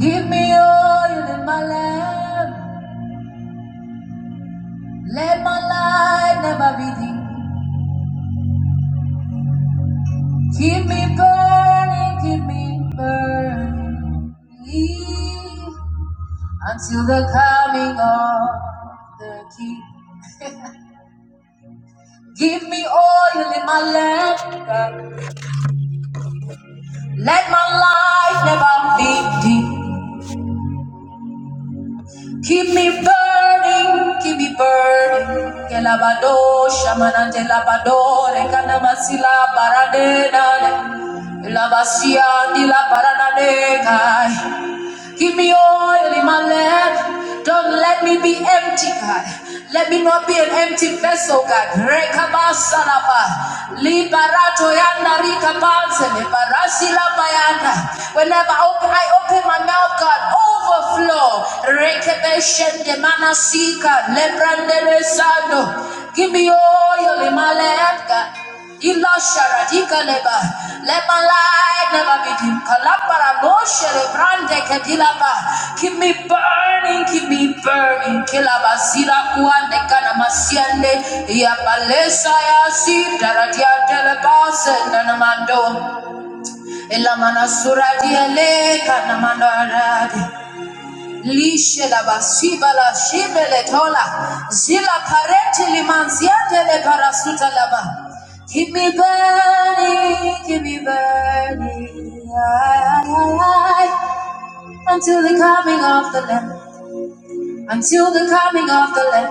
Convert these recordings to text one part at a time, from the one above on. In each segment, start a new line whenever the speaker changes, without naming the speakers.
Give me oil in my lamp. Let my light never be dim. Keep me burning, keep me burning. Until the coming of the King. Give me oil in my lamp. Let my light never be dim. Keep me burning, keep me burning. Que lavado, shamanante lavadore, canamasila paradena. La basia di la paranade, kai. Give me oil in my lamp. Don't let me be empty, God. Let me not be an empty vessel, God. Whenever I open, I open my mouth, God, overflow. Give me oil in my lamp, God. Ila sharadika leba. Let my light never be dim. Kalapara no shere brande kedilaba. Keep me burning, keep me burning. Kilaba zira kuande kana masiende Ya palesa ya si daradia deleba na namando. Ila mana suradia le kana mandaradi. Lishe bashiba la shibe tola. Zila kareti limanziate le parasuta laba. Keep me burning, keep me burning. Ay, ay, ay, Until the coming of the Lamb. Until the coming of the Lamb.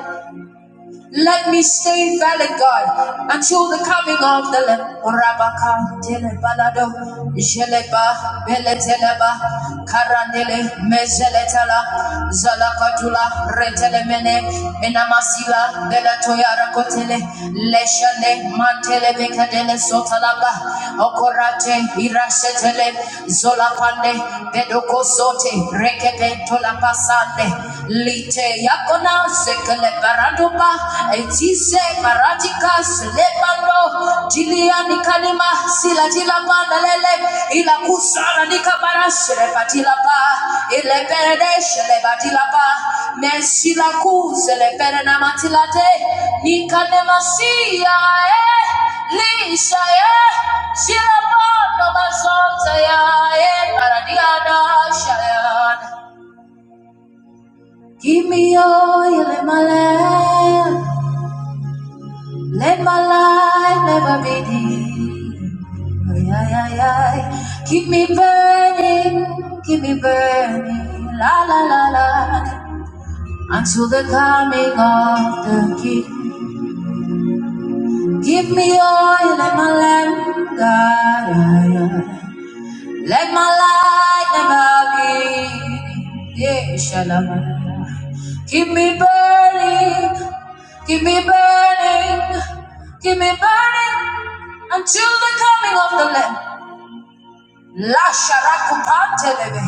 Let me stay valid, God, until the coming of the Lamb. Rabaka telebalado, jeleba beleteleba, karandele mezeletala, zalakatula retelemene, enamasila belatoyara kotele, leshale mantele bekadele sotalaba, okorate irasetele, zolapande, bedokosote, rekebe tolapasande, lite yakona sekele baraduba etise baratika selebando jilia nikanima sila jila bana lele ila kusala nikabara selebatila ba ile perede selebatila ba merci la kuse le pere na matila te nikanema siya eh lisha eh sila bando mazonza ya eh paradiada shayana Give me oil in my lamp. Let my life never be dim. Ay, ay, ay, ay. Keep me burning, keep me burning, la la la la, until the coming of the King. Give me oil in my lamp, God. Ay, ay. Let my light never be. Yeah, shalom. Keep me burning, keep me burning, keep me burning until the coming of the Lamb. La sharakupantelebe.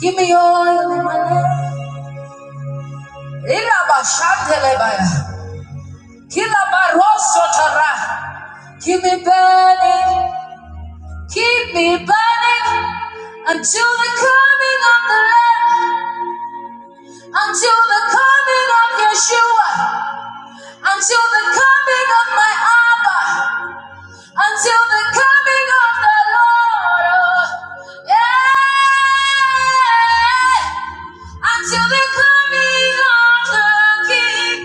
Give me oil in my lamp. Ilabashantelebaya. Kilabarosotara. Keep me burning, keep me burning until the coming of the Lamb. until the coming of Yeshua, until the coming of my Abba, until the coming of the Lord. oh, yeah. Until the coming of the King.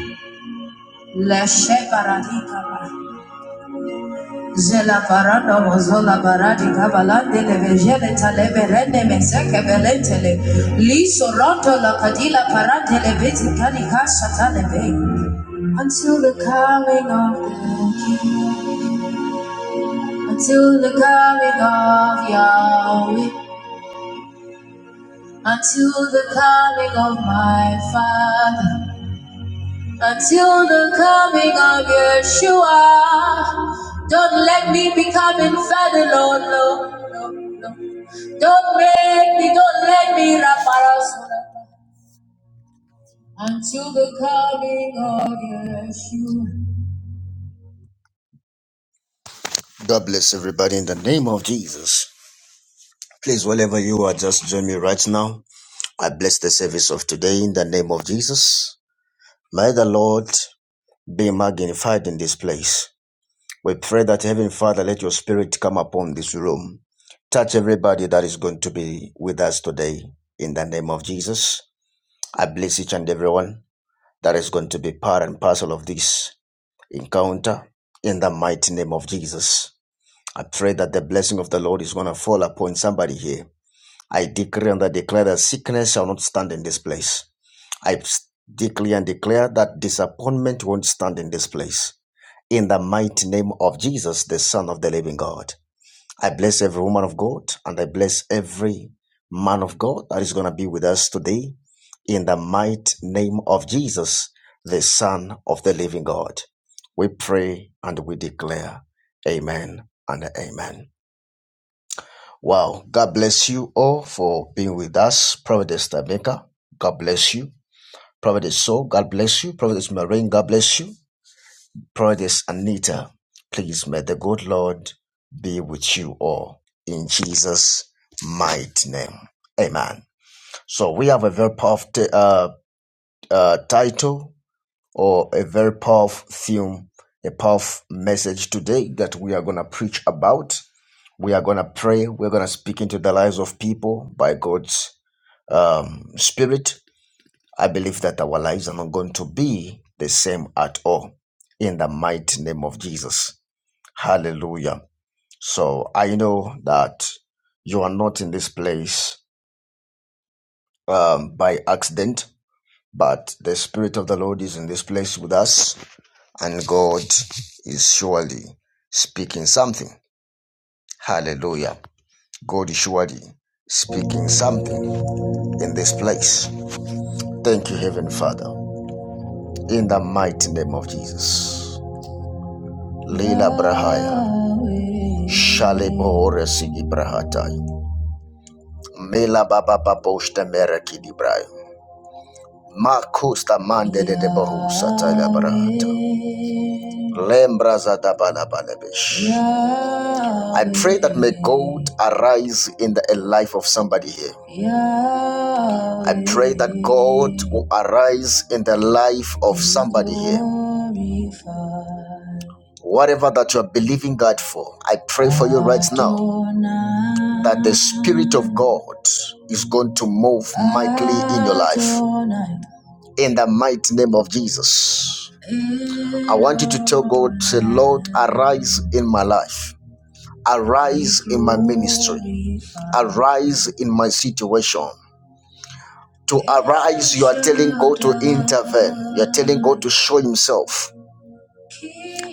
La shekaradika ba. Zela paranda mozola baradi kavalande le vejele tale verende mezeke velentele. Liso roto la kadila parante le veti kani kasha tale ve. until the coming of the King, until the coming of Yahweh, until the coming of my Father, until the coming of Yeshua. Don't let me become infidel, Lord, no, no, no. Don't make me, don't let me wrap until the coming of Yeshua. God bless everybody in the name of Jesus. Please, wherever you are, just join me right now. I bless the service of today in the name of Jesus. May the Lord be magnified in this place. We pray that Heavenly Father, let your spirit come upon this room. Touch everybody that is going to be with us today in the name of Jesus. I bless each and everyone that is going to be part and parcel of this encounter in the mighty name of Jesus. I pray that the blessing of the Lord is going to fall upon somebody here. I decree and I declare that sickness shall not stand in this place. I decree and declare that disappointment won't stand in this place. In the mighty name of Jesus, the Son of the living God. I bless every woman of God and I bless every man of God that is going to be with us today. In the mighty name of Jesus, the Son of the living God. We pray and we declare, Amen and Amen. Wow. God bless you all for being with us, Providence Maker. God bless you. Prophetess So, God bless you. Prophetess Marine, God bless you. Prophetess Anita, please may the good Lord be with you all in Jesus' mighty name. Amen. So we have a very powerful t- uh, uh, title or a very powerful theme, a powerful message today that we are going to preach about. We are going to pray. We're going to speak into the lives of people by God's um, Spirit I believe that our lives are not going to be the same at all. In the mighty name of Jesus. Hallelujah. So I know that you are not in this place um, by accident, but the Spirit of the Lord is in this place with us, and God is surely speaking something. Hallelujah. God is surely speaking something in this place. Thank you, Heavenly Father, in the mighty name of Jesus. Lila Brahaya. Shalebore Sigi Brahatai. Mela Baba Baboshta Meraki Dibrai. Makusta Mande de Bohusa Taila Brahata. Lembra Zada Bala Bala Bish. I pray that may God arise in the life of somebody here. I pray that God will arise in the life of somebody here. Whatever that you are believing God for, I pray for you right now that the Spirit of God is going to move mightily in your life. In the mighty name of Jesus. I want you to tell God, say, Lord, arise in my life, arise in my ministry, arise in my situation. To arise, you are telling God to intervene, you are telling God to show Himself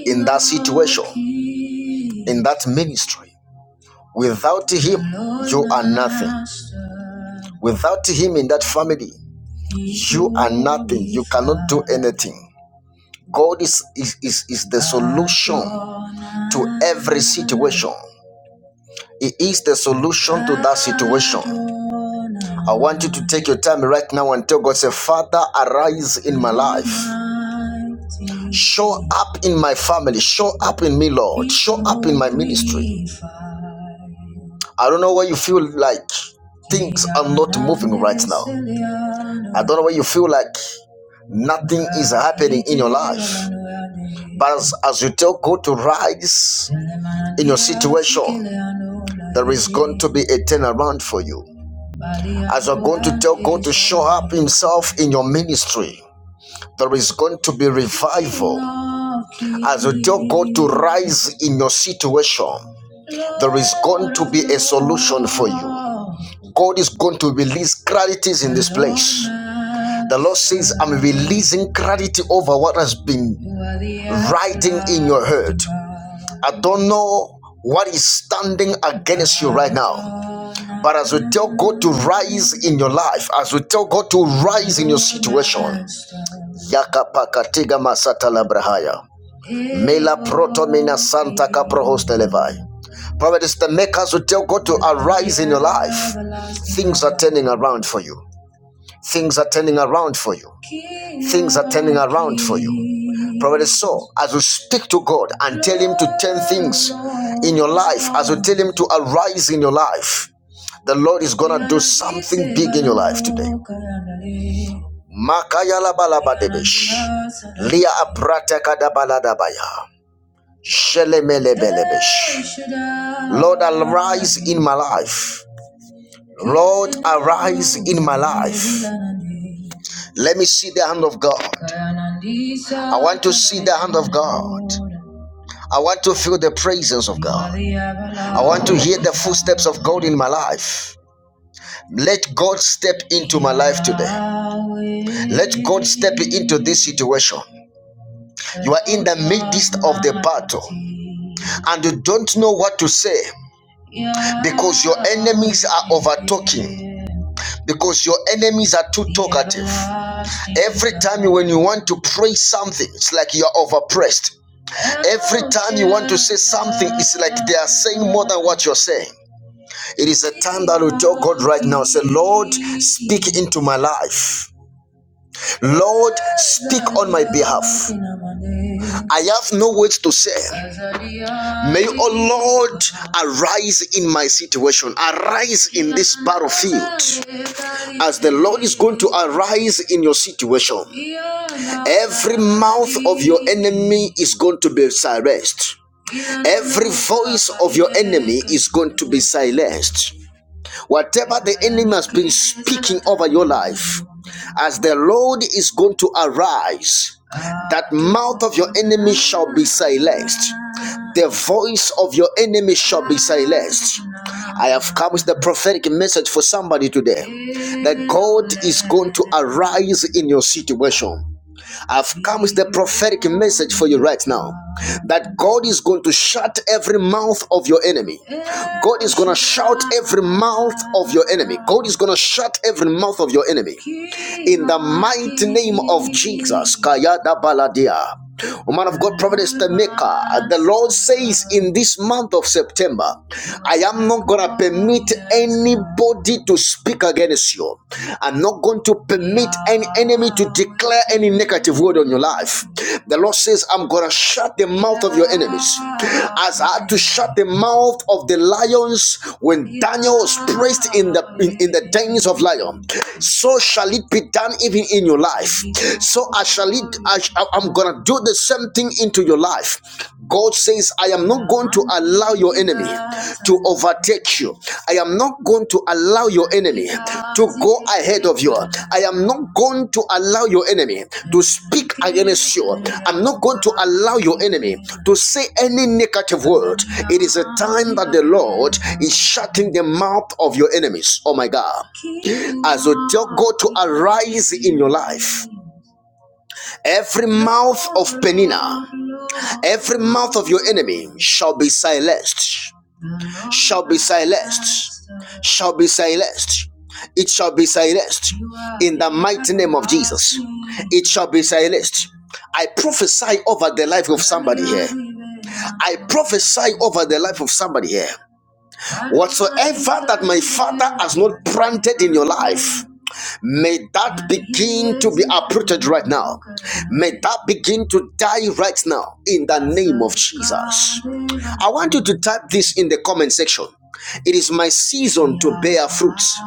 in that situation, in that ministry. Without Him, you are nothing. Without Him in that family, you are nothing. You cannot do anything. God is, is, is, is the solution to every situation. He is the solution to that situation. I want you to take your time right now and tell God, say, Father, arise in my life. Show up in my family. Show up in me, Lord. Show up in my ministry. I don't know what you feel like things are not moving right now. I don't know why you feel like Nothing is happening in your life. But as, as you tell God to rise in your situation, there is going to be a turnaround for you. As you're going to tell God to show up Himself in your ministry, there is going to be revival. As you tell God to rise in your situation, there is going to be a solution for you. God is going to release clarities in this place. The Lord says, I'm releasing clarity over what has been riding in your heart." I don't know what is standing against you right now. But as we tell God to rise in your life, as we tell God to rise in your situation, Yakapakatiga Masata Labrahaya. Mela protomina santa caprohoste levai. Prophet is the makers who tell God to arise in your life. Things are turning around for you. Things are turning around for you. Things are turning around for you. Probably so. As you speak to God and tell Him to turn things in your life, as you tell Him to arise in your life, the Lord is going to do something big in your life today. Makayalabalabadebesh. Lia aprata kadabaladabaya. Shelemelebelebesh. Lord, arise in my life. Lord, arise in my life. Let me see the hand of God. I want to see the hand of God. I want to feel the presence of God. I want to hear the footsteps of God in my life. Let God step into my life today. Let God step into this situation. You are in the midst of the battle and you don't know what to say because your enemies are overtaking because your enemies are too talkative. Every time when you want to pray something, it's like you are overpressed. Every time you want to say something, it's like they are saying more than what you're saying. It is a time that we tell God right now, say, Lord, speak into my life. Lord, speak on my behalf. I have no words to say. May, O Lord, arise in my situation, arise in this battlefield, as the Lord is going to arise in your situation. Every mouth of your enemy is going to be silenced. Every voice of your enemy is going to be silenced. Whatever the enemy has been speaking over your life, as the Lord is going to arise, that mouth of your enemy shall be silenced. The voice of your enemy shall be silenced. I have come with the prophetic message for somebody today that God is going to arise in your situation. I've come with the prophetic message for you right now that God is going to shut every mouth of your enemy. God is going to shout every mouth of your enemy. God is going to shut every mouth of your enemy. In the mighty name of Jesus. Kayada Baladia. O man of God, Providence the maker. the Lord says in this month of September, I am not going to permit anybody to speak against you. I'm not going to permit any enemy to declare any negative word on your life. The Lord says, I'm going to shut the mouth of your enemies. As I had to shut the mouth of the lions when Daniel was placed in the, in, in the dens of lions. so shall it be done even in your life. So I shall it did, I, I'm gonna do the same thing into your life. God says, I am not going to allow your enemy to overtake you. I am not going to allow your enemy to go ahead of you. I am not going to allow your enemy to speak against you. I'm not going to allow your enemy to say any negative word. It is a time that the Lord is shutting the mouth of your enemies. Oh my God. As you tell God to arise in your life. Every mouth of Penina, every mouth of your enemy shall be silenced, shall be silenced, shall be silenced. It shall be silenced in the mighty name of Jesus. It shall be silenced. I prophesy over the life of somebody here. I prophesy over the life of somebody here. Whatsoever that my father has not planted in your life, May that begin to be uprooted right now. May that begin to die right now in the name of Jesus. I want you to type this in the comment section. It is my season to bear fruits.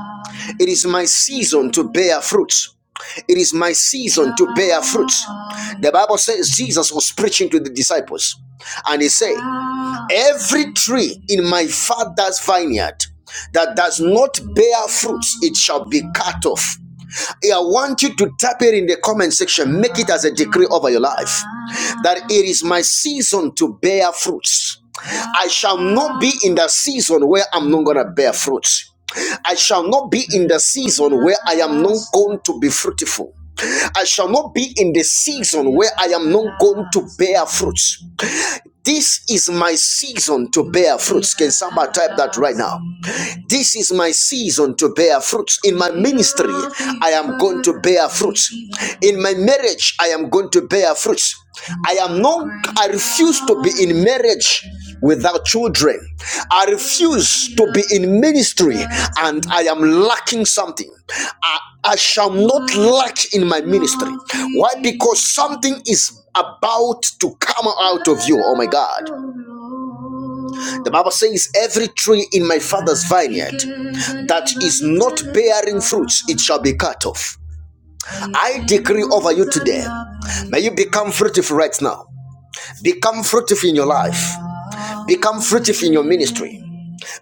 It is my season to bear fruits. It is my season to bear fruits. The Bible says Jesus was preaching to the disciples and he said, Every tree in my father's vineyard that does not bear fruits, it shall be cut off. I want you to tap it in the comment section. Make it as a decree over your life that it is my season to bear fruits. I shall not be in the season where I'm not going to bear fruits. I shall not be in the season where I am not going to be fruitful. I shall not be in the season where I am not going to bear fruits. This is my season to bear fruits. Can somebody type that right now? This is my season to bear fruits. In my ministry, I am going to bear fruits. In my marriage, I am going to bear fruits. I am not, I refuse to be in marriage without children. I refuse to be in ministry and I am lacking something. I, I shall not lack in my ministry. Why? Because something is about to come out of you. Oh my God. The Bible says, Every tree in my father's vineyard that is not bearing fruits, it shall be cut off. I decree over you today. May you become fruitful right now. Become fruitful in your life. Become fruitful in your ministry.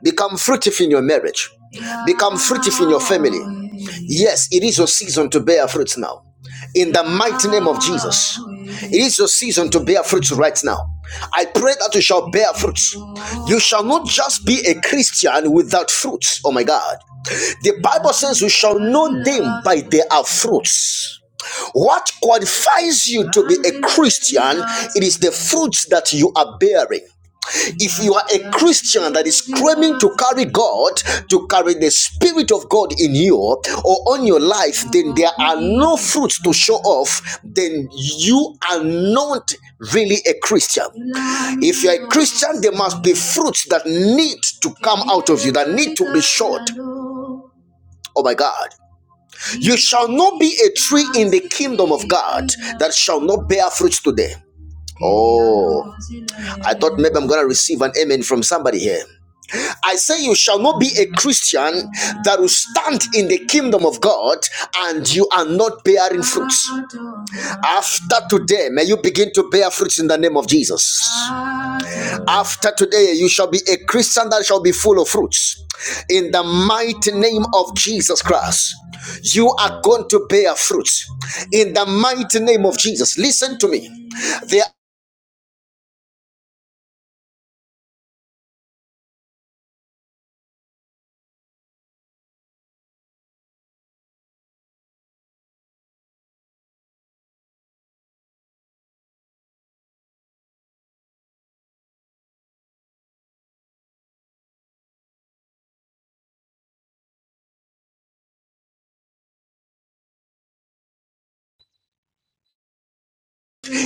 Become fruitful in your marriage. Become fruitful in your family. Yes, it is your season to bear fruits now. In the mighty name of Jesus. It is your season to bear fruits right now. I pray that you shall bear fruits. You shall not just be a Christian without fruits. Oh my God. The Bible says we shall know them by their fruits. What qualifies you to be a Christian? It is the fruits that you are bearing. If you are a Christian that is claiming to carry God, to carry the Spirit of God in you or on your life, then there are no fruits to show off, then you are not really a Christian. If you're a Christian, there must be fruits that need to come out of you, that need to be showed. Oh my God. You shall not be a tree in the kingdom of God that shall not bear fruits today. Oh, I thought maybe I'm going to receive an amen from somebody here. I say, You shall not be a Christian that will stand in the kingdom of God and you are not bearing fruits. After today, may you begin to bear fruits in the name of Jesus.
Amen.
After today, you shall be a Christian that shall be full of fruits. In the mighty name of Jesus Christ, you are going
Amen.
to bear fruits. In the mighty name of Jesus, listen to me. There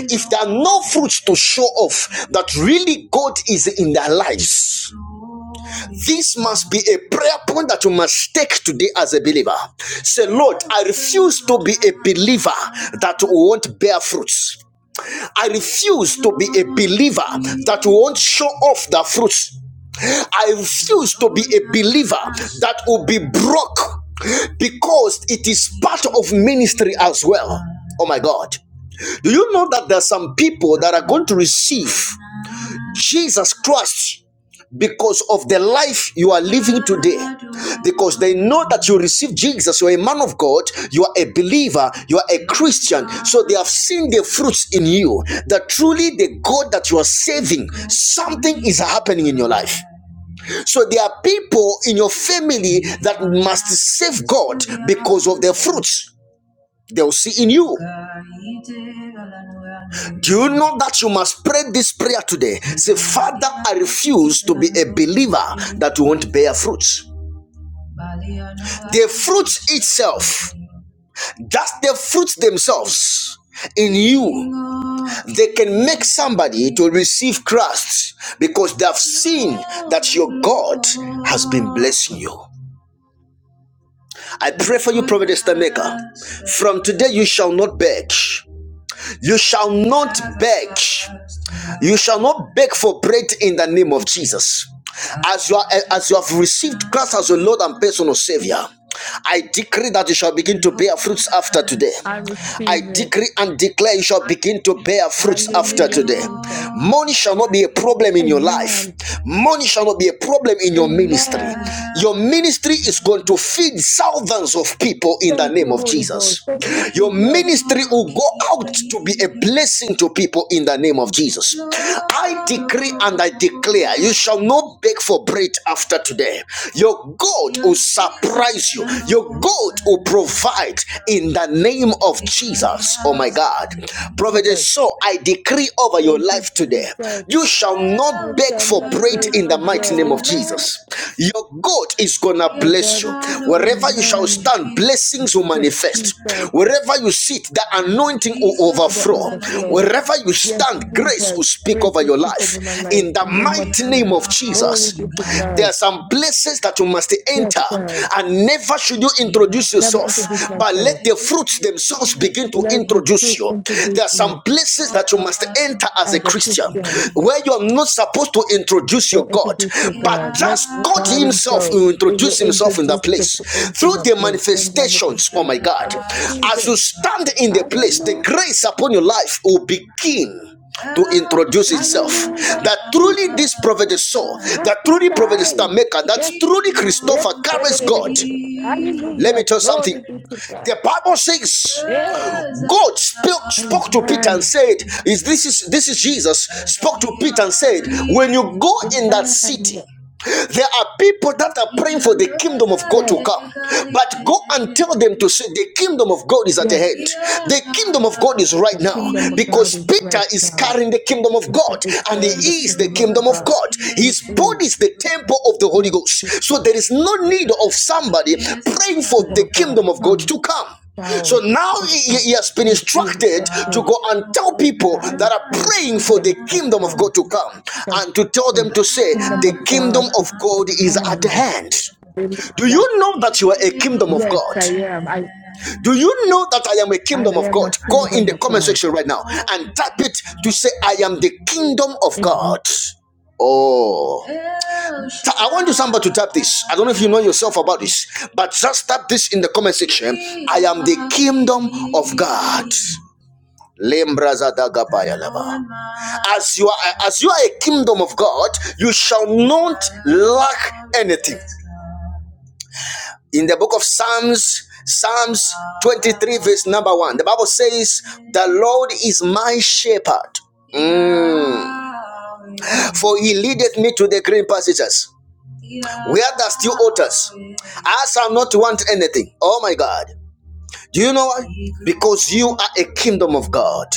if there are no fruits to show off that really God is in their lives, this must be a prayer point that you must take today as a believer. Say, Lord, I refuse to be a believer that won't bear fruits. I refuse to be a believer that won't show off the fruits. I refuse to be a believer that will be broke because it is part of ministry as well. Oh my God. Do you know that there are some people that are going to receive Jesus Christ because of the life you are living today? Because they know that you receive Jesus, you are a man of God, you are a believer, you are a Christian. So they have seen the fruits in you that truly the God that you are saving, something is happening in your life. So there are people in your family that must save God because of their fruits they'll see in you. Do you know that you must pray this prayer today? Say, Father, I refuse to be a believer that won't bear fruits. The fruit itself just the fruits themselves in you, they can make somebody to receive Christ because they have seen that your God has been blessing you. I pray for you, Prophet Maker. From today, you shall not beg. You shall not beg. You shall not beg for bread in the name of Jesus. As you are, as you have received Christ as your Lord and personal Savior, I decree that you shall begin to bear fruits after today.
I
I
receive it.
decree and declare you shall begin to bear fruits after
Hallelujah,
today.
Jesus.
Money shall not be a problem in your life.
Amen.
Money shall not be a problem in your ministry.
Amen.
Your ministry is going to feed thousands thousands of people in the
Thank
name
you,
of
Holy Ghost.
Jesus.
Thank you,
Your
Jesus.
ministry will go out to be a blessing to people in the name of Jesus. I decree and I declare you shall not beg for bread after today. Your God will surprise you, your God will provide in the name of Jesus. Oh my God. Prophet,
Jesus.
so I decree over your
Thank you,
life today
Jesus.
you shall
I
not beg
shall
for
not
bread
bake
in
for
the mighty mighty
bread.
name of Jesus.
Amen.
Your God is gonna
My
bless
God
you.
is the
Wherever you shall
Amen.
stand, blessings will
Yes, Jesus.
manifest.
The
Wherever you sit, the anointing will overflow.
overflow.
Wherever you
Yes,
stand, grace
Jesus.
will speak
Praise
over
to
your
speak over my
life.
life.
In the
In the name of
mighty name
Jesus.
of
Glory
Jesus,
be to
there
God.
are some places that you must
Yes,
enter,
God.
and never should you introduce
Never
yourself,
introduce
but
myself.
let the fruits themselves begin to
Let the fruit
introduce you.
introduce
There are some
me
places that you must enter as a
as a
Christian,
Christian.
where you are not supposed to introduce
Don't
your God,
introduce to
but
God. Let
just God
God
Himself
Himself,
will
it will
introduce Himself in
introduce
that
the,
place
into
through
my
the
place in
manifestations. Oh
manifestation.
my
I
God.
receive
As
it.
you stand in the place, the
Hallelujah.
grace upon your life will begin to introduce itself.
Hallelujah.
That
Jesus,
truly this prophet is so, that truly prophet is the
prophesy.
maker, that
Yes,
truly
yes.
Christopher carries God. Let me
Hallelujah.
tell you
Glory be
something.
to God.
The Bible says
Hey,
God spoke, spoke to Peter and
amen.
said, Is this is this is Jesus spoke to Peter and said, When you go in that
Amen.
city. There are people that are praying for the kingdom of God
Yes,
to come. But go and tell them to say, The kingdom of God is at
yes.
hand. The kingdom of God is right
The
now.
kingdom of God
Because
is
Peter
right
is
now.
carrying the kingdom of
He
God.
said it's
And
here in the
he is the
kingdom of
kingdom of
God.
God.
He
His
is.
body is the temple of the Holy
Yes, he
Ghost. So there is no need of somebody
is.
praying for
kingdom
the
of God.
kingdom of God
Come
to come. So
child
now he, he
um,
has been
is being
instructed to
tested
go and tell
with
people
desires
that are
for the
praying for
kingdom
the
of
kingdom of
God.
God to come
comes.
and to tell
The
them to say,
kingdom
The
of
kingdom
God is
of God is at
kind.
hand. Do you
Hallelujah.
know that you are a kingdom of
Yes,
God?
I am. I,
Do you know that I am a
I
kingdom of
am
God?
a
Go in
kingdom
the
of
comment
God.
section right now and type it to say, I am the kingdom of
And
God. Oh, I want you somebody to type this. I don't know if you know yourself about this, but just type this in the comment section. I am the kingdom of God. Lembraza dagabaya laba. As you are as you are a kingdom of God, you shall not lack anything in the book of Psalms, Psalms 23, verse number one, the Bible says, The Lord is my shepherd. Mm. For he leadeth me to the green pastures, where there still waters. I shall not want anything. Oh my God. Do you know why? Because you are a kingdom of God.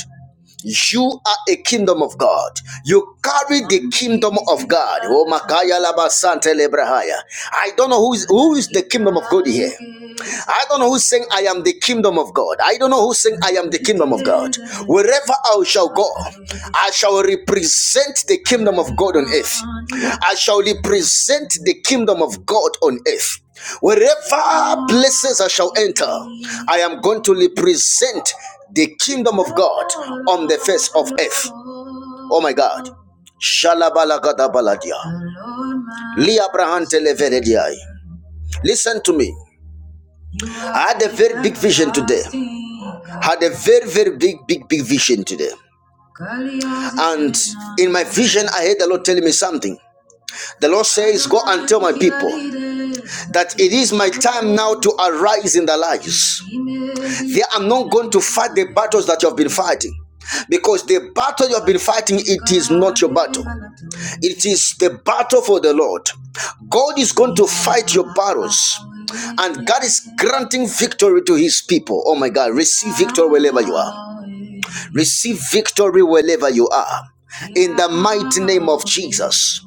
You are a kingdom of God. You carry the kingdom of God. Oh Makaya Laba Sante Lebrahaya. I don't know who is who is the kingdom of God here. I don't know who's saying I am the kingdom of God. I don't know who's saying I am the kingdom of God. Wherever I shall go, I shall represent the kingdom of God on earth. I shall represent the kingdom of God on earth. Wherever places I shall enter, I am going to represent the kingdom of God on the face of earth. Oh my God. Shalabalagada baladia. Lia Brahan Televerediai. Listen to me. I had a very big vision today. Had a very, very big, big, big vision today. And in my vision, I heard the Lord telling me something. The Lord says, Go and tell my people that it is my time now to arise in their lives. They are not going to fight the battles that you have been fighting. Because the battle you have been fighting, it is not your battle. It is the battle for the Lord. God is going to fight your battles. And God is granting victory to his people. Oh my God, receive victory wherever you are. Receive victory wherever you are. In the mighty name of Jesus.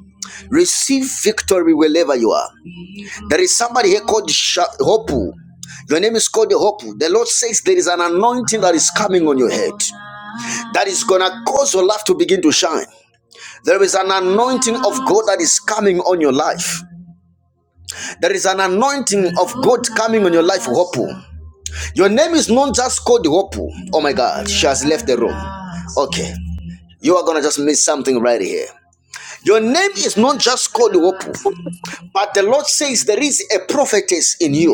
Receive victory wherever you are. There is somebody here called Hopu. Your name is called Hopu. The Lord says there is an anointing that is coming on your head that is going to cause your life to begin to shine. There is an anointing of God that is coming on your life. There is an anointing of God coming on your life, Hopu. Your name is not just called Hopu. Oh my God, she has left the room. Okay. You are gonna just miss something right here. Your name is not just called Iwopu, but the Lord says there is a prophetess in you.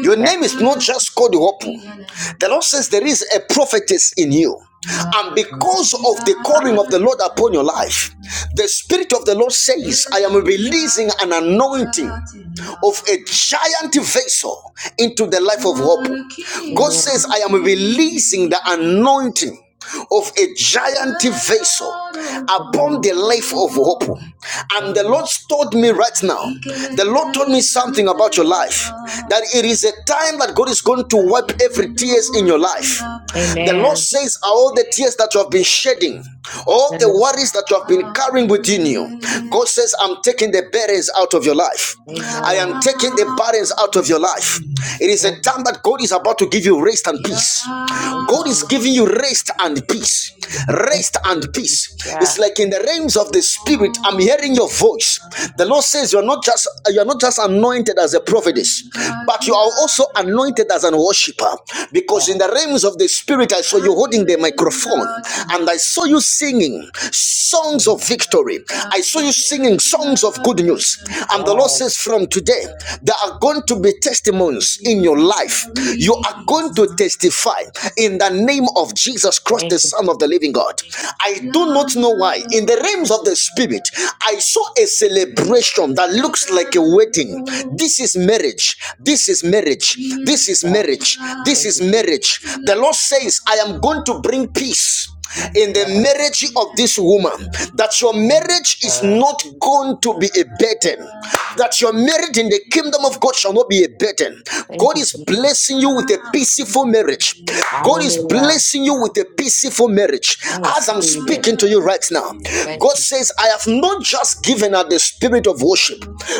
Your name
Yes.
is not just called Iwopu. The Lord says there is a prophetess in you. And because of the calling of the Lord upon your life, the Spirit of the Lord says, I am releasing an anointing of a giant vessel into the life of Hope. God says,
Amen.
I am releasing the anointing of a giant vessel upon
Amen.
the life of hope. And the
Amen.
Lord told me right now, the Lord told me something about your life that it is a time that God is going to wipe every tears in your life. The Lord
Amen.
says, All the tears that you have been shedding, all
And
the worries that you have been carrying within you, God says, I'm taking the burdens out of your life. I am
Amen.
taking the burdens out of your life. It is a
Amen.
time that God is about to give you rest and peace.
Thank you,
God is
Jesus.
giving you rest and peace.
Thank
Rest and
you, Jesus.
peace.
Yeah.
It's like in the realms of the spirit, I'm hearing your voice. The Lord says you're not just you're not just anointed as a prophetess, but you are also anointed as an worshiper. Because
Yeah.
in the realms of the spirit, I saw you holding the microphone and I saw you singing songs
Mm.
of victory. I saw you singing songs of good news news. And the Lord
Yes.
says, from today, there are going to be testimonies in your life. You are going
Jesus.
to testify in the name of Jesus Christ, the
Thank you,
Son of the
Jesus.
Living God. I do not know why. In the realms of the Spirit, I saw a celebration that looks like a wedding. This is marriage. This is marriage. This is
Yeah.
marriage. This
Thank
is
you, Jesus.
marriage. The Lord says, I am going to bring peace in the
Yeah.
marriage of this woman that your
Mm.
marriage is
Um,
not going to be a burden that your marriage in the kingdom of god shall not be a burden
thank
god
you,
is
Jesus.
blessing you with a peaceful marriage god is
Hallelujah.
blessing you with a peaceful marriage
I
as i'm
receive it.
speaking to you right now
Thank
god
you, Jesus.
says i have not just given her the spirit of worship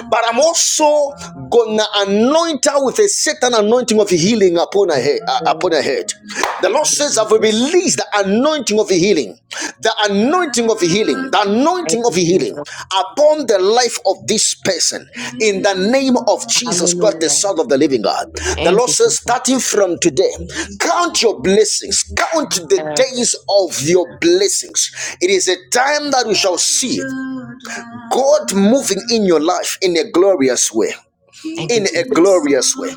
but i'm also gonna anoint her with a certain anointing of healing upon her upon her head. uh, upon her
Yes.
head. The Lord
Thank
says, "I
you,
will
Jesus.
release the anointing of healing, the anointing of healing, the anointing
Thank
of
you,
healing
Jesus.
upon the life of this person in the name of Jesus Christ, the
Hallelujah.
Son of the Living God." The
Thank
Lord
you,
says, starting
Jesus.
from today, count your blessings, count the
Yes.
days of your blessings. It is a time that we shall see God moving in your life in a glorious way
Thank you,
in a
Jesus.
glorious way,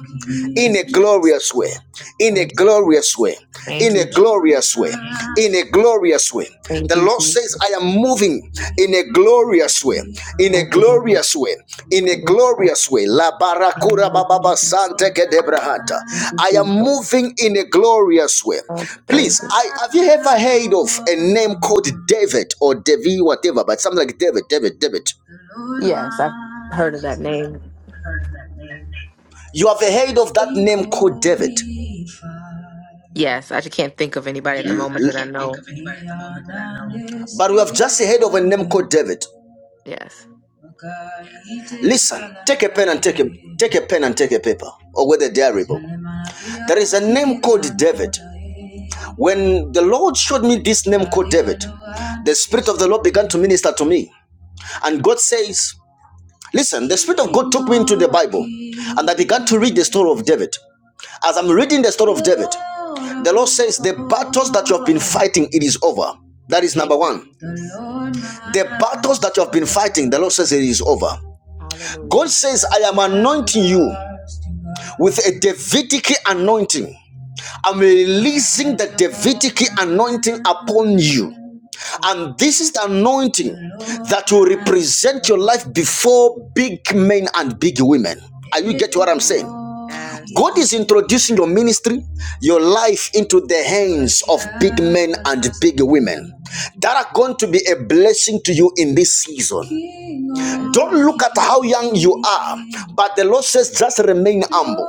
in
Praise
a
the Jesus.
glorious way, in a
Thank you.
glorious way,
Thank
in a
you. Jesus.
glorious way, in a glorious way.
Thank
The
you.
Lord
Jesus.
says, I am moving in a glorious way, in a
Thank you, Lord.
glorious way, in a
Hallelujah.
glorious way. La barakura bababa sante kedebrahata.
Thank you,
I am
Jesus.
moving in a glorious way.
Lord,
Please,
thank you.
I have you ever heard of a name called David or Devi, whatever, but something like David, David, David? The Lord
Yes, I've
my.
heard.
Yes, I have heard that name. You have heard of that name called David. Yes,
Yes, I just can't think of anybody at the
I
moment that I
can't think
know.
of anybody at the moment that I know. But we have just heard of a name called David.
Yes.
Listen, take a pen and take a take a pen and take a paper or with a diary book. There is a name called David. When the Lord showed me this name called David, the Spirit of the Lord began to minister to me. And God says, Listen, the Spirit of God took me into the Bible and I began to read the story of David. As I'm reading the story of David, the Lord says, The battles that you have been fighting, it is over. That is
Thank
number
you,
one.
Jesus. Yes.
The battles that you have been fighting, the Lord says, It is over. God
Hallelujah.
says, I am anointing you with a Davidic anointing. I'm releasing the Davidic anointing upon you.
Thank you.
And this is
Jesus.
the anointing that will represent your life before big men and big women. Are you get what I'm saying?
Yes.
God is introducing your ministry, your life into the hands of big men and big women that are going to be a blessing to you in this season.
Yes.
Don't look at how young you are, but the Lord says says, just remain humble.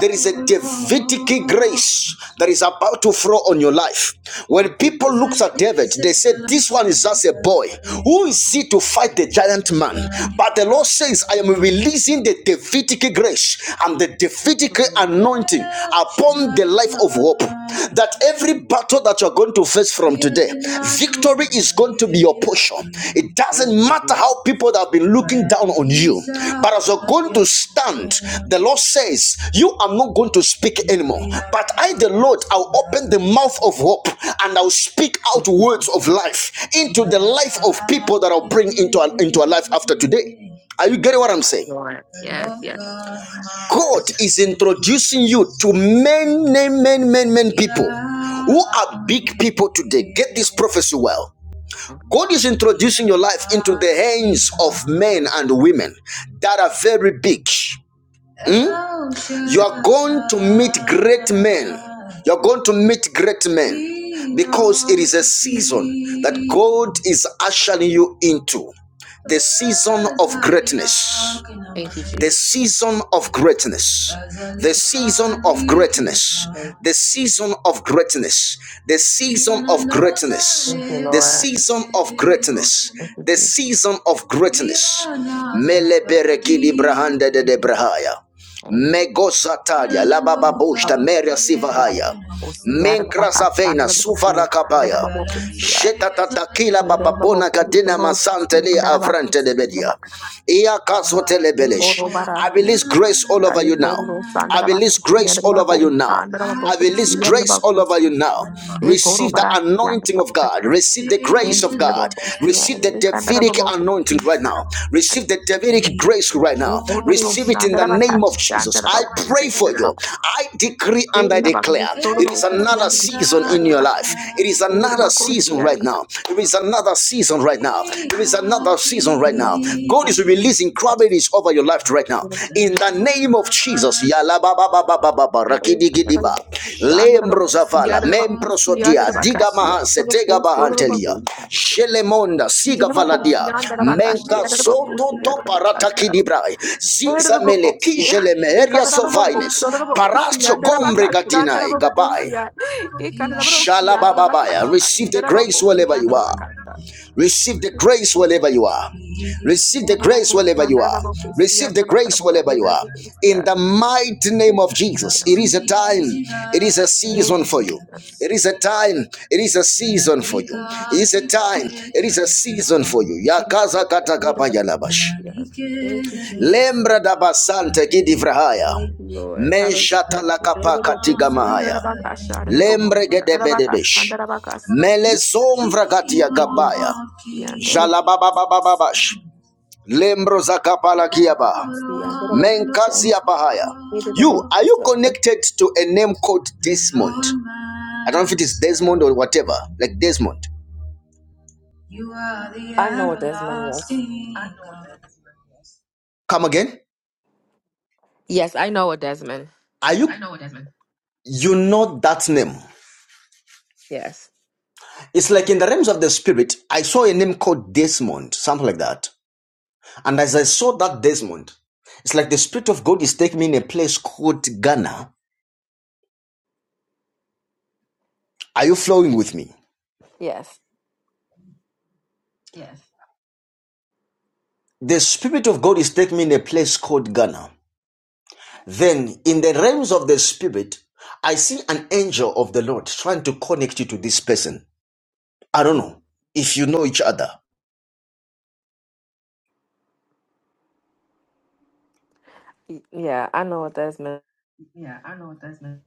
There is a Davidic grace that is about to flow on your life. When
Thank you,
people looked
Jesus.
at David, they said, This one is just a boy. Who is he to fight the giant man? But the Lord says, I am releasing the Davidic grace and the Davidic anointing upon the life of hope. That every battle that you're going to face from today, victory is going to be your portion. It doesn't
Thank you,
matter how
Jesus.
people that have been looking down on you, but as you're going to stand, the Lord says, You are not going to speak anymore. But I, the Lord, I'll open the mouth of hope and I'll speak out
Thank you,
words of life into the life of people that I'll bring into, into a life after today. Are you getting what I'm saying?
Lord. Yes, yes.
God God is
Yes.
introducing you to many, many, many, many people who are big people today. Get this prophecy well. God is introducing your life into the hands of men and women that are very big. Hmm? You are going to meet great men. You're going to meet great men because it is a season that God is ushering you into. The season of greatness.
Thank you,
The
Jesus.
season of greatness. The season of greatness.
Thank
The
you
season of greatness. The season of greatness.
Thank you,
The
Lord.
season of greatness.
Thank you,
The
Jesus.
season of greatness. Meleberekidi brahanda de debrahaya.
Thank
Megosatalia labababushta
you.
meria sivahaya. Menkrasavena suvarakabaya. Shetatatakila bababona kadina masantele avrante lebedia. Iya kaso telebelesh. I release grace all over you now. I release grace all over you now. I release grace all over you now. Receive the anointing anointing of God. Receive the grace of God. Receive the Davidic anointing right now. Receive the Davidic grace right now. Receive it in the name of Jesus. I
Thank
pray for
you.
you. I decree and
Beri
I
na bang
declare
di soro
it
na
is
isi yang
another
ada di
season in
dari
your
kata.
life. It is
Beri na
another
bang kurus di
season
ada
right
tempat.
now. It is another season right now. It is another season right now. God is releasing incredible is over your life right now. In the name of Jesus, Yala Baba Baba Baba
Eh,
Rakidi
na bang
Gidiba,
di shan na bang
Lembro
si
Zavala,
ada na bang
Membro
isi ada
Sodia,
na bang
Diga
kasi ada
Mahanse,
na bang
Tega
kurus soro na bang
Bahantelia,
beri.
Shelemonda,
Jadi
Siga
na bang kurus
Valadia,
ni ada na bang kasi
Menka
ada na bang kurus
Zoto
ni ada na bang
Toparata
kasi. Eh,
Kidibrai,
na
Ziza
bang kurus
Meleki
ni. Eh,
Shelemeria
kada na bang kurus
Sovines,
soro na bang kurus ni
Parastio
ada na bang
Combre
kasi ada na
Gatinai,
bang kurus ni.
Gabai.
Eh, kada na bang kurus ni ada na bang
Shalabababaya.
kasi
Receive
ada
the
na bang
grace
kurus ni
wherever you
ada na
are.
bang kasi.
Receive the
Thank
grace
you,
wherever you are. Receive the grace wherever you are. Receive the grace wherever you are. In the mighty name of Jesus, it is a time, it is a season for you. It is a time, it is a season for you. It is a time, it is a season for you. Yakaza katakapayalabash.
Jesus.
Lembra da basante kidivrahaya.
Thank you, Lord. Hallelujah. Yeah, thank
Menshatalakapakatigamaha. Lembre gedebedebesh. Mele sombra katia gabaya.
you,
Jalabababababash. Lembro zakapala kiaba. Menkasia bahaya. You, are you connected to a name called Desmond? I don't know if it is Desmond or whatever, like Desmond. You are the
I know what Desmond was.
everlasting. I know what that is. Come again?
Yes, I know what Desmond.
Are you? I know what that You know that name.
Yes.
It's like in the realms of the spirit, I saw a name called Desmond, something like that. And as I saw that, Desmond, it's like the Spirit of God is taking me in a place called Ghana. Are you flowing with me?
Yes.
Yes. The Spirit of God is taking me in a place called Ghana. Then, in the realms of the Spirit, I see an angel of the Lord trying to connect you to this person. I don't
Mm,
know if you know each other.
Y- Yeah, I know what that is, man.
Yeah, I know what that's meant.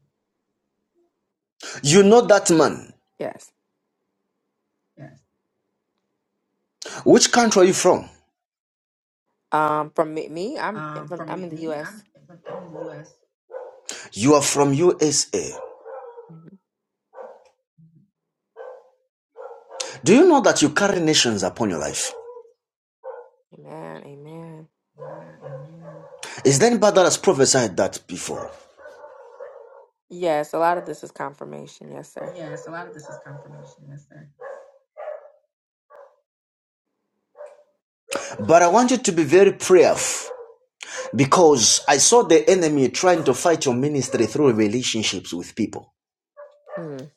You know that man.
Yes.
Yes. Which country are you from?
Um, from me, me, I'm
Um,
from,
from
I'm
me,
in the
me,
U.S.
I'm from the U.S. You are from USA.
mhm.
Do you know that you carry nations upon your life?
Amen. Amen.
Is there anybody that has prophesied that before?
Yes, a lot of this is confirmation. Yes, sir.
Yes, a lot of this is confirmation. Yes, sir. But I want you to be very prayerful because I saw the enemy trying to fight your ministry through relationships with people.
Mm,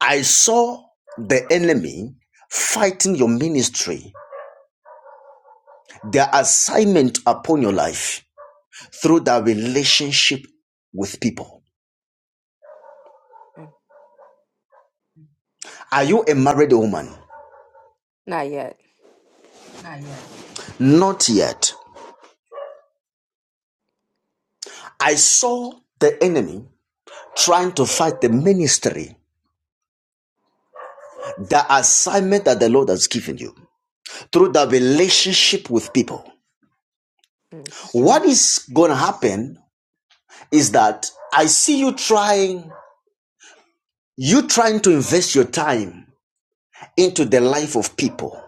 I saw the enemy fighting your ministry, their assignment upon your life through their relationship with people.
Okay.
Are you a married woman?
Not yet.
Not yet. Not yet. I saw the enemy trying to fight the ministry, the assignment that the Lord has given you through the relationship with people.
Mm, This is
What
true.
is going to happen is that I see you trying, you trying to invest your time into the life of people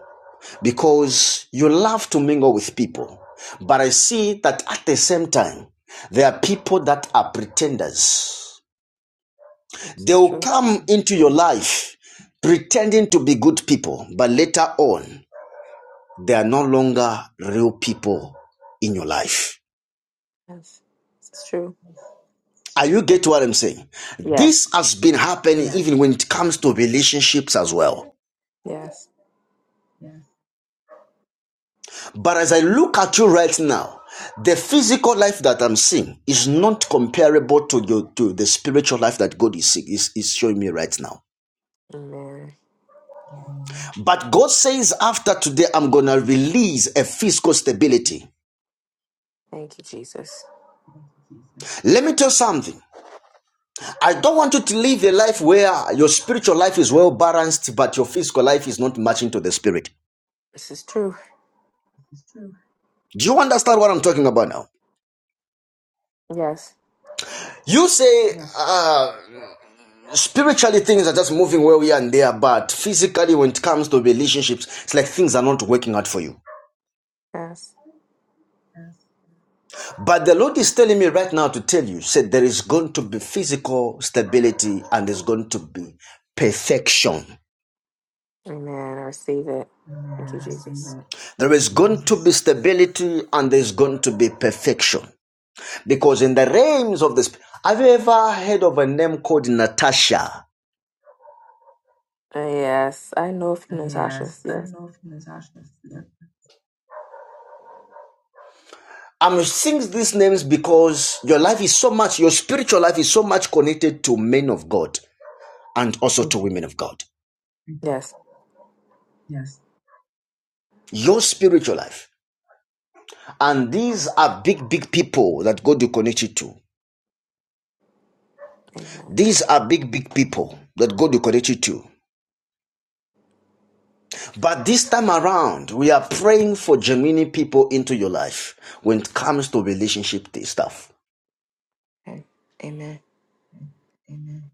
because you love to mingle with people. But I see that at the same time, there are people that are pretenders
Mm, This
They
is
will
true.
come into your life pretending to be good people, but later on, they are no longer real people in your life.
Yes. This is true.
Are you get what I'm saying?
Yes.
This has been happening Yes. even when it comes to relationships as well.
Yes.
Yes. But as I look at you right now, the physical life that I'm seeing is not comparable to your, to the spiritual life that God is, is, is showing me right now.
Amen.
But God says after today, I'm gonna release a physical stability
Thank you, Jesus.
Let me tell you something. I don't want you to live a life where your spiritual life is well balanced, but your physical life is not matching to the spirit.
This is true.
It's true. Do you understand what I'm talking about now?
Yes.
You say uh, spiritually things are just moving where we are and there, but physically, when it comes to relationships, it's like things are not working out for you.
Yes.
But the Lord is telling me right now to tell you, said there is going to be physical stability and there's going to be perfection.
Amen. I receive it. Thank you,
Yes,
Jesus.
There is going to be stability and there's going to be perfection. Because in the realms of this, have you ever heard of a name called Natasha?
Uh, yes. I know a few Natasha's.
Yes, I
Yes.
know Natasha. I'm saying these names because your life is so much, your spiritual life is so much connected to men of God and also to
Mhm.
women of God.
Yes.
Yes. Your spiritual life. And these are big, big people that God will connect you to.
Amen.
These are big, big people that God will connect you to. But this time around, we are praying for genuine people into your life when it comes to relationship stuff.
Amen.
Amen.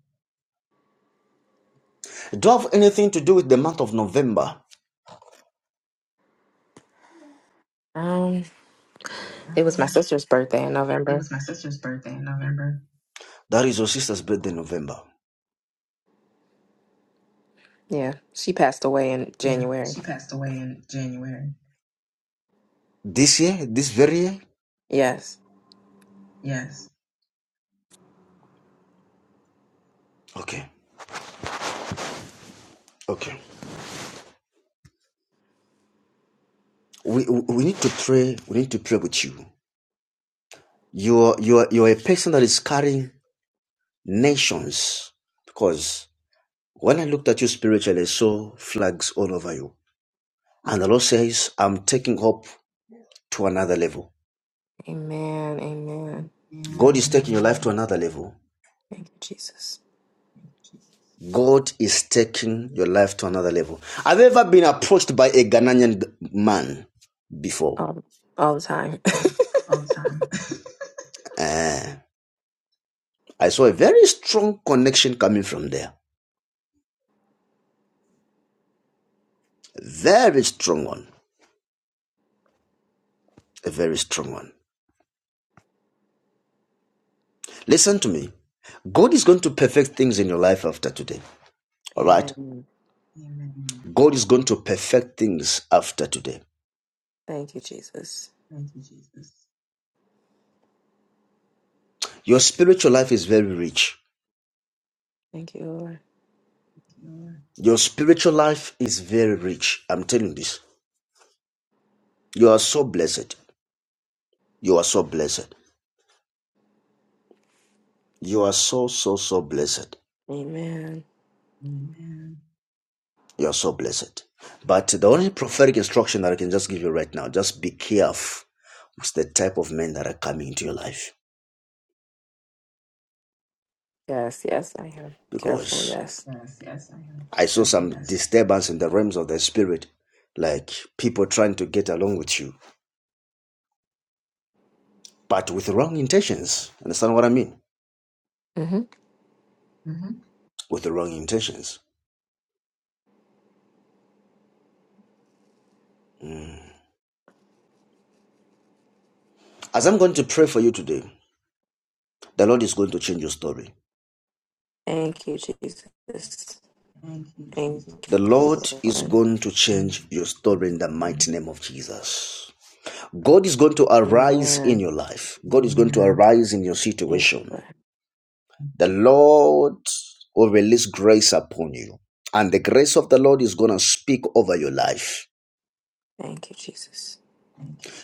Do you have anything to do with the month of November?
Um, it was
Um,
just birthday in
it
November.
was my sister's birthday in November. That is your sister's birthday, in November.
Yeah, she passed away in
Yeah,
January.
she passed away in January. This year, this very year.
Yes.
Yes. Okay, okay. We we need to pray. We need to pray with you. You're you're you're a person that is carrying nations because. When I looked at you spiritually, I saw flags all over you. And the Lord says, I'm taking hope to another level.
Amen. Amen.
God is taking your life to another level.
Thank you, Jesus.
God is taking your life to another level. Have you ever been approached by a Ghanaian man before?
All, all the time.
All the time. Eh, I saw a very strong connection coming from there. Very strong one. A very strong one. Listen to me. God is going to perfect things in your life after today. All right.
amen.
Amen. God is going to perfect things after today.
Thank you, Jesus.
Thank you, Jesus. Your spiritual life is very rich.
Thank you, Lord.
Lord. Your spiritual life is very rich. I'm telling you this. You are so blessed. You are so blessed. You are so, so, so blessed.
Amen.
Amen. You are so blessed. But the only prophetic instruction that I can just give you right now, just be careful with the type of men that are coming into your life.
Yes. Yes, I am careful.
because
Yes.
Yes, yes, I have. I saw Yes, some yes. disturbance in the realms of the spirit, like people trying to get along with you, but with wrong intentions. Understand what I mean?
Mm-hmm.
Mm-hmm. With the wrong intentions. Mm. As I'm going to pray for you today, the Lord is going to change your story.
Thank you, Jesus.
Thank you,
Thank
Jesus. The Lord
you,
is
Lord.
going to change your story in the mighty name of Jesus. God is going to arise in
Amen.
your life. God is going to arise in your
Thank you,
situation.
Lord.
the Lord will release grace upon you. And the grace of the Lord is going to speak over your life.
Thank you, Jesus.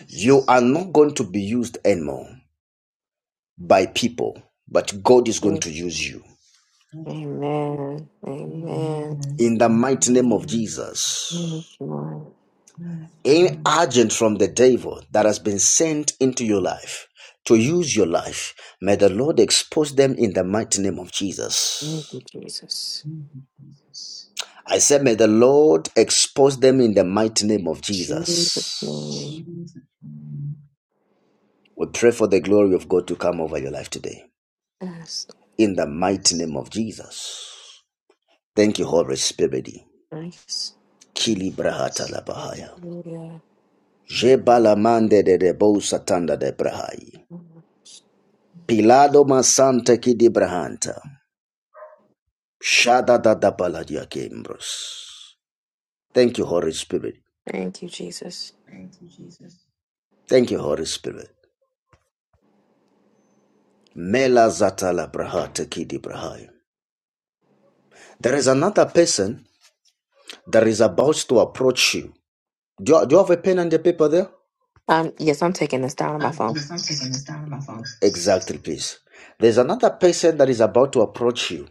You are not going to be used anymore by people, but God is going
Thank
to
you.
use you.
Amen.
Amen.
Amen.
In the mighty name of Jesus,
Thank you, Lord.
any agent from the devil that has been sent into your life to use your life, may the Lord expose them in the mighty name of Jesus.
Thank you, Jesus.
I said, May the Lord expose them in the mighty name of
Jesus.
Jesus.
name.
We pray for the glory of God to come over your life today.
Yes,
In the mighty name of Jesus. Thank you, Holy Spirit.
nice.
Kili brahata la bahaya.
Yeah.
Jebala mande de debo satanda de brahai. Pilado masante kidi brahanta. Shada da da baladia kembros. Thank you, Holy Spirit.
Thank you, Jesus.
Thank you, Jesus. Thank you, Holy Spirit. Mela Zatala Braha Tekidi Brahai. There is another person that is about to approach you. Do you, do you have a pen and a paper there?
Um, yes, I'm taking this down on my
Um,
phone.
Yes, I'm taking this down on my phone. Exactly, please. There's another person that is about to approach you.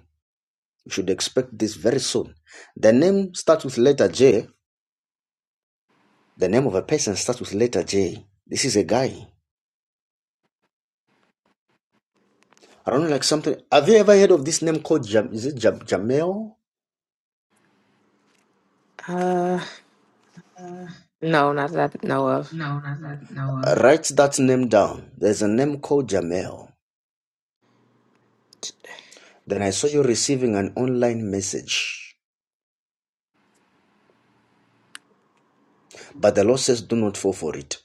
You should expect this very soon. The name starts with letter J. The name of a person starts with letter J. This is a guy. I don't know, like something. Have you ever heard of this name called Jam? Is it Jam, Jamel?
Uh,
Uh,
no, not that I know of.
No, not that. No. Uh, Write that name down. There's a name called Jamel. Then I saw you receiving an online message. But the Lord says, do not fall for it.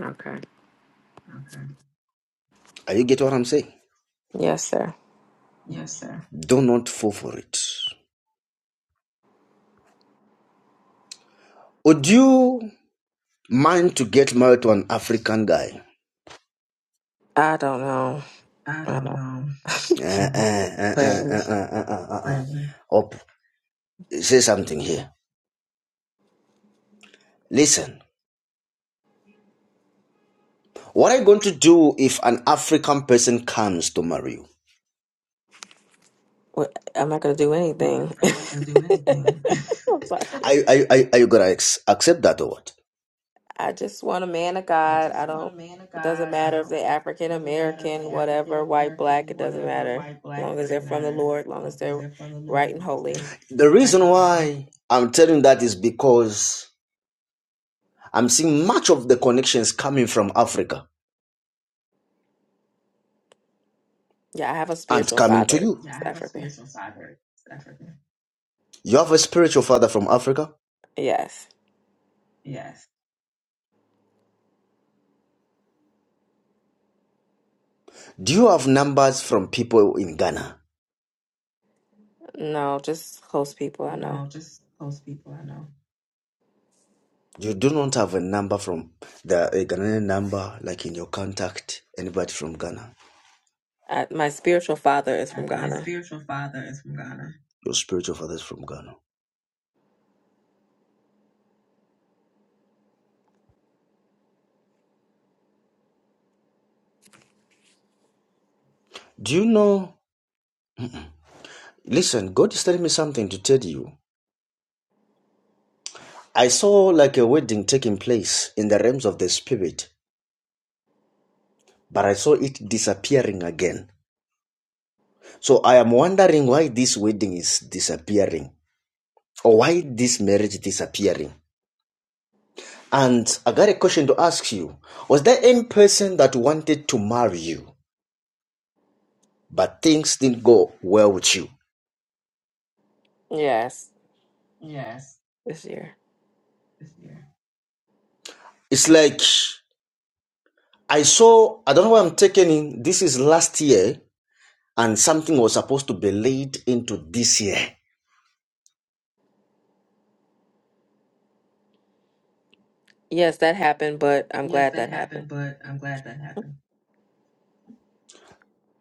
Okay.
Okay. Are you get what I'm saying?
Yes, sir.
Yes, sir. Do not fall for it. Would you mind to get married to an African guy?
I don't know.
I
I
don't
don't
know. Uh, uh, uh,
pray.
uh, uh, uh, uh, uh. Maybe. Up. Say something here. Listen. What are you going to do if an African person comes to marry you?
What- I'm not gonna do
But
anything.
I'm not gonna do anything.
I'm sorry.
Are you, are you, are you are you gonna ex- accept that or what?
I just want a man of
I
God. I
just want a
don't.
man of
It doesn't
God. I
matter if
don't.
they're
It
African
Doesn't matter if
American,
they're African
whatever, white, black.
American,
It doesn't
whatever,
matter.
white,
As
black.
long
It
as they're
doesn't
from the
matter.
Lord, as
As
long as
long as
they're
they're from the Lord,
right
as
and
long as
holy.
they're The right reason with Him. why I'm telling that is because I'm seeing much of the connections coming from Africa
Yeah, I have a
and
spiritual
coming
father.
to you. Yeah,
It's
I have a
African.
spiritual father. It's African. You have a spiritual father from Africa.
Yes.
Yes. Do you have numbers from people in Ghana?
No, just close people I know.
No, just close people I know. You do not have a number from the a Ghanaian number like in your contact, anybody from Ghana.
I, my spiritual father is
Uh,
from
My
Ghana.
spiritual father is from Ghana. Your spiritual father is from Ghana. Do you know? Listen, God is telling me something to tell you. I saw like a wedding taking place in the realms of the spirit, but I saw it disappearing again. So I am wondering why this wedding is disappearing or why this marriage is disappearing. And I got a question to ask you. Was there any person that wanted to marry you? but things didn't go well with you.
Yes,
Yes.
this year.
This year. It's like I saw, I don't know what I'm taking in. This is last year, and something was supposed to be laid into this year.
Yes, that happened, but I'm
Yes,
glad
that
that
happened,
happened.
but I'm glad that happened.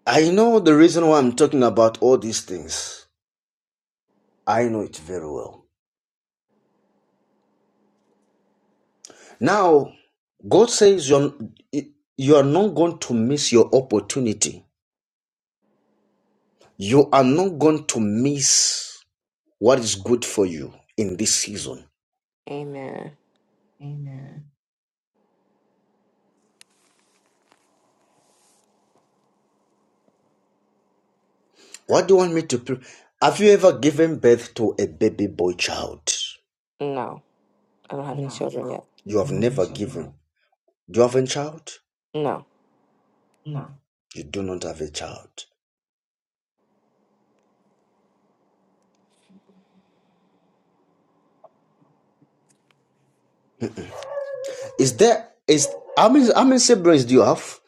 I know the reason why I'm talking about all these things. I know it very well. Now, God says you're, you are not going to miss your opportunity. You are not going to miss what is good for you in this season.
Amen.
Amen. What do you want me to prove? Have you ever given birth to a baby boy child?
No, I don't have any
No.
children yet.
You have never given. Do you have a child?
No.
No. You do not have a child. Is there is how many how many siblings do you have?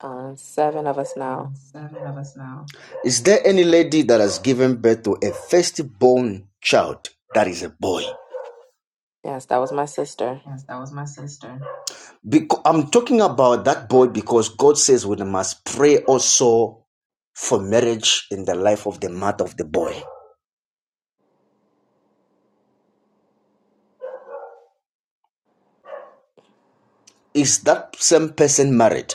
Uh, seven of us
Uh,
now.
seven of us now. Is there any lady that has given birth to a firstborn child that is a boy?
Yes, that was my sister.
Yes, that was my sister. Because I'm talking about that boy because God says we must pray also for marriage in the life of the mother of the boy. Is that same person married?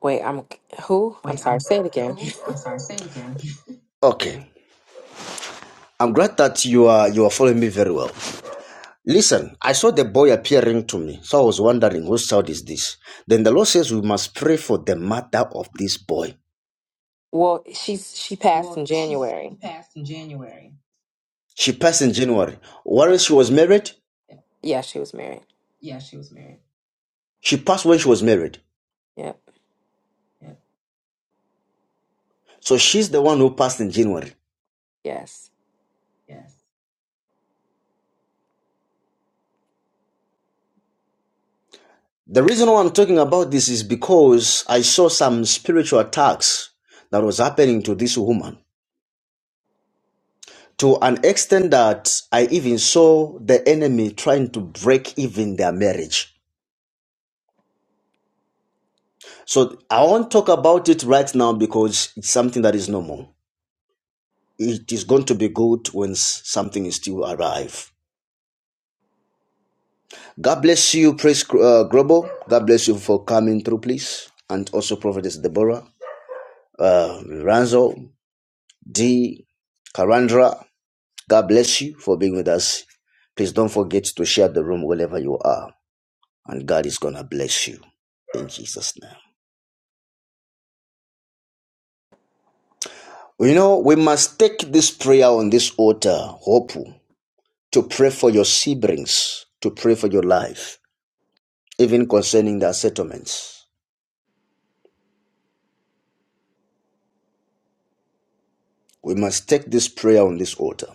Wait, I'm who? I'm
Wait,
sorry.
I'm
Say it again.
who? I'm sorry, say it again. Okay. I'm glad that you are you are following me very well. Listen, I saw the boy appearing to me, so I was wondering whose child is this. Then the Lord says we must pray for the mother of this boy.
well, she's she passed in
Well, she's
January.
she passed in January. She passed in January.
Yeah.
Whereas she was married?
Yeah, she was married.
Yeah, she was married. She passed when she was married.
Yep.
Yeah. So she's the one who passed in January.
Yes.
Yes. The reason why I'm talking about this is because I saw some spiritual attacks that was happening to this woman to an extent that I even saw the enemy trying to break even their marriage. So I won't talk about it right now because it's something that is normal. It is going to be good when something is still alive. God bless you, Praise uh, Grobo. God bless you for coming through, please. And also Prophetess Deborah, uh, Ranzo, D, Karandra. God bless you for being with us. Please don't forget to share the room wherever you are. And God is going to bless you. In Jesus' name. You know, we must take this prayer on this altar, hope, to pray for your siblings, to pray for your life, even concerning their settlements. We must take this prayer on this altar.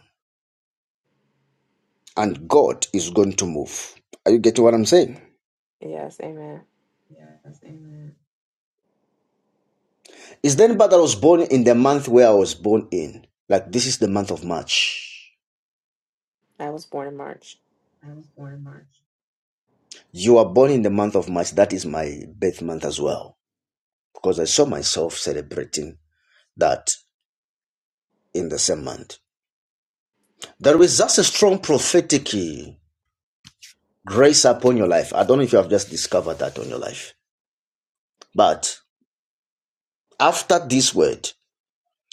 and God is going to move. Are you getting what I'm saying?
Yes. Amen.
Yes, amen. It's then but I was born in the month where I was born in. Like this is the month of March.
I was born in March.
I was born in March. You are born in the month of March. That is my birth month as well. Because I saw myself celebrating that in the same month. There is just a strong prophetic grace upon your life. I don't know if you have just discovered that on your life. But after this word,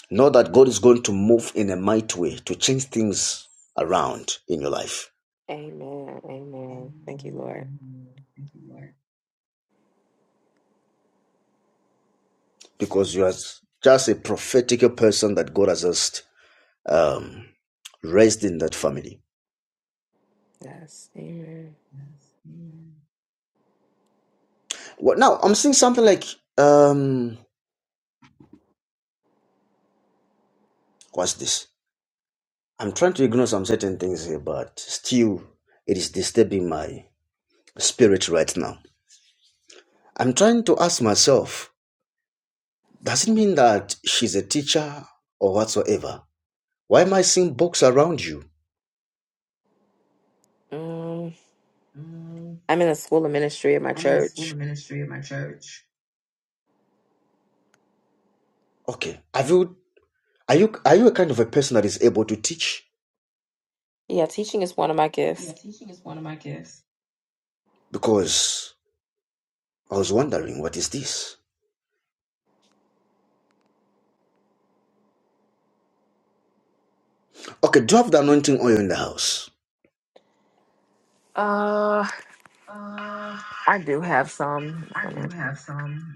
Know that God is going to move in a mighty way to change things around in your life
Amen. Amen. Thank you, Lord.
because you are just a prophetical person that God has just um, raised in that family.
Yes. Amen.
Well, now? I'm seeing something like um, what's this? I'm trying to ignore some certain things here, but still, it is disturbing my spirit right now. I'm trying to ask myself Doesn't mean that she's a teacher or whatsoever. Why am I seeing books around you?
Um,
Mm,
I'm in the school of ministry at my
I'm in the school
church.
of ministry at my church. Okay. Have you are you are you a kind of a person that is able to teach?
Yeah, teaching is one of my gifts.
Yeah, teaching is one of my gifts. Because I was wondering what is this? Okay, do you have the anointing oil in the house?
Uh,
Uh,
I do have some.
I do have some.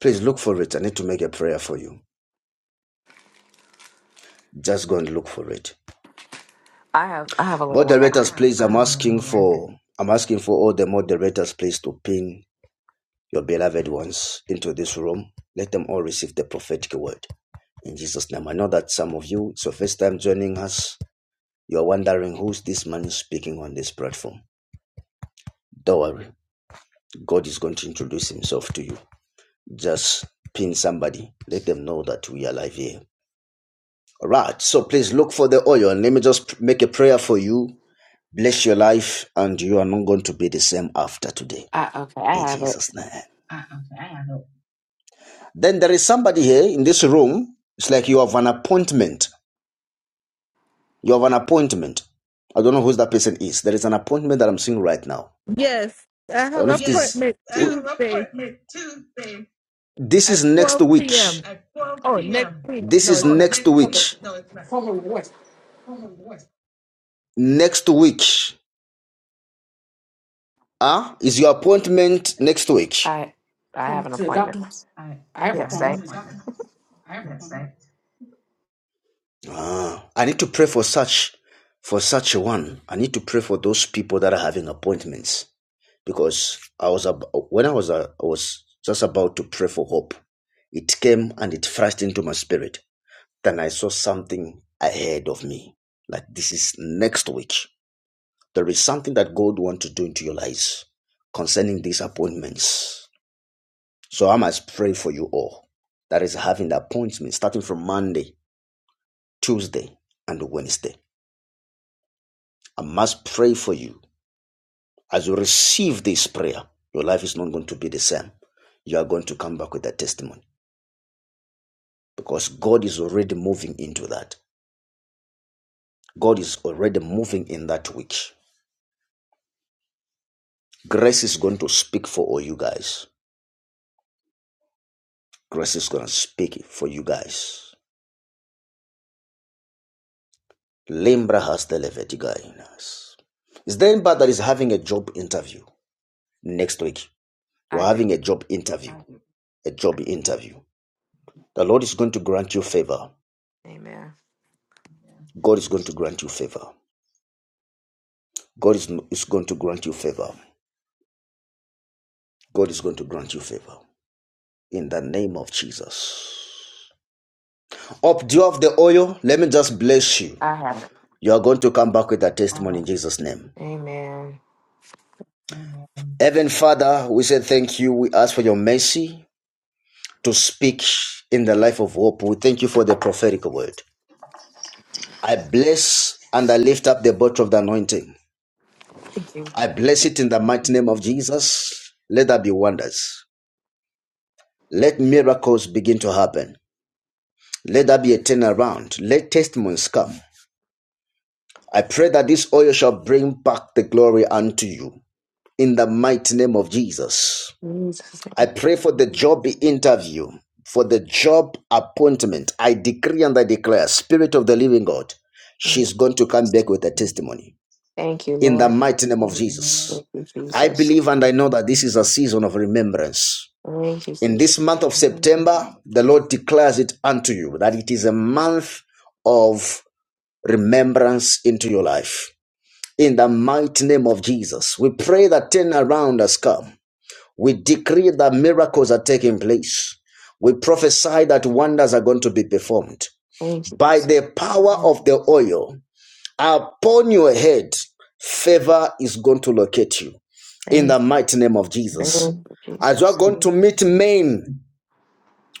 Please look for it. I need to make a prayer for you. Just go and look for it.
I have I have a little one right.
Moderators,
Here.
please, I'm asking for I'm asking for all the moderators, please, to pin your beloved ones into this room. Let them all receive the prophetic word in Jesus' name. I know that some of you, it's your first time joining us. You're wondering who's this man speaking on this platform. Don't worry, God is going to introduce Himself to you. Just pin somebody. Let them know that we are live here. All right. So please look for the oil. Let me just make a prayer for you. Bless your life, and you are not going to be the same after today.
I, okay,
in
I have it.
Jesus' name. Ah, okay, I have Then there is somebody here in this room. It's like you have an appointment. You have an appointment. I don't know who that person is. There is an appointment that I'm seeing right now.
Yes, I
I don't
have
know if
an
it Yes, it is.
appointment
I have an
Tuesday
appointment Tuesday This
at
is next
12
week.
p.m.
at 12
Oh, next
p.m.
week.
This
No,
is Oh,
it's not.
next next week.
have
week.
a
No, it's not.
former
Hold on.
voice
Hold on, what? Next week. Ah, is your appointment next week?
I I have
from
an
to the
appointment.
doctor.
I,
I have a
Yes,
I
phone.
thanks.
have. Ah, I need to pray for such for such a one. I need to pray for those people that are having appointments because I was ab- when I was uh, I was just about to pray for hope. It came and it flashed into my spirit. Then I saw something ahead of me. Like this is next week. There is something that God wants to do into your lives concerning these appointments. So I must pray for you all that is having the appointment starting from Monday, Tuesday, and Wednesday. I must pray for you. As you receive this prayer, your life is not going to be the same. You are going to come back with that testimony because God is already moving into that. God is already moving in that week. Grace is going to speak for all you guys. Grace is going to speak for you guys. Limbra has the Leviticus. Is there anybody that is having a job interview next week? You're
I do.
having a job interview, a job interview. The Lord is going to grant you favor.
Amen.
God is going to grant you favor. God is, is going to grant you favor. God is going to grant you favor in the name of Jesus. Up due of the oil, let me just bless you.
I have it.
You are going to come back with a testimony in Jesus' name.
Amen.
Heaven Father, we say thank you. We ask for your mercy to speak in the life of hope. We thank you for the prophetic word. I bless and I lift up the bottle of the anointing.
Thank you,
I bless it in the mighty name of Jesus. Let there be wonders. Let miracles begin to happen. Let that be a turnaround. Let testimonies come. I pray that this oil shall bring back the glory unto you in the mighty name of Jesus.
Jesus.
I pray for the job interview, for the job appointment. I decree and I declare, Spirit of the living God, she's
Thank you.
going to come back with a testimony
Thank you,
in the
Lord.
mighty name of Jesus.
Thank you,
I
Jesus.
believe and I know that this is a season of remembrance.
Thank you,
In
Jesus.
this month of September, the Lord declares it unto you that it is a month of remembrance into your life. In the mighty name of Jesus, we pray that turn around has come. We decree that miracles are taking place. We prophesy that wonders are going to be performed.
Praise you,
By
Jesus.
the power of the oil upon your head, favor is going to locate you. In
Praise
the mighty name of
you,
Jesus.
Lord
As you are
Jesus.
going to meet men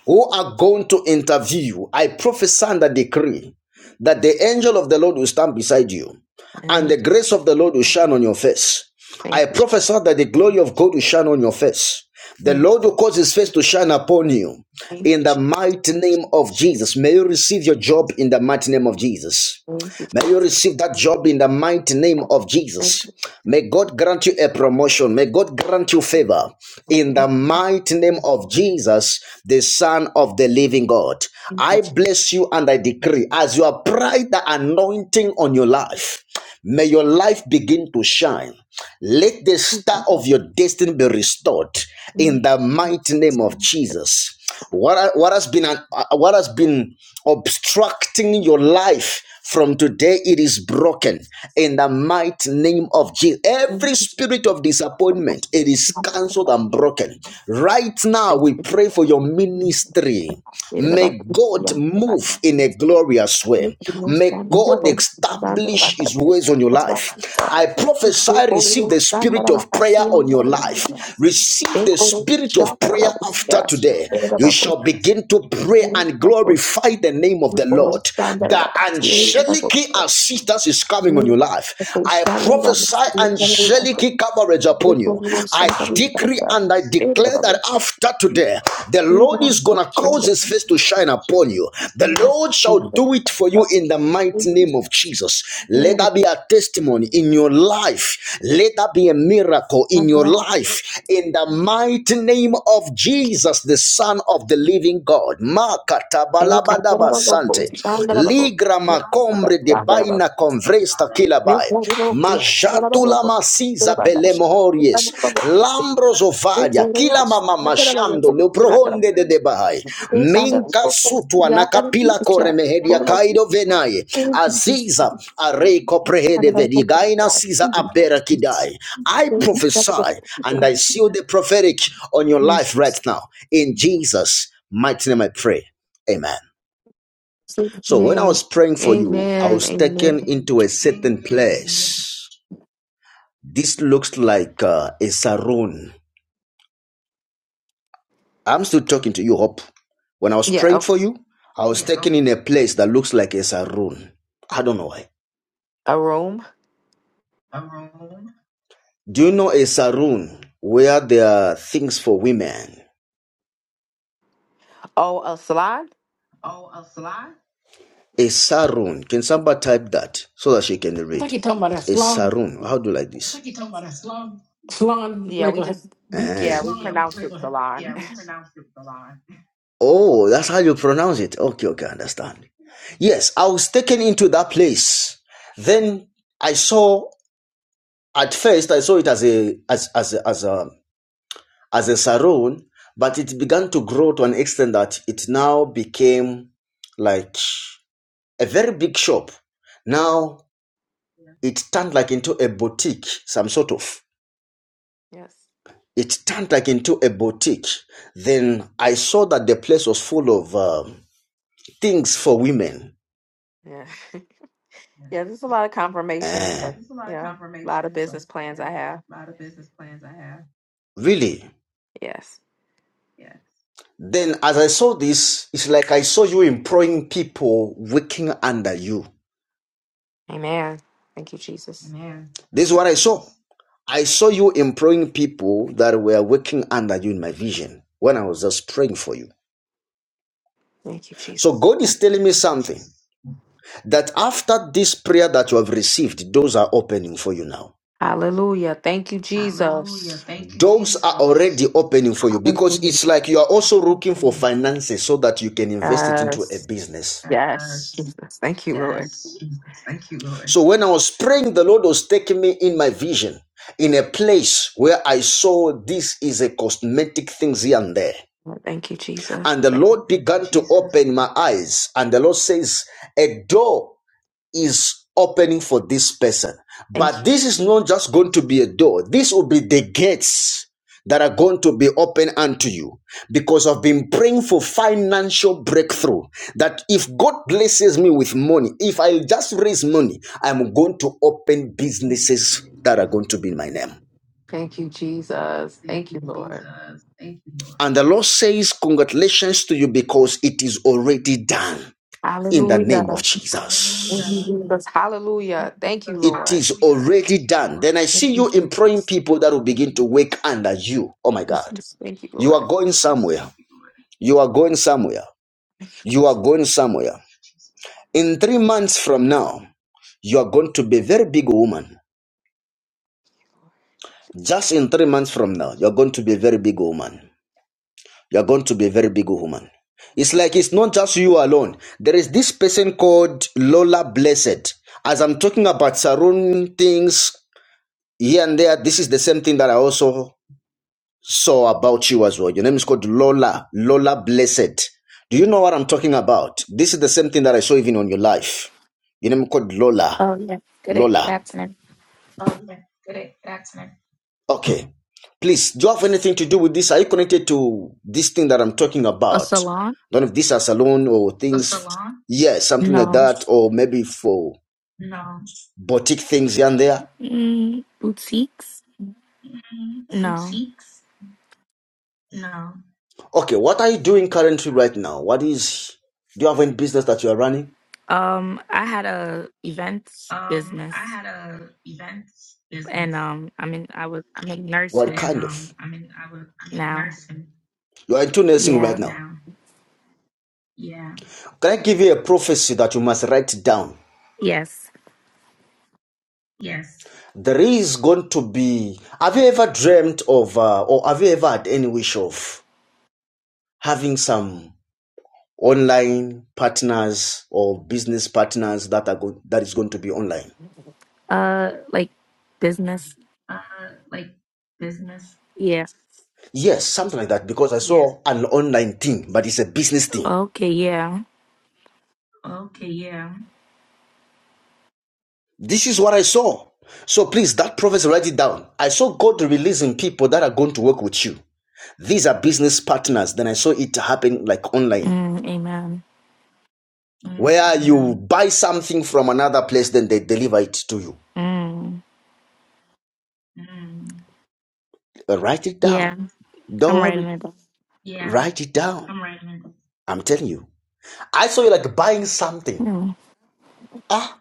who are going to interview, I prophesy and I decree that the angel of the Lord will stand beside you and the
And
grace of the Lord will shine on your face.
thank
I prophesy that the glory of God will shine on your face. The
you,
Lord will cause his face to shine upon you
thank you,
in
thank
the
you,
mighty name of Jesus. May you receive your job in the mighty name of Jesus.
thank
May
you,
you receive that job in the mighty name of Jesus. May God grant you a promotion. May God grant you favor in the mighty name of Jesus, the Son of the Living God.
thank you, thank
I bless you and I decree as you apply the anointing on your life, may your life begin to shine. Let the star of your destiny be restored in the mighty name of Jesus. What, what has been an- uh, what has been obstructing your life from today it is broken in the mighty name of Jesus. Every
you,
spirit of disappointment it is
Thank you,
cancelled
God.
and broken. Right now
Thank
we
you, Jesus.
pray for your
Thank
ministry.
you, God.
May God move in a glorious glorious
Thank
way.
you, Lord.
May
Stand up,
God
oh. Stand up,
establish his
oh.
ways on your
That's what
life.
we
I
do. Thank you,
prophesy, receive
Lord.
the
Stand up,
spirit of prayer on your life.
oh. Thank
Receive the
you.
spirit of prayer after today. You shall begin to pray and glorify the name of the Lord. The angelic assistance is coming on your life. I prophesy angelic coverage upon you. I decree and I declare declare that after today, the Lord is going to cause his face to shine upon you. The Lord shall do it for you in the mighty name of Jesus. Let that be a testimony in your life. Let that be a miracle in your life. In the mighty name of Jesus, the Son of the living God. Makatabalabadabasante. Ligra makombre de baina convresta Majatula masiza belemohories. Lambros ovaria. Kila mama mashando leprohonde de debahai. Minka sutwa na kapila koremehedia kaido venaye. Aziza
Jesus'
areko prehede vedigaina siza abera kidai. I prophesy and I seal the prophetic on your life right now. In Jesus' mighty name I pray. Amen. So when I
name.
was praying for you, I
Amen.
was taken
Amen.
into a certain place. This looks like uh, a saroon. I'm still talking to you, Hope. When I was
Yeah,
praying
oh,
for you, I was taken in a place that looks like a saroon. I don't know why.
a room.
Um, Do you know a saroon where there are things for women?
Oh, a salon?
Oh, A salon? A saroon. Can somebody type that so that she can
I think
read?
he talking about that
A
slum,
saroon. How do you like this? I think you're Talking about a slum.
slum
Yeah,
like
we
a
just
Uh
yeah,
bitches.
we pronounce it salon.
Eh. Oh, that's how you pronounce it. Okay, okay, I understand. Yes, I was taken into that place. Then I saw at first I saw it as a as as a, as a as a saroon, but it began to grow to an extent that it now became like a very big shop.
Yeah,
Now it turned like into a boutique, some sort of.
yes.
It turned like into a boutique. Then I saw that the place was full of um, things for women
Yeah. yeah, there's a lot of confirmation.
Eh,
So,
It's a lot of
yeah. A lot of
confirmation. So,
business plans I
yeah,
have.
a lot of business plans I have. really?
Yes.
Yes. Then, as I saw this, it's like I saw you employing people working under you.
Amen. Thank you, Jesus.
Amen. This is what I saw. I saw you employing people that were working under you in my vision when I was just praying for you.
Thank you,
So
Jesus.
God is telling me something that after this prayer that you have received, doors are opening for you now.
Hallelujah. Thank you,
Hallelujah.
Jesus.
Thank you, doors are already opening for you because
Hallelujah.
it's like you are also looking for finances so that you can invest it into a
Yes.
business.
Yes.
Yes.
Jesus. Thank you, Lord.
Yes, Jesus. Thank you, Lord. So when I was praying, the Lord was taking me in my vision in a place where I saw this is a cosmetic things here and there.
Thank you, Jesus.
And the Lord began to Jesus. open my eyes and the Lord says, a door is opening for this person.
Thank
But
you.
this is not just going to be a door, this will be the gates that are going to be open unto you because I've been praying for financial breakthrough. That if God blesses me with money, if I just raise money, I'm going to open businesses that are going to be in my name.
Thank you, Jesus.
Thank Thank
Thank
you,
you,
you,
Lord.
Jesus. Thank you, Lord. And the Lord says, Congratulations to you because it is already done in the name
Hallelujah.
of Jesus.
Thank you, Jesus. Hallelujah. Thank you,
It
Lord.
is already done. Then I
Thank
see
you,
you employing
Jesus.
people that will begin to work under you. Oh my God.
Jesus. Thank you,
You
Lord.
are going somewhere. You are going somewhere.
Thank you,
You are
Jesus.
going somewhere. In three months from now, you are going to be a very big woman. Just in three months from now, you're going to be a very big woman. You're going to be a very big woman. It's like it's not just you alone. There is this person called Lola Blessed. As I'm talking about Sarun things here and there, this is the same thing that I also saw about you as well. Your name is called Lola, Lola Blessed. Do you know what I'm talking about? This is the same thing that I saw even on your life. Your name is called Lola,
Oh yeah. Good a- good
Lola.
afternoon.
Oh, yeah. Great. That's nice. Okay. Please, do you have anything to do with this? Are you connected to this thing that I'm talking
A
about?
salon?
I don't know if this is salon or things. A Salon. Yeah, something like
No.
that, or maybe for no boutique things here and there.
Mm, boutiques?
Mm,
No.
boutiques? No. Okay, what are you doing currently right now? What is, do you have any business that you are running?
Um, I had a events
Um, I
business,
had a events
and
business,
um, I mean, I was I'm in
What
nursing
kind and kind of? i mean, I was I'm in
now.
nursing You are into nursing right
Yeah.
now. now. Yeah. Can I give you a prophecy that you must write down?
Yes.
Yes. There is going to be. Have you ever dreamt of, uh, or have you ever had any wish of having some online partners or business partners that are go- that is going to be online?
Uh, like business.
uh like business?
Yes.
Yes, something like that, because I Yes. saw an online thing, but it's a business thing.
Okay. Yeah.
Okay, yeah. This is what I saw. So please, that prophecy, write it down. I saw God releasing people that are going to work with you. These are business partners. Then I saw it happen like online,
Mm, amen.
mm-hmm. where you Mm, buy something from another place, then they deliver it to you.
Mm.
mm, Uh, Write it
Yeah.
down.
I'm
Don't
writing
worry.
it down.
yeah, Write it down. I'm writing it. I'm telling you. I saw you like buying something.
Mm.
Ah.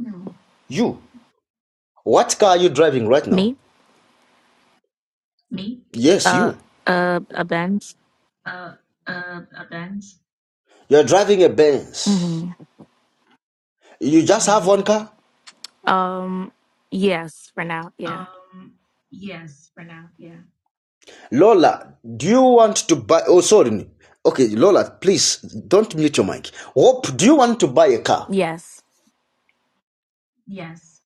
No. You. What car are you driving right now?
Me?
Me? Yes,
Uh.
you.
Uh. A bench.
Uh, uh, a Benz? You're driving a Benz.
Mm-hmm.
You just have one car?
Um. Yes. For now. Yeah.
Um, yes, for now, yeah. Lola, do you want to buy? Oh, sorry. Okay, Lola, please don't mute your mic. Hope, do you want to buy a car?
Yes.
Yes.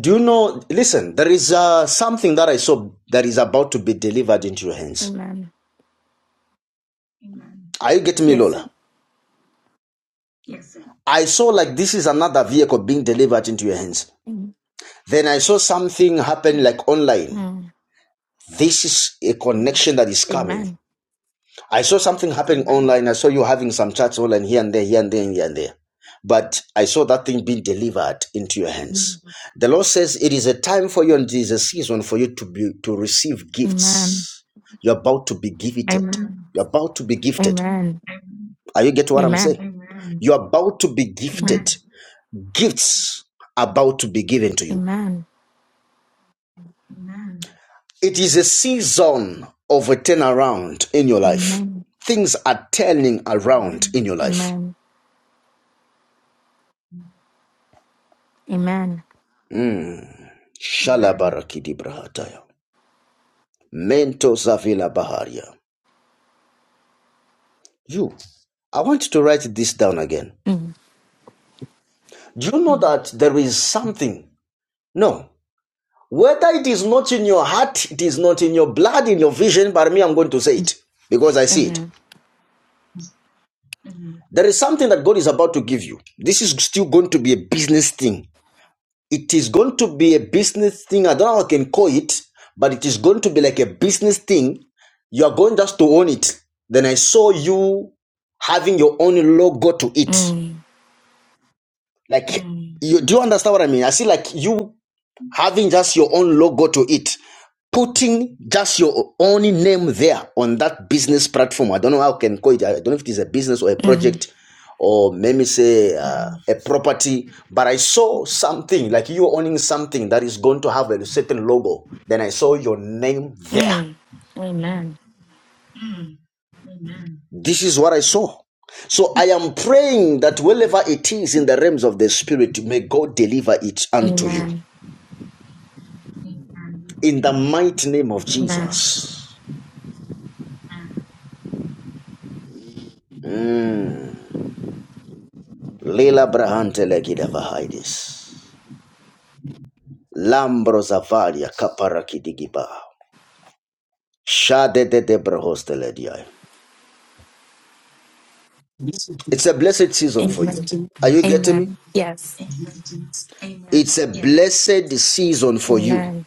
Do you know? Listen, there is uh, something that I saw that is about to be delivered into your hands.
Amen.
Amen. Are you getting me,
Yes,
Lola?
sir.
Yes, sir. I saw like this is another vehicle being delivered into your hands.
Amen.
Then I saw something happen like online. This is a connection that is coming.
Amen.
I saw something happening online. I saw you having some chats online here and there, here and there, here and there. But I saw that thing being delivered into your
Amen.
hands. The Lord says it is a time for you and it is a season for you to be to receive gifts. You're about to be gifted.
Amen.
You're about to be gifted.
Amen.
Are you get what I'm saying?
Amen.
You're about to be gifted.
Mm.
Gifts about to be given to you.
Amen.
Amen. It is a season of a turnaround in your life.
Amen.
Things are turning around in your life.
Amen. Amen.
Mm. Shalabarakidi brahataya. Mento zavila You, I want you to write this down again.
Mm.
Do you know Mm. that there is something? No. Whether it is not in your heart, it is not in your blood, in your vision, but me, I'm going to say it because I see it.
Mhm.
There is something that God is about to give you. This is still going to be a business thing. It is going to be a business thing. I don't know how I can call it, but it is going to be like a business thing. You are going just to own it. Then I saw you having your own logo to it.
Mm.
Like, Mm. you, do you understand what I mean? I see like you having just your own logo to it, putting just your own name there on that business platform. I don't know how I can call it. I don't know if it is a business or a
Mhm.
project or maybe say uh, a property. But I saw something like you owning something that is going to have a certain logo. Then I saw your name there.
Mm. Amen.
Mm. Amen. This is what I saw. So I am praying that wherever it is in the realms of the spirit, may God deliver it unto you.
Amen.
in the mighty name of
Amen.
Jesus. Mm. Lila brahante legida vahidis. Lambro zavaria kapara Shade de debra hostelediai. It's a blessed season for you.
Amen.
Are you getting me?
Amen. Yes.
Amen. It's a yes. blessed season for you.
Amen.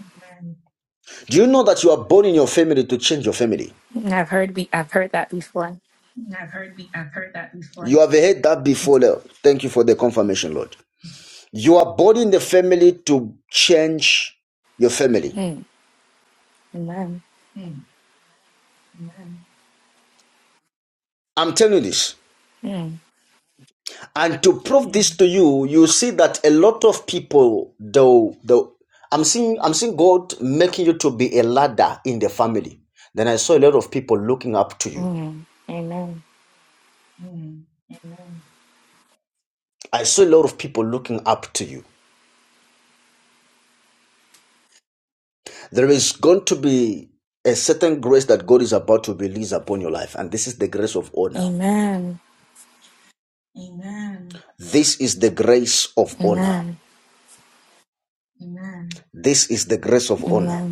Amen. Do you know that you are born in your family to change your family?
I've heard we I've heard that before.
I've I've heard. I've heard that before. You have heard that before. Lord. Thank you for the confirmation, Lord. You are boarding the family to change your family.
Mm. Amen.
Mm. I'm telling you this.
Mm.
And to prove this to you, you see that a lot of people though though I'm seeing I'm seeing God making you to be a ladder in the family. Then I saw a lot of people looking up to you.
Mm. Amen.
Mm. Amen. I saw a lot of people looking up to you. There is going to be a certain grace that God is about to release upon your life, and this is the grace of honor.
Amen.
Amen. This is the grace of honor.
Amen.
Amen. This is the grace of honor.
Amen.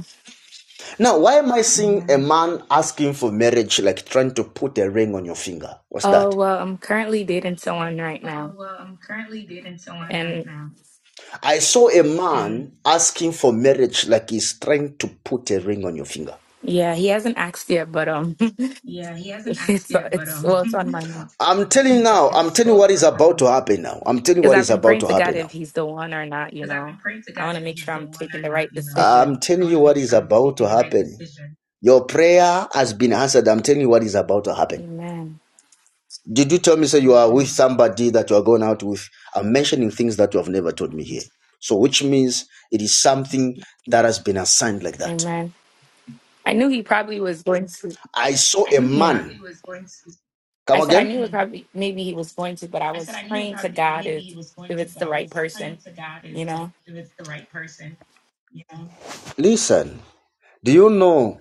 Now, why am I seeing a man asking for marriage, like trying to put a ring on your finger? What's
Oh
that?
well, I'm currently dating someone right
Oh
now,
well, I'm currently dating someone right
and
now, I saw a man asking for marriage, like he's trying to put a ring on your finger.
yeah, he hasn't asked yet, but um,
yeah, he hasn't asked
it's
yet, but
it's
um,
well, it's on my mind
I'm telling you now, I am telling you what is about to happen now. I'm telling you
because
what
I've
is
been
about
praying
to
to God
happen
if
now.
he's the one or not. You
Because I've
know,
been praying to
I
God
want to
if
make
He's
sure
the
I'm
one
taking
or
the
not,
right
you know. I'm
decision.
telling you what is sure about to right happen. Your prayer has been answered. I'm telling you what is about to happen.
Amen.
Did you tell me say you are with Mm. somebody that you are going out with? I'm mentioning things that you have never told me here. So which means it is something that has been assigned like that.
Amen. I knew he probably was going
Mm.
to.
I saw I a knew He
Hmm.
man. was going to. Come
I said I
again?
knew it was
Mm.
probably maybe he was going to, but I
I said
was
I knew it was
praying to
probably
God
maybe He
if
was going
if
to,
it's
but
the
I
right
was
person.
praying to God if
You know.
if it's the right person, you know. Listen. Do you know?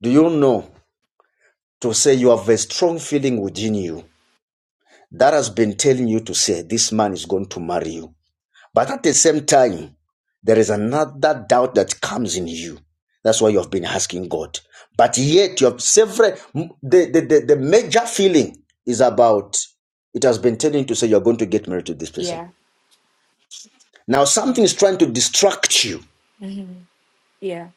Do you know to say you have a strong feeling within you that has been telling you to say this man is going to marry you? But at the same time, there is another doubt that comes in you. That's why you have been asking God. But yet you have several the, the, the, the major feeling is about it has been telling you to say you're going to get married to this person.
Yeah.
Now something is trying to distract you
hmm Yeah.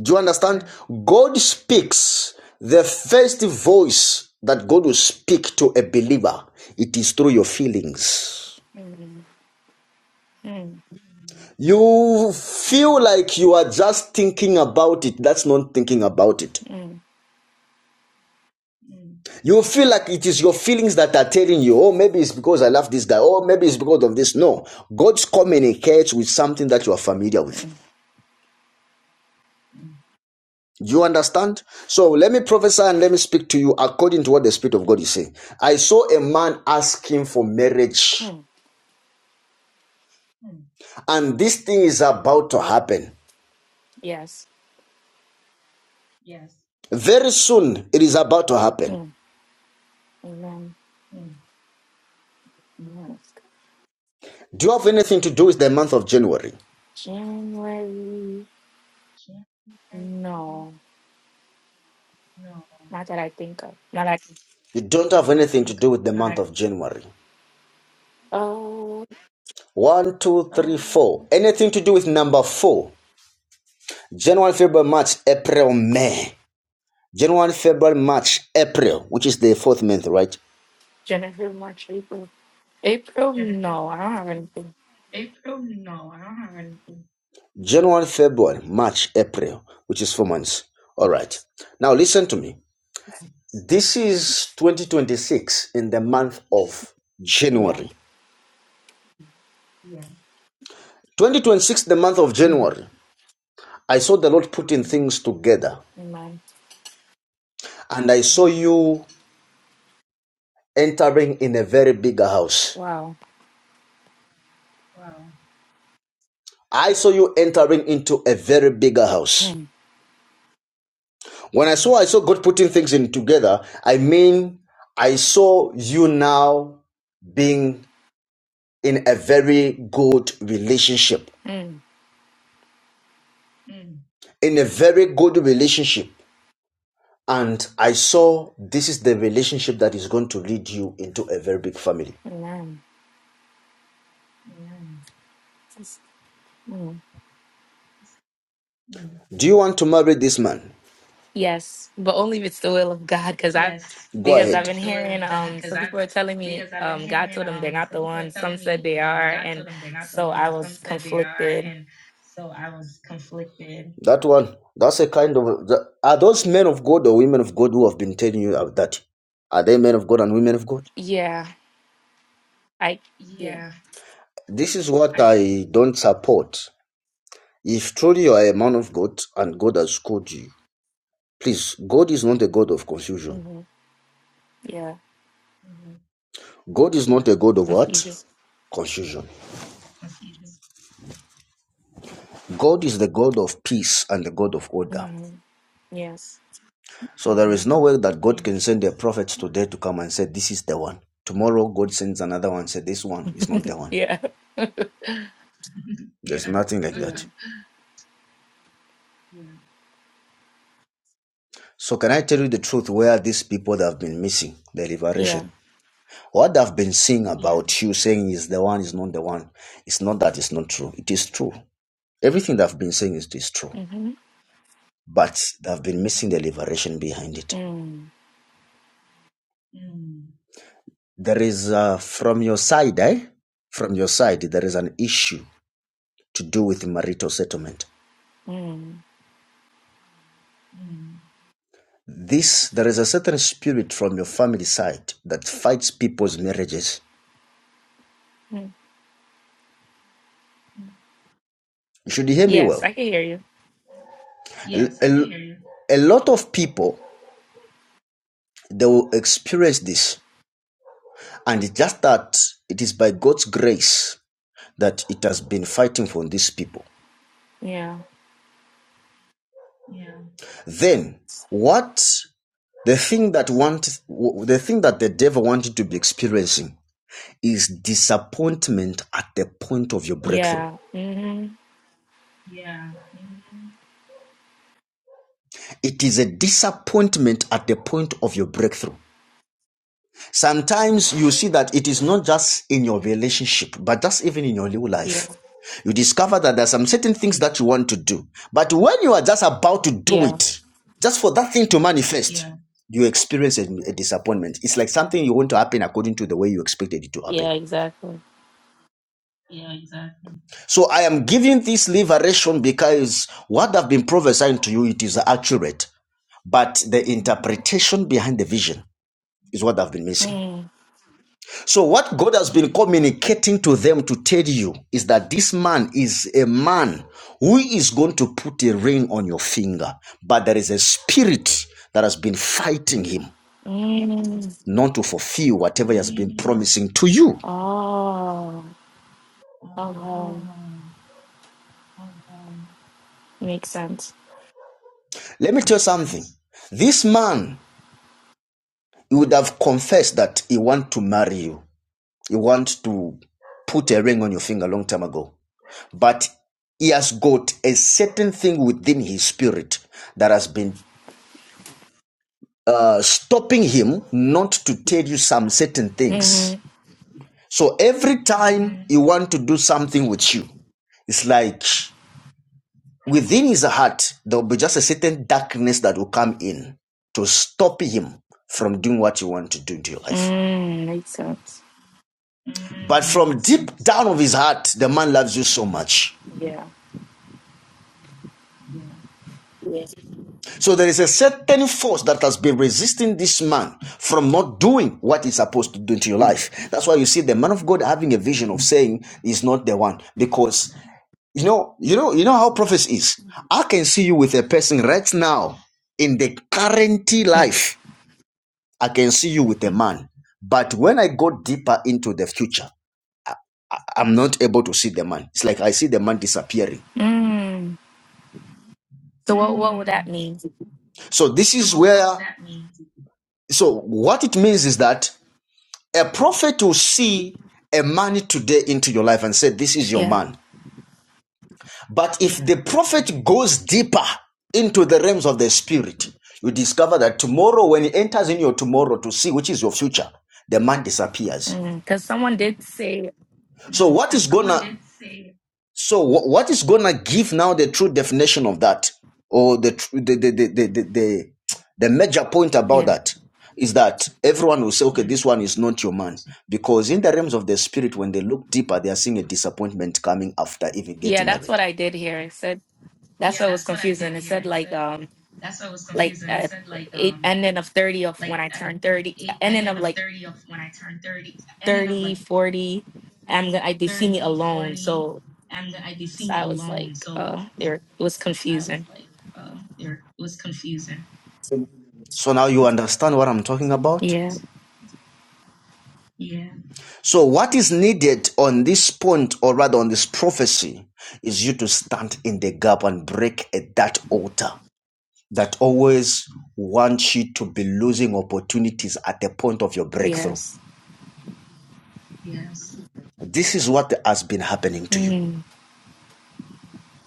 Do you understand? God speaks the first voice that God will speak to a believer. It is through your feelings.
Mm-hmm. Mm-hmm.
You feel like you are just thinking about it. That's not thinking about it.
Mm-hmm.
You feel like it is your feelings that are telling you, oh, maybe it's because I love this guy, or maybe it's because of this. No, God communicates with something that you are familiar with. Do you understand? So let me prophesy and let me speak to you according to what the Spirit of God is saying. I saw a man asking for marriage,
Mm-hmm.
Mm. and this thing is about to happen.
Yes.
Yes. Very soon, it is about to happen.
Mm. Amen.
Mm.
Mm,
Do you have anything to do with the month of January?
January, no,
No.
not that I think of. Not that I can.
You don't have anything to do with the month of January.
Oh,
One, two, three, four. Anything to do with number four? January, February, March, April, May. January, February, March, April, which is the fourth month, right?
January, March, April. April,
January,
no, I
March,
don't have
April.
anything.
April? No, I don't have anything. January, February, March, April, which is four months. All right. Now listen to me. This is 2026 in the month of
Yeah.
January. Yeah. 2026, the month of
Mm-hmm.
January, I saw the Lord putting things together
Amen.
and I saw you entering in a very bigger house.
Wow.
Wow. I saw you entering into a very bigger house.
Mm,
When I saw I saw God putting things in together, I mean I saw you now being in a very good relationship.
mm,
Mm. In a very good relationship. And I saw this is the relationship that is going to lead you into a very big family.
amen.
Amen.
Mm.
Mm. Do you want to marry this man?
Yes, but only if it's the will of God, because I've
Yes, Go
because I've
ahead.
been
it's the will
hearing
of God
um
because
some
I've
people are telling me
because I've been
um God
hearing
told them they're
um
not
some
the
people are
one. Some
telling
said
me
they
um
are,
God
and
told them they're not the
so I
ones.
was
Some said they are,
conflicted.
and so I was conflicted. That one, that's a kind of. the- Are those men of God or women of God who have been telling you of that? Are they men of God and women of God?
Yeah, I yeah,
Yeah, This is what I I don't support. If truly you are a man of God and God has called you, please, God is not a God of confusion.
hmm yeah,
mhm. God is not a God of what?
confusion.
Confusion. God is the God of peace and the God of order.
Yes.
So there is no way that God can send a prophet today to come and say, This is the one. Tomorrow, God sends another one, say, This one is not the one.
Yeah.
There's nothing like
Yeah.
that. So, can I tell you the truth where these people have been missing the
Yeah.
liberation? What they have been saying about you saying is the one is not the one. It's not that it's not true. It is true. Everything that I've been saying is, is true.
Mm-hmm.
But they have been missing the liberation behind it.
Mm.
Mm. There is, uh, from your side, eh? From your side, there is an issue to do with marital settlement.
Mm.
Mm. This, there is a certain spirit from your family side that fights people's marriages.
Mm.
Mm. You should you hear me
Yes, I
well.
can hear you.
Yes, I a- hear a lot of people, they will experience this. And it's just that it is by God's grace that it has been fighting for these people.
Yeah.
Yeah. Then what the thing that want the thing that the devil wanted to be experiencing is disappointment at the point of your breakthrough.
Yeah. Mm-hmm.
Yeah. Mhm. It is a disappointment at the point of your breakthrough. Sometimes you see that it is not just in your relationship, but just even in your new
Yeah.
life. You discover that there are some certain things that you want to do, but when you are just about to do
Yeah.
it, just for that thing to manifest, Yeah. you experience a, a disappointment. It's like something you want to happen according to the way you expected it to
Yeah,
happen.
exactly.
Yeah, exactly. So I am giving this liberation because what I've been prophesying to you, it is accurate, but the interpretation behind the vision is what I've been missing.
Mm.
So, what God has been communicating to them to tell you is that this man is a man who is going to put a ring on your finger, but there is a spirit that has been fighting him
Mm.
not to fulfill whatever he has been promising to you.
Oh. Okay. Makes sense.
Let me tell you something. This man he would have confessed that he want to marry you. He want to put a ring on your finger a long time ago. But he has got a certain thing within his spirit that has been uh, stopping him not to tell you some certain things.
Mm-hmm.
So every time you want to do something with you, it's like within his heart, there will be just a certain darkness that will come in to stop him from doing what you want to do in your life.
Mm. Makes sense.
But from deep down of his heart, the man loves you so much.
Yeah.
Yeah.
Yeah.
So there is a certain force that has been resisting this man from not doing what he's supposed to do into your life. That's why you see the man of God having a vision of saying he's not the one because you know, you know, you know how prophecy is. I can see you with a person right now in the current
Mm.
life. I can see you with a man, but when I go deeper into the future, I'm not able to see the man. It's like I see the man disappearing.
Mm. So what what would that
Mm.
mean?
So this is where. So what it means is that. A prophet will see a man today into your life and say, This is your
Yeah.
man. But if the prophet goes deeper into the realms of the spirit, you discover that tomorrow, when he enters in your tomorrow to see which is your future, the man disappears.
Mm. Cause someone did say
So what is gonna so what is gonna give now the true definition of that, or the the the the the the, the major point about
yeah.
that is that everyone will say, okay, this one is not your man, because in the realms of the spirit, when they look deeper, they are seeing a disappointment coming after even
Yeah,
getting
that's
married.
what I did here. It said that's
Yeah,
what was
that's that's what what I I I I did
confusing. It said
here. said
like
said
um
that's what I was
like at
like, like
eight
um,
and then of 30 of
like.
when i
at
turn 30
ending
and then
ending
of
of of of
like
thirty, thirty, when I turned thirty, ending of like
3040 i'm gonna I, they see me
Thirty,
alone
forty,
so,
and I, they see
so
me
i was
alone.
like
So
uh there it was
I was
confusing
like, uh, there it was confusing. So now you understand what I'm talking about?
yeah
Yeah. So, what is needed on this point, or rather on this prophecy, is you to stand in the gap and break at that altar that always wants you to be losing opportunities at the point of your breakthrough.
yes
Yes. This is what has been happening to you.
mm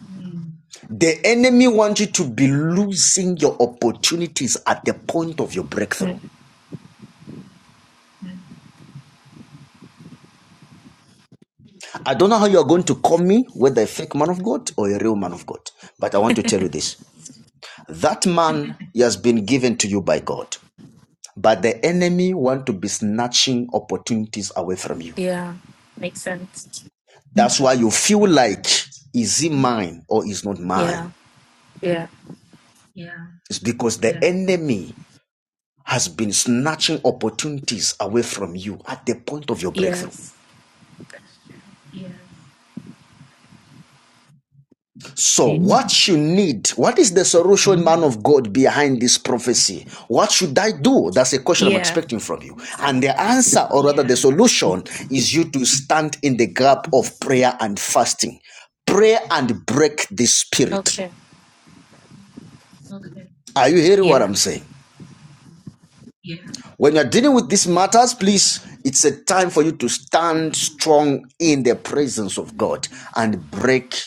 Mm. The enemy wants you to be losing your opportunities at the point of your breakthrough.
mm,
Mm. I don't know how you are going to call me, whether a fake man of God or a real man of God, but I want to tell you this. That man has been given to you by God, but the enemy wants to be snatching opportunities away from you.
yeah makes sense
That's why you feel like, is he mine or is not
yeah
mine?
yeah
Yeah. It's because the Yeah. enemy has been snatching opportunities away from you at the point of your breakthrough.
yes
Yes. So,
yeah
what you need, what is the solution, man of God, behind this prophecy? What should I do? That's a question I'm expecting from you. And the answer, or rather, the Yes. solution is you to stand in the gap of prayer and fasting. Pray and break the spirit.
okay
Okay. Are you hearing what
yeah
I'm saying? Yeah. When you're dealing with these matters, please, it's a time for you to stand strong in the presence of God and break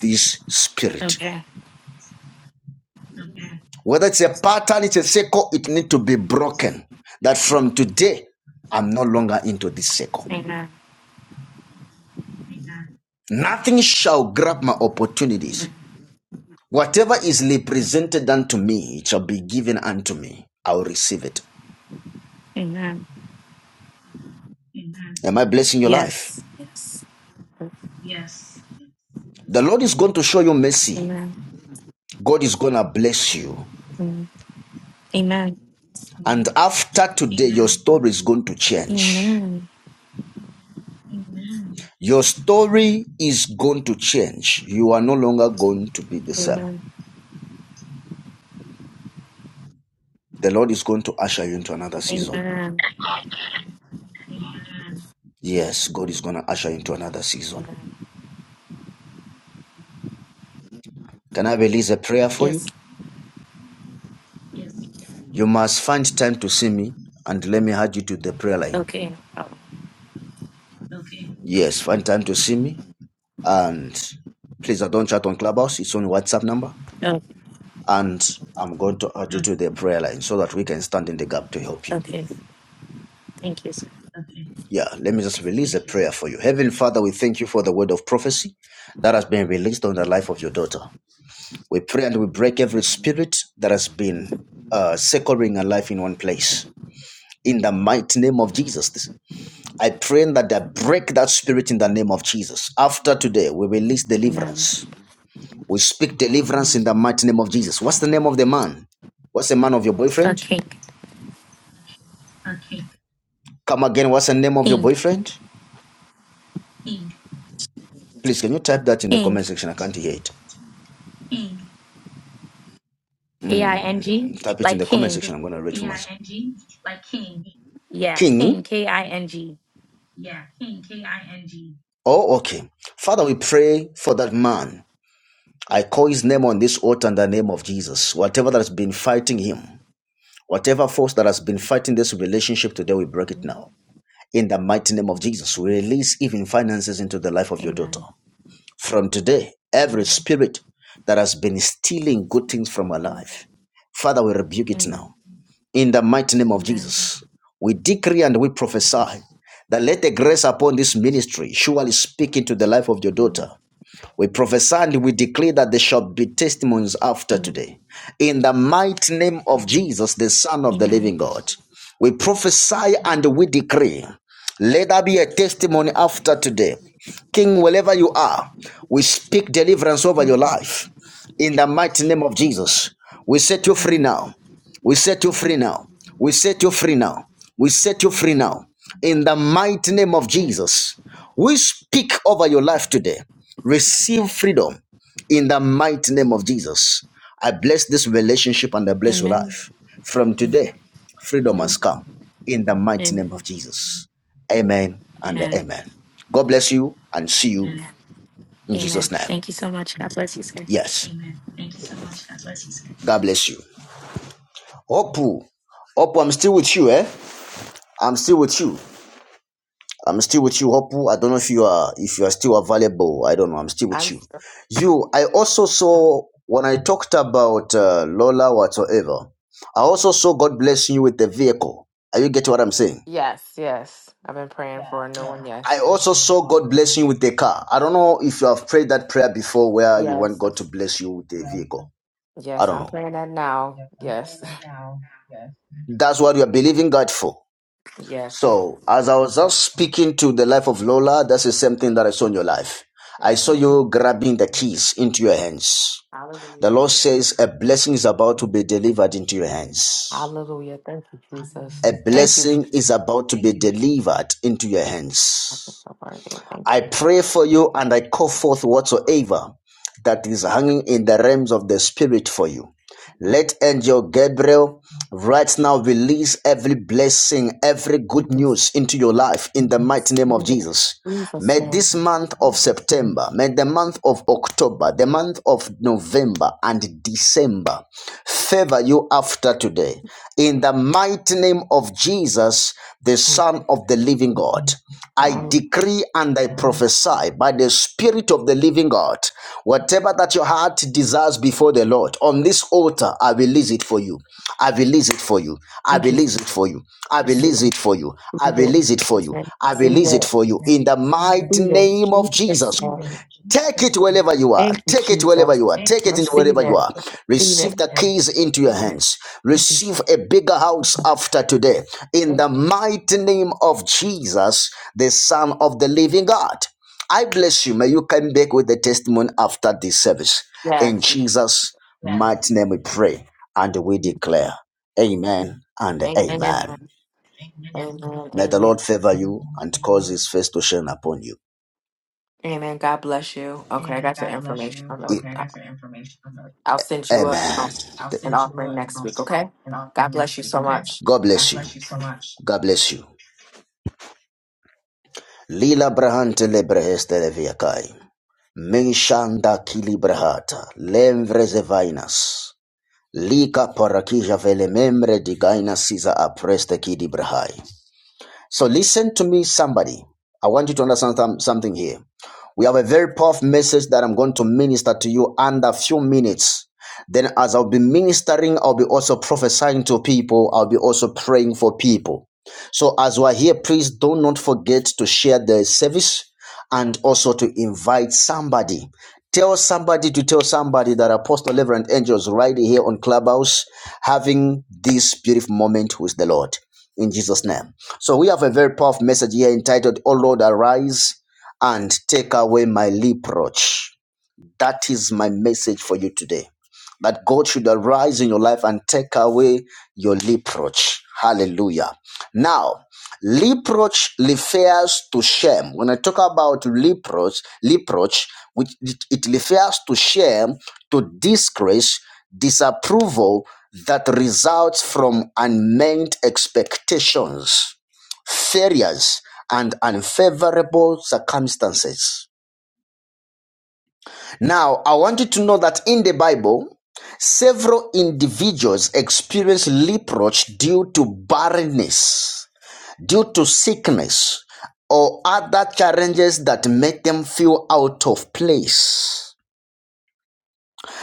this spirit.
okay
Whether it's a pattern, it's a cycle. it needs to be broken. That from today, I'm no longer into this cycle.
amen
Nothing shall grab my opportunities.
amen
Whatever is represented unto me, it shall be given unto me. I will receive it.
Amen.
Amen. Am I blessing your life?
yes yes
Yes. The Lord is going to show you mercy.
amen
God is going to bless you.
Mm. amen
And after today, your story is going to change.
amen
Amen. Your story is going to change. You are no longer going to be the same.
amen
The Lord is going to usher you into another season.
amen,
Yes, God is going to usher you into another season.
amen.
Can I release a prayer for you?
yes
Yes. You must find time to see me and let me add you to the prayer line.
Okay. Oh,
Okay. Yes, find time to see me. And please, I don't chat on Clubhouse. It's on WhatsApp number.
oh,
And I'm going to add you to the prayer line so that we can stand in the gap to help you.
okay. Thank you. sir.
Yeah, let me just release a prayer for you. Heavenly Father, we thank you for the word of prophecy that has been released on the life of your daughter. We pray and we break every spirit that has been uh, securing her life in one place. In the mighty name of Jesus, this- I pray that I break that spirit in the name of Jesus. After today, we release
Amen.
deliverance. We speak deliverance in the mighty name of Jesus. What's the name of the man? What's the man of your
A
boyfriend?
king.
Come again, what's the name of your
King.
boyfriend? Please, can you type that in the
King.
comment section? I can't hear it. King.
K I N
Mm,
G.
type it in
Like
the comment
king.
section. I'm going to read you. K from Like king.
Yeah. King.
king.
K I N G.
Yeah. King. K I N G. Oh, okay. Father, we pray for that man. I call his name on this altar in the name of Jesus. Whatever that has been fighting him, whatever force that has been fighting this relationship today, we break it now. In the mighty name of Jesus, we release even finances into the life of your daughter.
Amen.
From today, every spirit that has been stealing good things from our
Amen.
life, Father, we rebuke it
Amen.
now. In the mighty name of
Amen.
Jesus, we decree and we prophesy that let the grace upon this ministry surely speak into the life of your daughter. We prophesy and we declare that there shall be testimonies after
Amen. Amen.
today. In the mighty name of Jesus, the Son of the
Amen.
living God, we prophesy and we decree. Let there be a testimony after today. King, wherever you are, we speak deliverance over your
Amen.
life. In the mighty name of Jesus, we set you
Amen.
free
Amen.
now. We
Amen.
set you
Amen.
free now. We set you
Amen.
free now. We set you free now. In the mighty name of Jesus, we speak over your life today. Receive freedom in the mighty name of Jesus. I bless this relationship and I bless your life. From today, freedom
Amen.
has come in the mighty
Amen.
name of Jesus. Amen and amen. God bless you and see you Amen.
Amen.
in Jesus'
Amen.
name.
Thank you so much. God bless you, sir.
Yes. Amen. Thank you so much. God bless you. sir. God bless you. Opu, Opu, I'm still with you, eh? I'm still with you. I'm still with you, Hopu. I don't know if you are if you are still available. I don't know. I'm still with you.
I'm
You. I also saw when I talked about uh, Lola whatsoever. I also saw God blessing you with the vehicle. Are you getting what I'm saying?
Yes, yes. I've been praying
Yeah.
for a new
yeah.
one. Yes.
I also saw God blessing you with the car. I don't know if you have prayed that prayer before, where you want
Yes.
God to
that's-
bless you with a vehicle. I
Yes,
don't
I'm
know.
praying that now.
yes, I'm saying
Yes.
that now. Yes. That's what you are believing God for.
Yes.
So, as I was just speaking to the life of Lola, that's the same thing that I saw in your life. I
Thank
saw
you. Jesus.
you grabbing the keys into your hands. The
Hallelujah.
Lord says a blessing is about to be delivered into your hands.
Hallelujah. Thank you,
A
Jesus. Thank you,
blessing
Jesus.
is about to be delivered into your
I
hands.
feel so worthy. Thank
I
you, Lord.
pray for you and I call forth whatsoever that is hanging in the realms of the spirit for you. Let angel Gabriel right now release every blessing, every good
Yes.
news into your life in the mighty
yes,
name
we
of
will.
Jesus.
Jesus
May
name.
this month of September, may the month of October, the month of November and December favor you after today. In the mighty name of Jesus, the
Jesus.
Son of the Living God, I
Hallelujah.
decree and I prophesy by the Spirit of the Living God, whatever that your heart desires before the Lord, on this altar, I release it for you for you. I release it for you. I
Thank you,
release it
Jesus.
for you. I
Receive
release it
it.
for you. I
Receive it.
release it for
Jesus
you.
name.
I
Receive
release it
it.
for you. In the mighty
Receive it.
name of
Jesus
Jesus.
name.
Take it wherever you are.
Thank you,
Take it wherever
Jesus.
you are. Take it in
Receive
wherever you
it.
are.
Receive
Receive
it.
the keys into your hands.
Thank you, Jesus.
Receive a bigger house after today. In
Thank
the
you.
mighty name of Jesus, the Son of the Living God. I bless you. May you come back with the testimony after this service. In
Yes.
Jesus' mighty name we pray and we declare, Amen and
Amen.
Amen. Amen.
Amen.
May the
Amen.
Lord favor you and cause his face to shine upon you.
Amen. God bless you. Okay, I
Amen.
got your
God bless
information.
you.
on
Okay, I-
that.
got your information.
I'll send you a,
Amen. I'll
an
send you
offering
a,
next week. Okay.
an
God
offering
bless
next
you
week.
so
Okay.
much.
God bless you. God bless you. so much. God bless you. Lila brahante lebreheste leviakai. Menshanda kilibrahata. Lemvreze vainas. Lika parakija vele membre digainas siza apreste kidibrahai. So listen to me, somebody. I want you to understand some- something here. We have a very powerful message that I'm going to minister to you under a few minutes. Then, as I'll be ministering, I'll be also prophesying to people. I'll be also praying for people. So, as we're here, please do not forget to share the service and also to invite somebody. Tell somebody to tell somebody that Apostle Reverend Angels right here on Clubhouse having this beautiful moment with the Lord. In Jesus' name. So we have a very powerful message here entitled, O Lord, arise and take away my reproach. That is my message for you today. That God should arise in your life and take away your reproach. Hallelujah. Now, reproach refers to shame. When I talk about reproach, reproach, which it it refers to shame, to disgrace, disapproval that results from unmet expectations, failures, and unfavorable circumstances. Now, I want you to know that in the Bible, several individuals experience leprosy due to barrenness, due to sickness, or other challenges that make them feel out of place.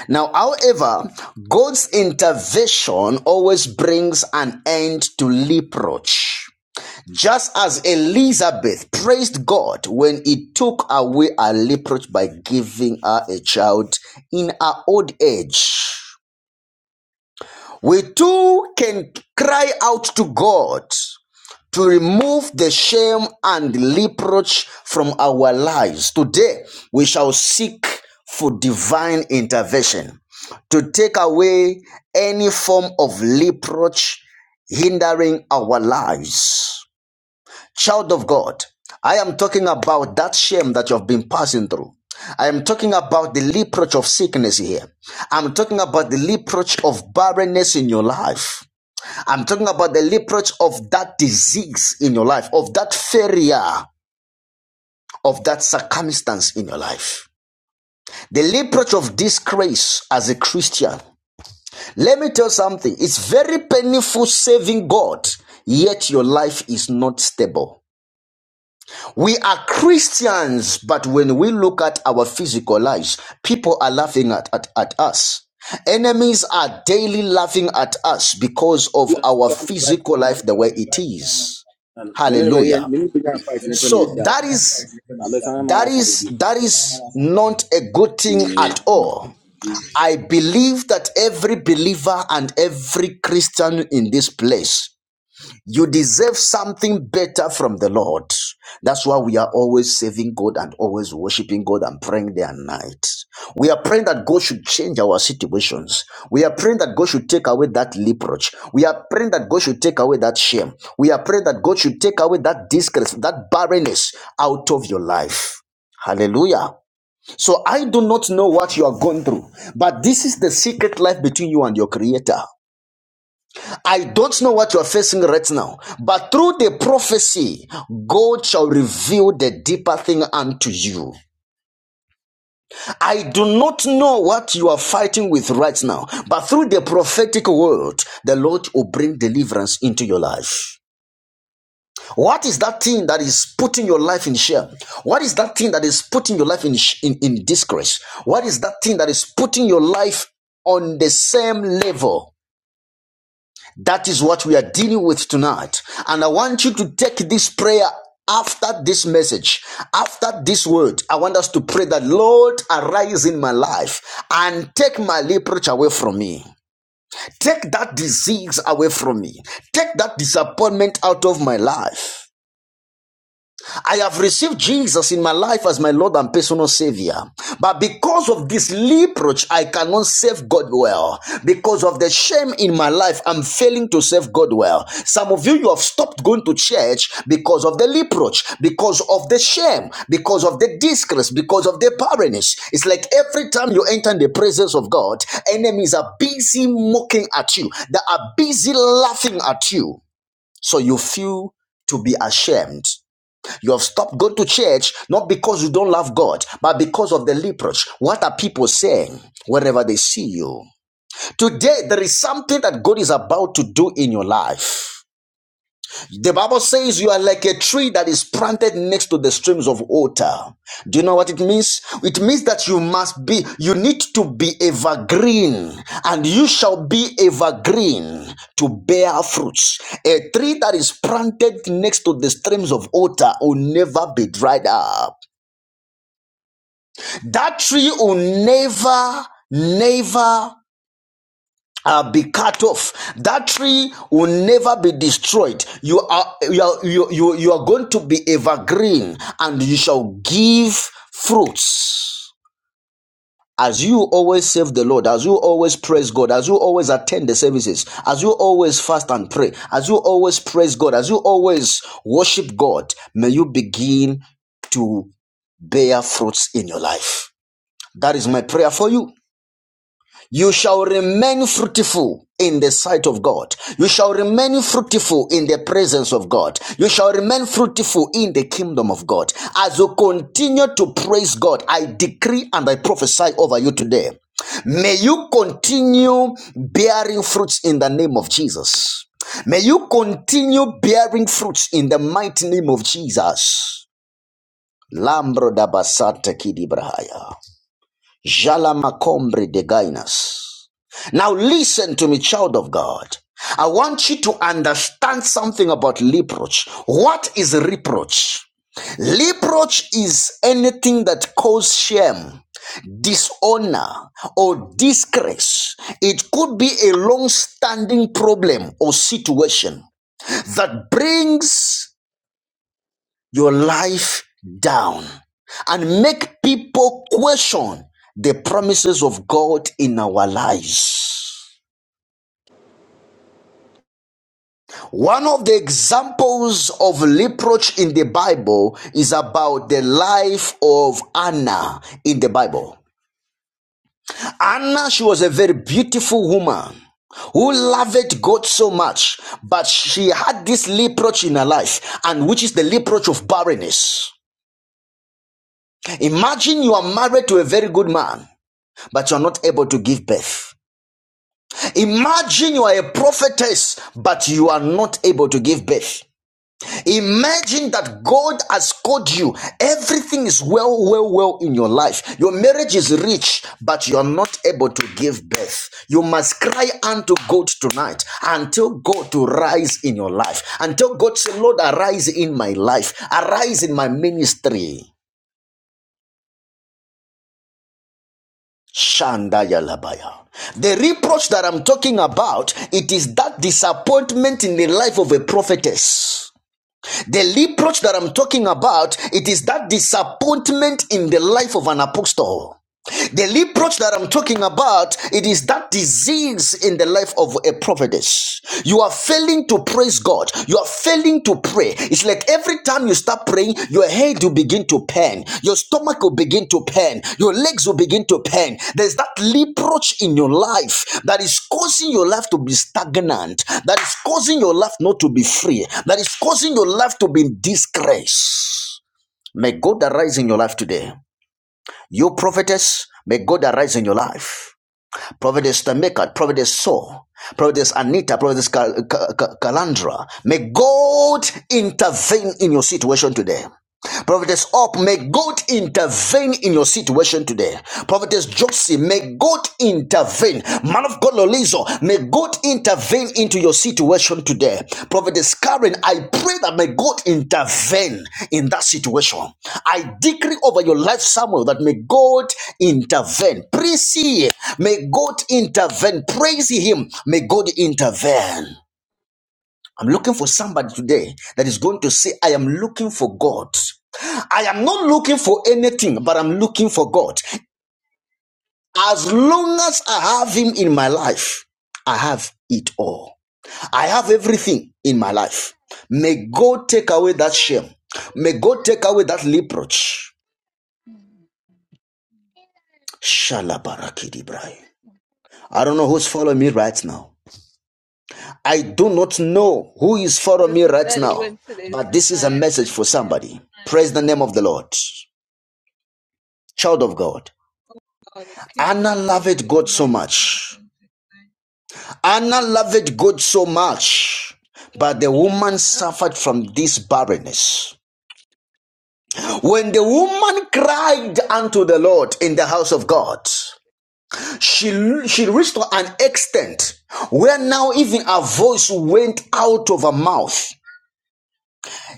Now, however, God's intervention always brings an end to leprosy. Just as Elizabeth praised God when He took away her leprosy by giving her a child in her old age, we too can cry out to God to remove the shame and reproach from our lives. Today, we shall seek for divine intervention to take away any form of reproach hindering our lives. Child of God, I am talking about that shame that you have been passing through. I am talking about the reproach of sickness here. I'm talking about the reproach of barrenness in your life. I'm talking about the reproach of that disease in your life, of that failure, of that circumstance in your life. The reproach of disgrace as a Christian. Let me tell you something. It's very painful serving God, yet your life is not stable. We are Christians, but when we look at our physical lives, people are laughing at, at, at us. Enemies are daily laughing at us because of
You
our
understand? I'm I black man.
physical
know
life
it,
the
man.
way it is.
And when anybody,
Hallelujah.
when you begin fighting, you put in the
So that is
Unless I'm a man,
that
I'm
is that is not a good thing
a
at
baby.
all. I believe that every believer and every Christian in this place you deserve something better from the Lord. That's why we are always saving God and always worshiping God and praying day and night. We are praying that God should change our situations. We are praying that God should take away that reproach. We are praying that God should take away that shame. We are praying that God should take away that disgrace, that barrenness out of your life. Hallelujah. So I do not know what you are going through, but this is the secret life between you and your creator. I don't know what you are facing right now, but through the prophecy, God shall reveal the deeper thing unto you. I do not know what you are fighting with right now, but through the prophetic word, the Lord will bring deliverance into your life. What is that thing that is putting your life in shame? What is that thing that is putting your life in, in, in disgrace? What is that thing that is putting your life on the same level? That is what we are dealing with tonight. And I want you to take this prayer after this message, after this word. I want us to pray that, Lord, arise in my life and take my reproach away from me. Take that disease away from me. Take that disappointment out of my life. I have received Jesus in my life as my Lord and personal Savior. But because of this leproach, I cannot serve God well. Because of the shame in my life, I'm failing to serve God well. Some of you, you have stopped going to church because of the leproach, because of the shame, because of the disgrace, because of the barrenness. It's like every time you enter in the presence of God, enemies are busy mocking at you, they are busy laughing at you. So you feel to be ashamed you have stopped going to church not because you don't love God, but because of the leprosy. What are people saying wherever they see you? Today, there is something that God is about to do in your life. The Bible says you are like a tree that is planted next to the streams of water. Do you know what it means? It means that you must be, you need to be evergreen, and you shall be evergreen to bear fruits. A tree that is planted next to the streams of water will never be dried up. That tree will never, never uh, be cut off. That tree will never be destroyed. You are you are, you, you, you are going to be evergreen, and you shall give fruits. As you always serve the Lord, as you always praise God, as you always attend the services, as you always fast and pray, as you always praise God, as you always worship God, may you begin to bear fruits in your life. That is my prayer for you you shall remain fruitful in the sight of God. You shall remain fruitful in the presence of God. You shall remain fruitful in the kingdom of God. As you continue to praise God, I decree and I prophesy over you today. May you continue bearing fruits in the name of Jesus. May you continue bearing fruits in the mighty name of Jesus. Lambro da basata kidibrahaya. Jala makombre de gainas. Now, listen to me, child of God. I want you to understand something about reproach. What is reproach? Reproach is anything that causes shame, dishonor, or disgrace. It could be a long standing problem or situation that brings your life down and make people question the promises of God in our lives. One of the examples of reproach in the Bible is about the life of Anna in the Bible. Anna, she was a very beautiful woman who loved God so much, but she had this reproach in her life, and which is the reproach of barrenness. Imagine you are married to a very good man, but you are not able to give birth. Imagine you are a prophetess, but you are not able to give birth. Imagine that God has called you. Everything is well, well, well in your life. Your marriage is rich, but you are not able to give birth. You must cry unto God tonight until God to rise in your life. Until God say, Lord, arise in my life. Arise in my ministry. Shanda Yalabaya. The reproach that I'm talking about, it is that disappointment in the life of a prophetess The reproach that I'm talking about, it is that disappointment in the life of an apostle. The leproach that I'm talking about, it is that disease in the life of a prophetess. You are failing to praise God. You are failing to pray. It's like every time you start praying, your head will begin to pain. Your stomach will begin to pain. Your legs will begin to pain. There's that leproach in your life that is causing your life to be stagnant. That is causing your life not to be free. That is causing your life to be in disgrace. May God arise in your life today. You prophetess, may God arise in your life. Prophetess Tameka, Prophetess Saul, Prophetess Anita, Prophetess Cal- Calandra, may God intervene in your situation today. Prophetess Up, may God intervene in your situation today. Prophetess Josie, may God intervene. Man of God Lolizo, may God intervene into your situation today. Prophetess Karen, I pray that may God intervene in that situation. I decree over your life, Samuel, that may God intervene. Praise ye. May God intervene. Praise him. May God intervene. I'm looking for somebody today that is going to say, I am looking for God. I am not looking for anything, but I'm looking for God. As long as I have Him in my life, I have it all. I have everything in my life. May God take away that shame. May God take away that reproach. Shalabarakidibrai. I don't know who's following me right now. I do not know who is following me right now, but this is a message for somebody. Praise the name of the Lord. Child of God. Anna loved God so much. Anna loved God so much. But the woman suffered from this barrenness. When the woman cried unto the Lord in the house of God, she, she reached to an extent where now even her voice went out of her mouth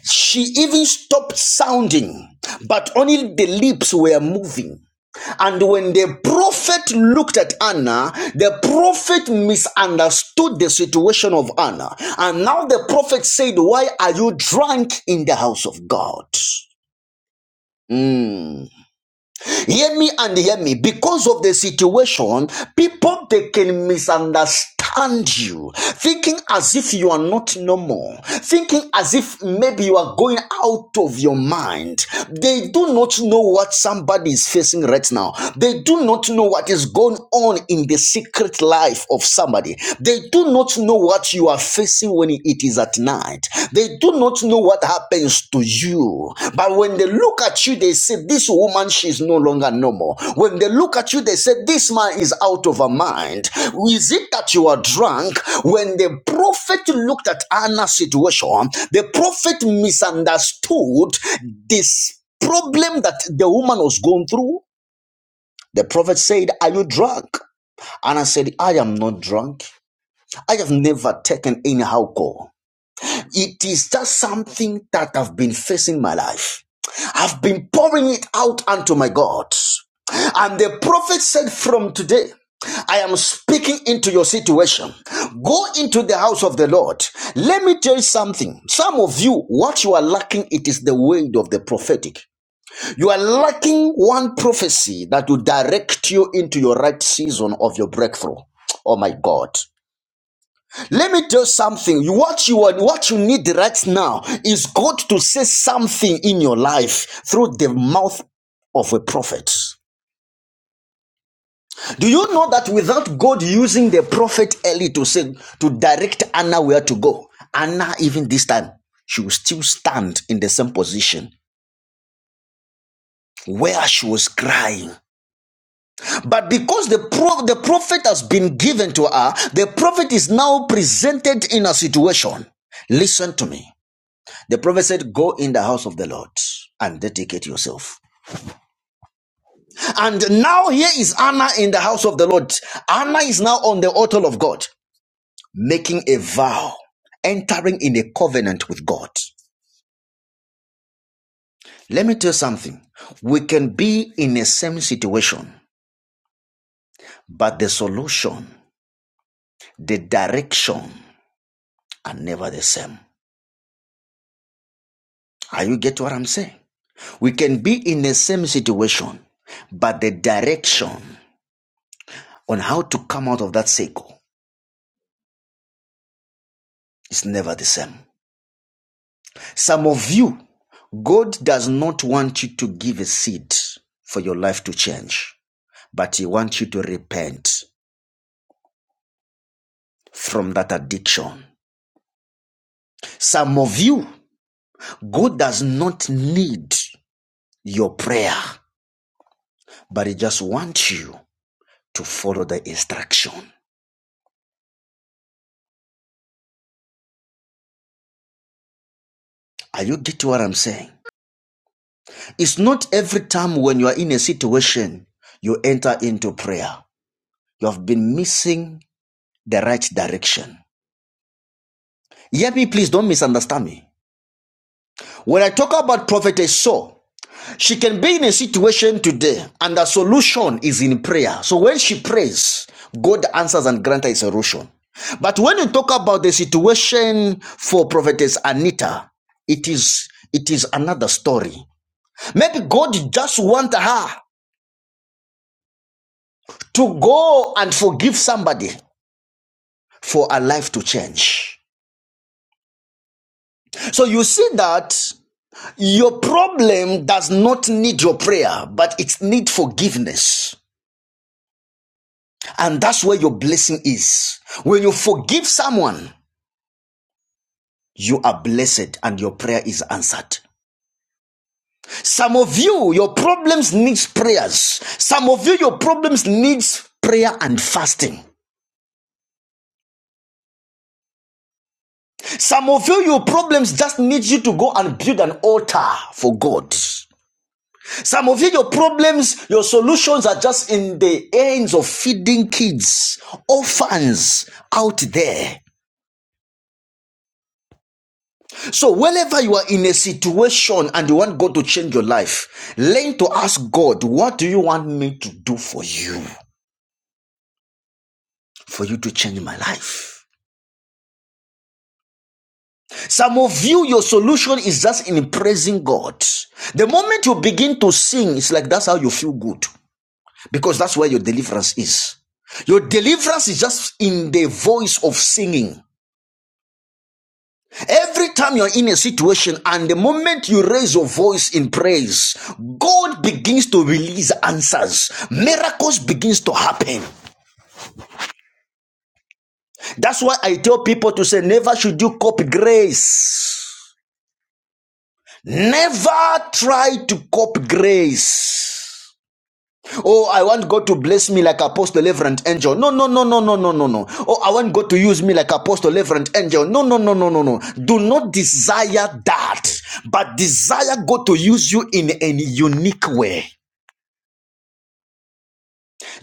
She even stopped sounding, but only the lips were moving. And when the prophet looked at Anna, the prophet misunderstood the situation of Anna. And now the prophet said, Why are you drunk in the house of God? Mm. Hear me and hear me. Because of the situation, people they can misunderstand and you, thinking as if you are not normal, thinking as if maybe you are going out of your mind. They do not know what somebody is facing right now. They do not know what is going on in the secret life of somebody. They do not know what you are facing when it is at night. They do not know what happens to you. But when they look at you, they say, This woman, she's no longer normal. When they look at you, they say, This man is out of her mind. Is it that you are drunk? When the prophet looked at Anna's situation, the prophet misunderstood this problem that the woman was going through. The prophet said, Are you drunk? Anna said, I am not drunk. I have never taken any alcohol. It is just something that I've been facing my life. I've been pouring it out unto my God. And the prophet said, From today, I am speaking into your situation. Go into the house of the Lord. Let me tell you something. Some of you, what you are lacking, it is the word of the prophetic. You are lacking one prophecy that will direct you into your right season of your breakthrough. Oh my God. Let me tell you something. What you are, what you need right now is God to say something in your life through the mouth of a prophet. Do you know that without God using the prophet Eli to say to direct Anna where to go, Anna even this time she will still stand in the same position where she was crying. But because the pro- the prophet has been given to her, the prophet is now presented in a situation. Listen to me. The prophet said, Go in the house of the Lord and dedicate yourself. And now here is Anna in the house of the Lord. Anna is now on the altar of God, making a vow, entering in a covenant with God. Let me tell you something. We can be in the same situation, but the solution, the direction are never the same. Are you get what I'm saying? We can be in the same situation, but the direction on how to come out of that cycle is never the same. Some of you, God does not want you to give a seed for your life to change, but He wants you to repent from that addiction. Some of you, God does not need your prayer, but He just wants you to follow the instruction. Are you getting what I'm saying? It's not every time when you are in a situation you enter into prayer. You have been missing the right direction. Hear me, please don't misunderstand me. When I talk about prophetess Saul, she can be in a situation today and the solution is in prayer. So when she prays, God answers and grants her a solution. But when you talk about the situation for prophetess Anita, it is it is another story. Maybe God just want her to go and forgive somebody for her life to change. So you see that your problem does not need your prayer, but it need forgiveness. And that's where your blessing is. When you forgive someone, you are blessed and your prayer is answered. Some of you, your problems needs prayers. Some of you, your problems needs prayer and fasting. Some of you, your problems just need you to go and build an altar for God. Some of you, your problems, your solutions are just in the hands of feeding kids, orphans out there. So, whenever you are in a situation and you want God to change your life, learn to ask God, What do you want me to do for you? For you to change my life. Some of you, your solution is just in praising God. The moment you begin to sing, it's like that's how you feel good because that's where your deliverance is. Your deliverance is just in the voice of singing. Every time you're in a situation and the moment you raise your voice in praise, God begins to release answers. Miracles begins to happen. That's why I tell people to say never should you copy grace. Never try to copy grace. Oh, I want God to bless me like Apostle Reverend Angel. No, no, no, no, no, no, no, no. Oh, I want God to use me like Apostle Reverend Angel. No, no, no, no, no, no. Do not desire that, but desire God to use you in a unique way.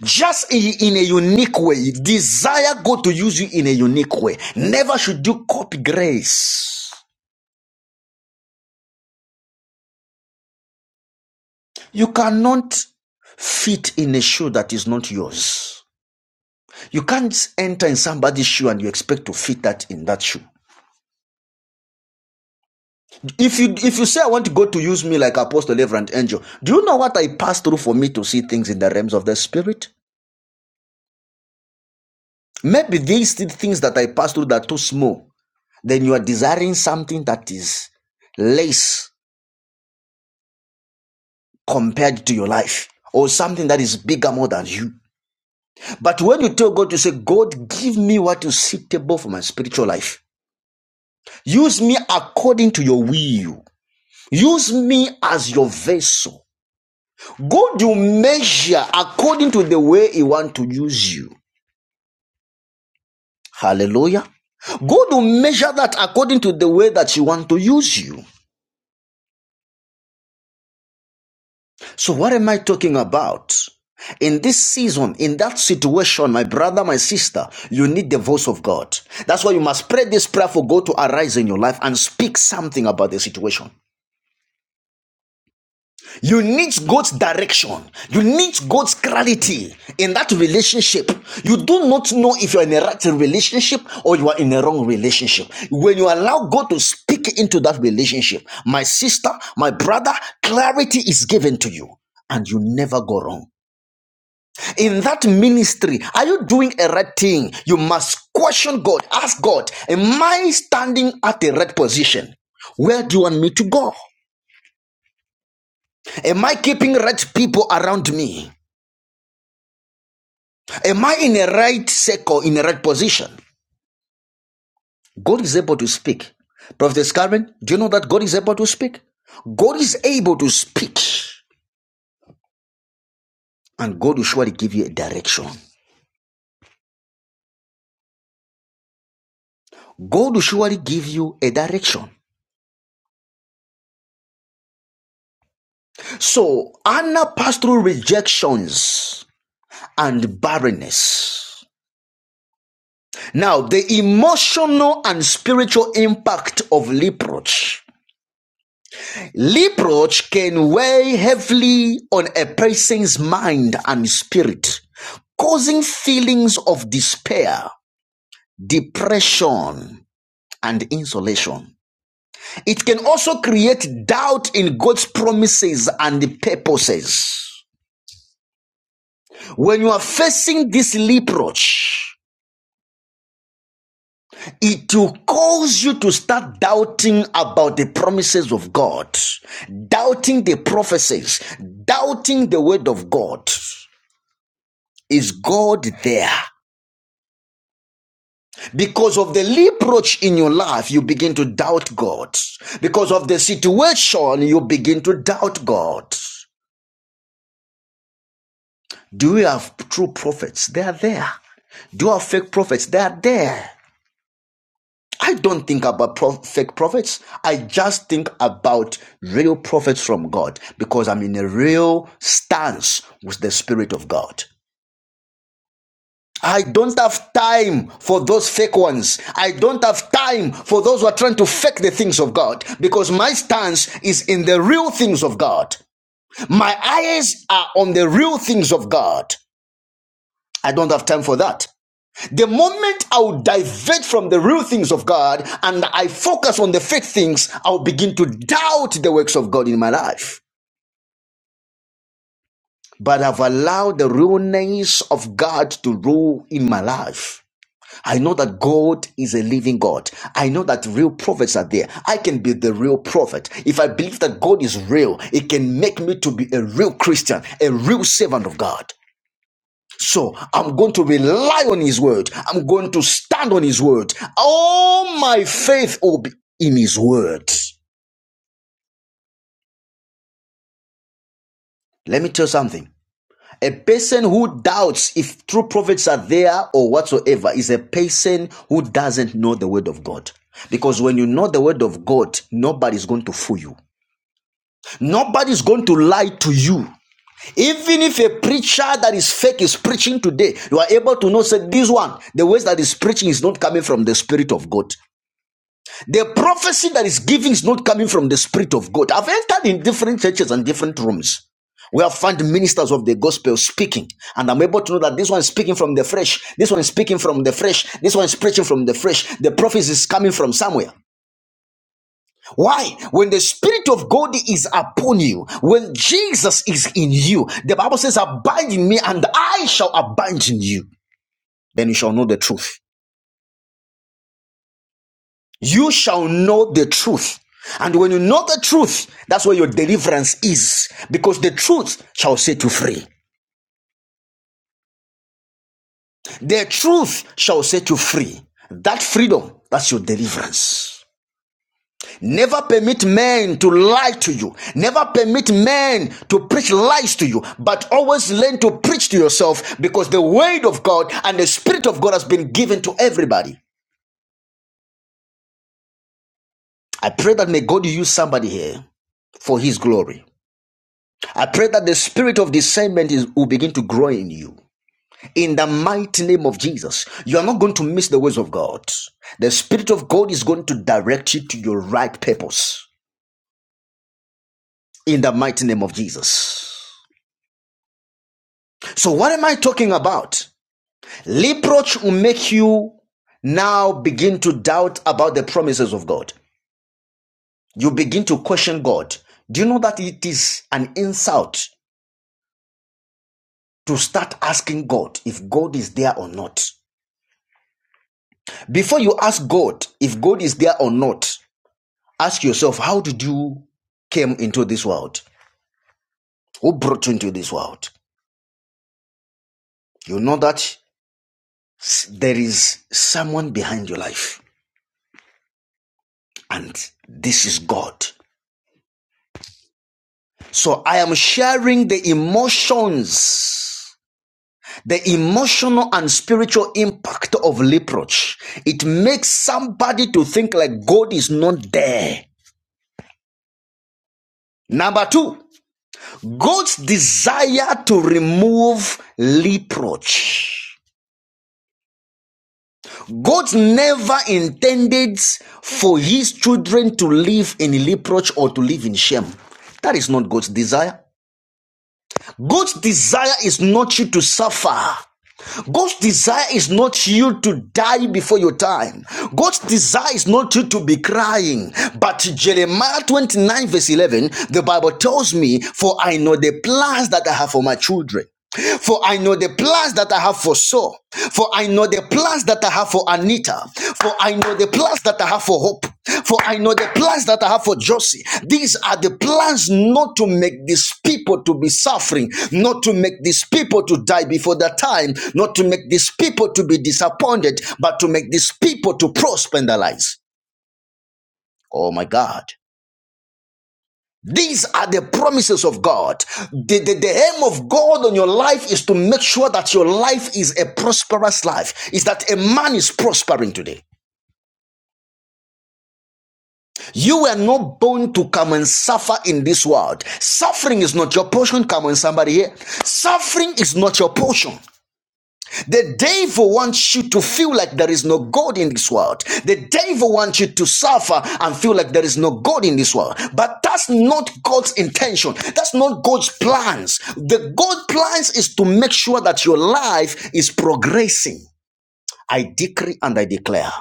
Just in a unique way. Desire God to use you in a unique way. Never should you copy grace. You cannot fit in a shoe that is not yours. You can't enter in somebody's shoe and you expect to fit that in that shoe. If you if you say I want God to use me like apostle, lever, angel, do you know what I passed through for me to see things in the realms of the spirit? Maybe these things that I passed through that are too small. Then you are desiring something that is less compared to your life, or something that is bigger more than you. But when you tell God, you say, God, give me what is suitable for my spiritual life. Use me according to your will. Use me as your vessel. God will measure according to the way He want to use you. Hallelujah. God will measure that according to the way that He want to use you. So what am I talking about? In this season, in that situation, my brother, my sister, you need the voice of God. That's why you must pray this prayer for God to arise in your life and speak something about the situation. You need God's direction. You need God's clarity in that relationship. You do not know if you're in a right relationship or you are in a wrong relationship. When you allow God to speak into that relationship, my sister, my brother, clarity is given to you and you never go wrong. In that ministry, are you doing a right thing? You must question God. Ask God, am I standing at the right position? Where do you want me to go? Am I keeping right people around me? Am I in a right circle, in a right position? God is able to speak. Prophet Carmen, do you know that God is able to speak? God is able to speak, and God will surely give you a direction. God will surely give you a direction. So Anna passed through rejections and barrenness. Now, the emotional and spiritual impact of leprosy. Reproach can weigh heavily on a person's mind and spirit, causing feelings of despair, depression, and isolation. It can also create doubt in God's promises and purposes. When you are facing this reproach, it will cause you to start doubting about the promises of God, doubting the prophecies, doubting the word of God. Is God there? Because of the reproach in your life, you begin to doubt God. Because of the situation, you begin to doubt God. Do you have true prophets? They are there. Do you have fake prophets? They are there. I don't think about pro- fake prophets. I just think about real prophets from God because I'm in a real stance with the Spirit of God. I don't have time for those fake ones. I don't have time for those who are trying to fake the things of God because my stance is in the real things of God. My eyes are on the real things of God. I don't have time for that. The moment I'll divert from the real things of God and I focus on the fake things, I'll begin to doubt the works of God in my life. But I've allowed the realness of God to rule in my life. I know that God is a living God. I know that real prophets are there. I can be the real prophet. If I believe that God is real, it can make me to be a real Christian, a real servant of God. So I'm going to rely on His word. I'm going to stand on His word. All my faith will be in His word. Let me tell you something. A person who doubts if true prophets are there or whatsoever is a person who doesn't know the word of God. Because when you know the word of God, nobody's going to fool you. Nobody's going to lie to you. Even if a preacher that is fake is preaching today, you are able to know say this one, the words that is preaching is not coming from the spirit of God. The prophecy that is giving is not coming from the Spirit of God. I've entered in different churches and different rooms We have found ministers of the gospel speaking, and I'm able to know that this one is speaking from the flesh, this one is speaking from the flesh, this one is preaching from the flesh. The prophecy is coming from somewhere. Why? When the Spirit of God is upon you, when Jesus is in you, the Bible says, Abide in me, and I shall abide in you. Then you shall know the truth. You shall know the truth. And when you know the truth, that's where your deliverance is. Because the truth shall set you free. The truth shall set you free. That freedom, that's your deliverance. Never permit men to lie to you. Never permit men to preach lies to you, but always learn to preach to yourself because the word of God and the spirit of God has been given to everybody. I pray that may God use somebody here for his glory. I pray that the spirit of discernment is, will begin to grow in you. In the mighty name of Jesus, you are not going to miss the ways of God. The spirit of God is going to direct you to your right purpose. In the mighty name of Jesus. So, what am I talking about? Reproach will make you now begin to doubt about the promises of God. You begin to question God. Do you know that it is an insult to start asking God if God is there or not? Before you ask God if God is there or not, ask yourself, how did you came into this world? Who brought you into this world? You know that there is someone behind your life, and this is God. So I am sharing the emotions, the emotional and spiritual impact of leproach. It makes somebody to think like God is not there. Number two, God's desire to remove reproach. God never intended for his children to live in reproach or to live in shame. That is not God's desire. God's desire is not you to suffer. God's desire is not you to die before your time. God's desire is not you to be crying. But Jeremiah 29, verse 11, the Bible tells me, For I know the plans that I have for my children. For I know the plans that I have for Saul. For I know the plans that I have for Anita. For I know the plans that I have for Hope. For I know the plans that I have for Josie. These are the plans not to make these people to be suffering, not to make these people to die before their time, not to make these people to be disappointed, but to make these people to prosper in their lives. Oh my God. These are the promises of God. The, the, the aim of God on your life is to make sure that your life is a prosperous life, is that a man is prospering today. You were not born to come and suffer in this world. Suffering is not your portion. Come on, somebody here. Suffering is not your portion. The devil wants you to feel like there is no God in this world. The devil wants you to suffer and feel like there is no God in this world. But that's not God's intention. That's not God's plans. The God plans is to make sure that your life is progressing. I decree and I declare.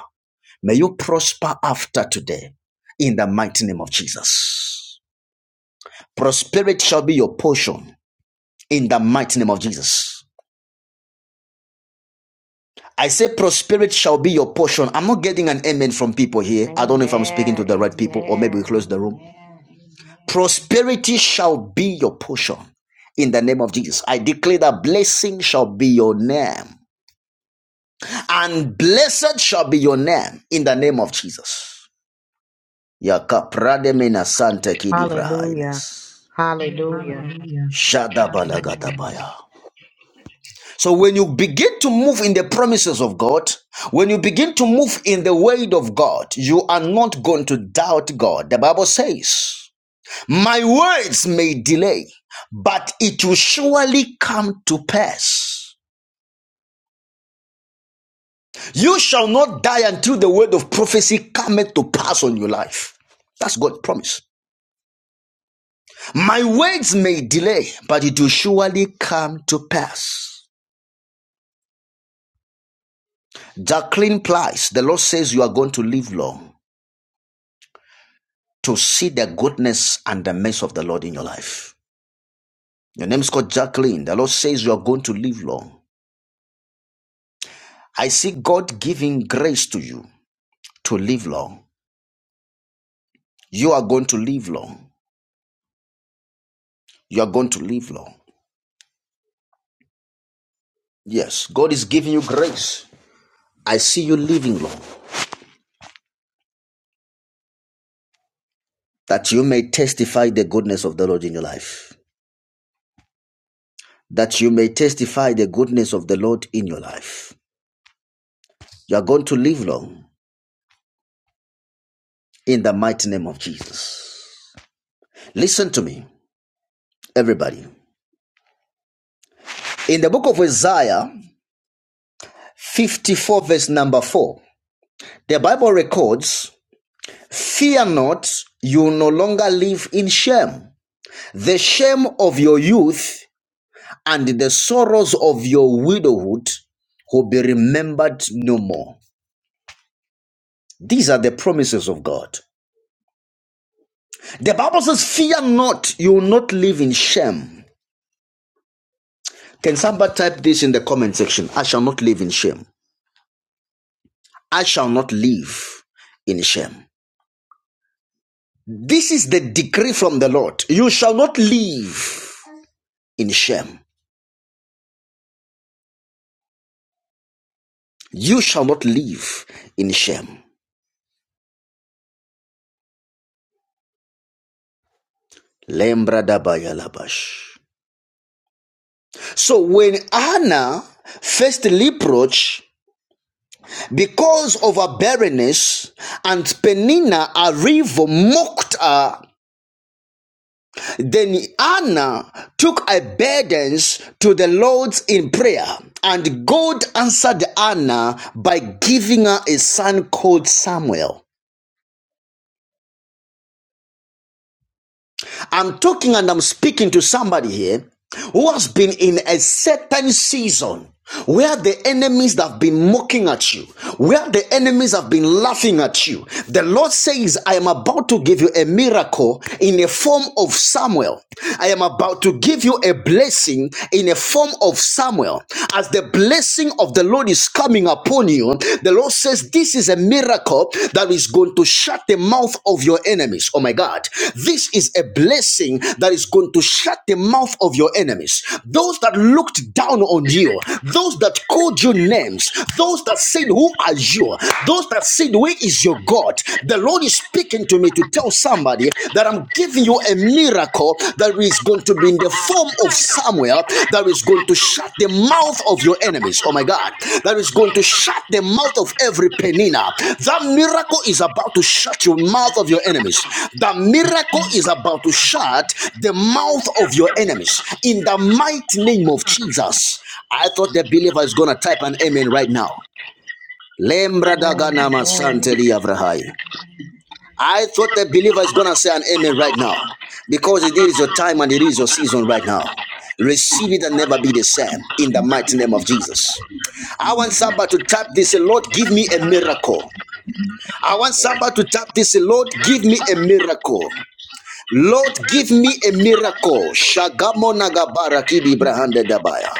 May you prosper after today in the mighty name of Jesus. Prosperity shall be your portion in the mighty name of Jesus. I say prosperity shall be your portion. I'm not getting an amen from people here. I don't know if I'm speaking to
Amen.
the right people or maybe we close
Amen.
the room. Prosperity shall be your portion in the name of Jesus. I declare that blessing shall be your name and blessed shall be your name in the name of Jesus.
Hallelujah. Hallelujah.
Hallelujah. So when you begin to move in the promises of God, when you begin to move in the word of God, you are not going to doubt God. The Bible says, My words may delay, but it will surely come to pass. You shall not die until the word of prophecy cometh to pass on your life. That's God's promise. My words may delay, but it will surely come to pass. Jacqueline Price, the Lord says you are going to live long. to see the goodness and the mercy of the Lord in your life. Your name is called Jacqueline. The Lord says you are going to live long. I see God giving grace to you to live long. You are going to live long. You are going to live long. Yes, God is giving you grace. I see you living long that you may testify the goodness of the Lord in your life. That you may testify the goodness of the Lord in your life. You are going to live long in the mighty name of Jesus. Listen to me, everybody. In the book of Isaiah, 54, verse number 4. The Bible records, Fear not, you no longer live in shame. The shame of your youth and the sorrows of your widowhood will be remembered no more. These are the promises of God. The Bible says, Fear not, you will not live in shame. Can somebody type this in the comment section? I shall not live in shame. I shall not live in shame. This is the decree from the Lord. You shall not live in shame. You shall not live in shame. Lembra dabaya labash. So when Hannah faced reproach because of her barrenness and Penina, a rival, mocked her, then Hannah took her burdens to the Lord in prayer. And God answered Hannah by giving her a son called Samuel. I'm talking and I'm speaking to somebody here who has been in a certain season where the enemies that have been mocking at you, where the enemies have been laughing at you. The Lord says, I am about to give you a miracle in the form of Samuel. I am about to give you a blessing in the form of Samuel. As the blessing of the Lord is coming coming upon you, the Lord says, This is a miracle that is going to shut the mouth of your enemies. Oh my God. This is a blessing that is going to shut the mouth of your enemies. Those that looked down on you, those that called you names, those that said, Who are you? Those that said, Where is your God? The Lord is speaking to me to tell somebody that I'm giving you a miracle miracle that is going to be in the form of Samuel that is going to shut the mouth of your enemies. Oh my God. That is going to shut the mouth of every penina. That miracle is about to shut your mouth of your enemies. That miracle is about to shut the mouth of your enemies. In the mighty name of Jesus. I thought the believer is going to type an amen right now. Lembra dagana
Amen.
masante liavrahai. I thought the believer is going to say an amen right now because it is your time and it is your season right now. Receive it and never be the same in the mighty name of Jesus. I want somebody to tap this, Lord, give me a miracle. I want somebody to tap this, Lord, give me a miracle. Lord, give me a miracle. Shagamo nagabara kidi brahande dabaya.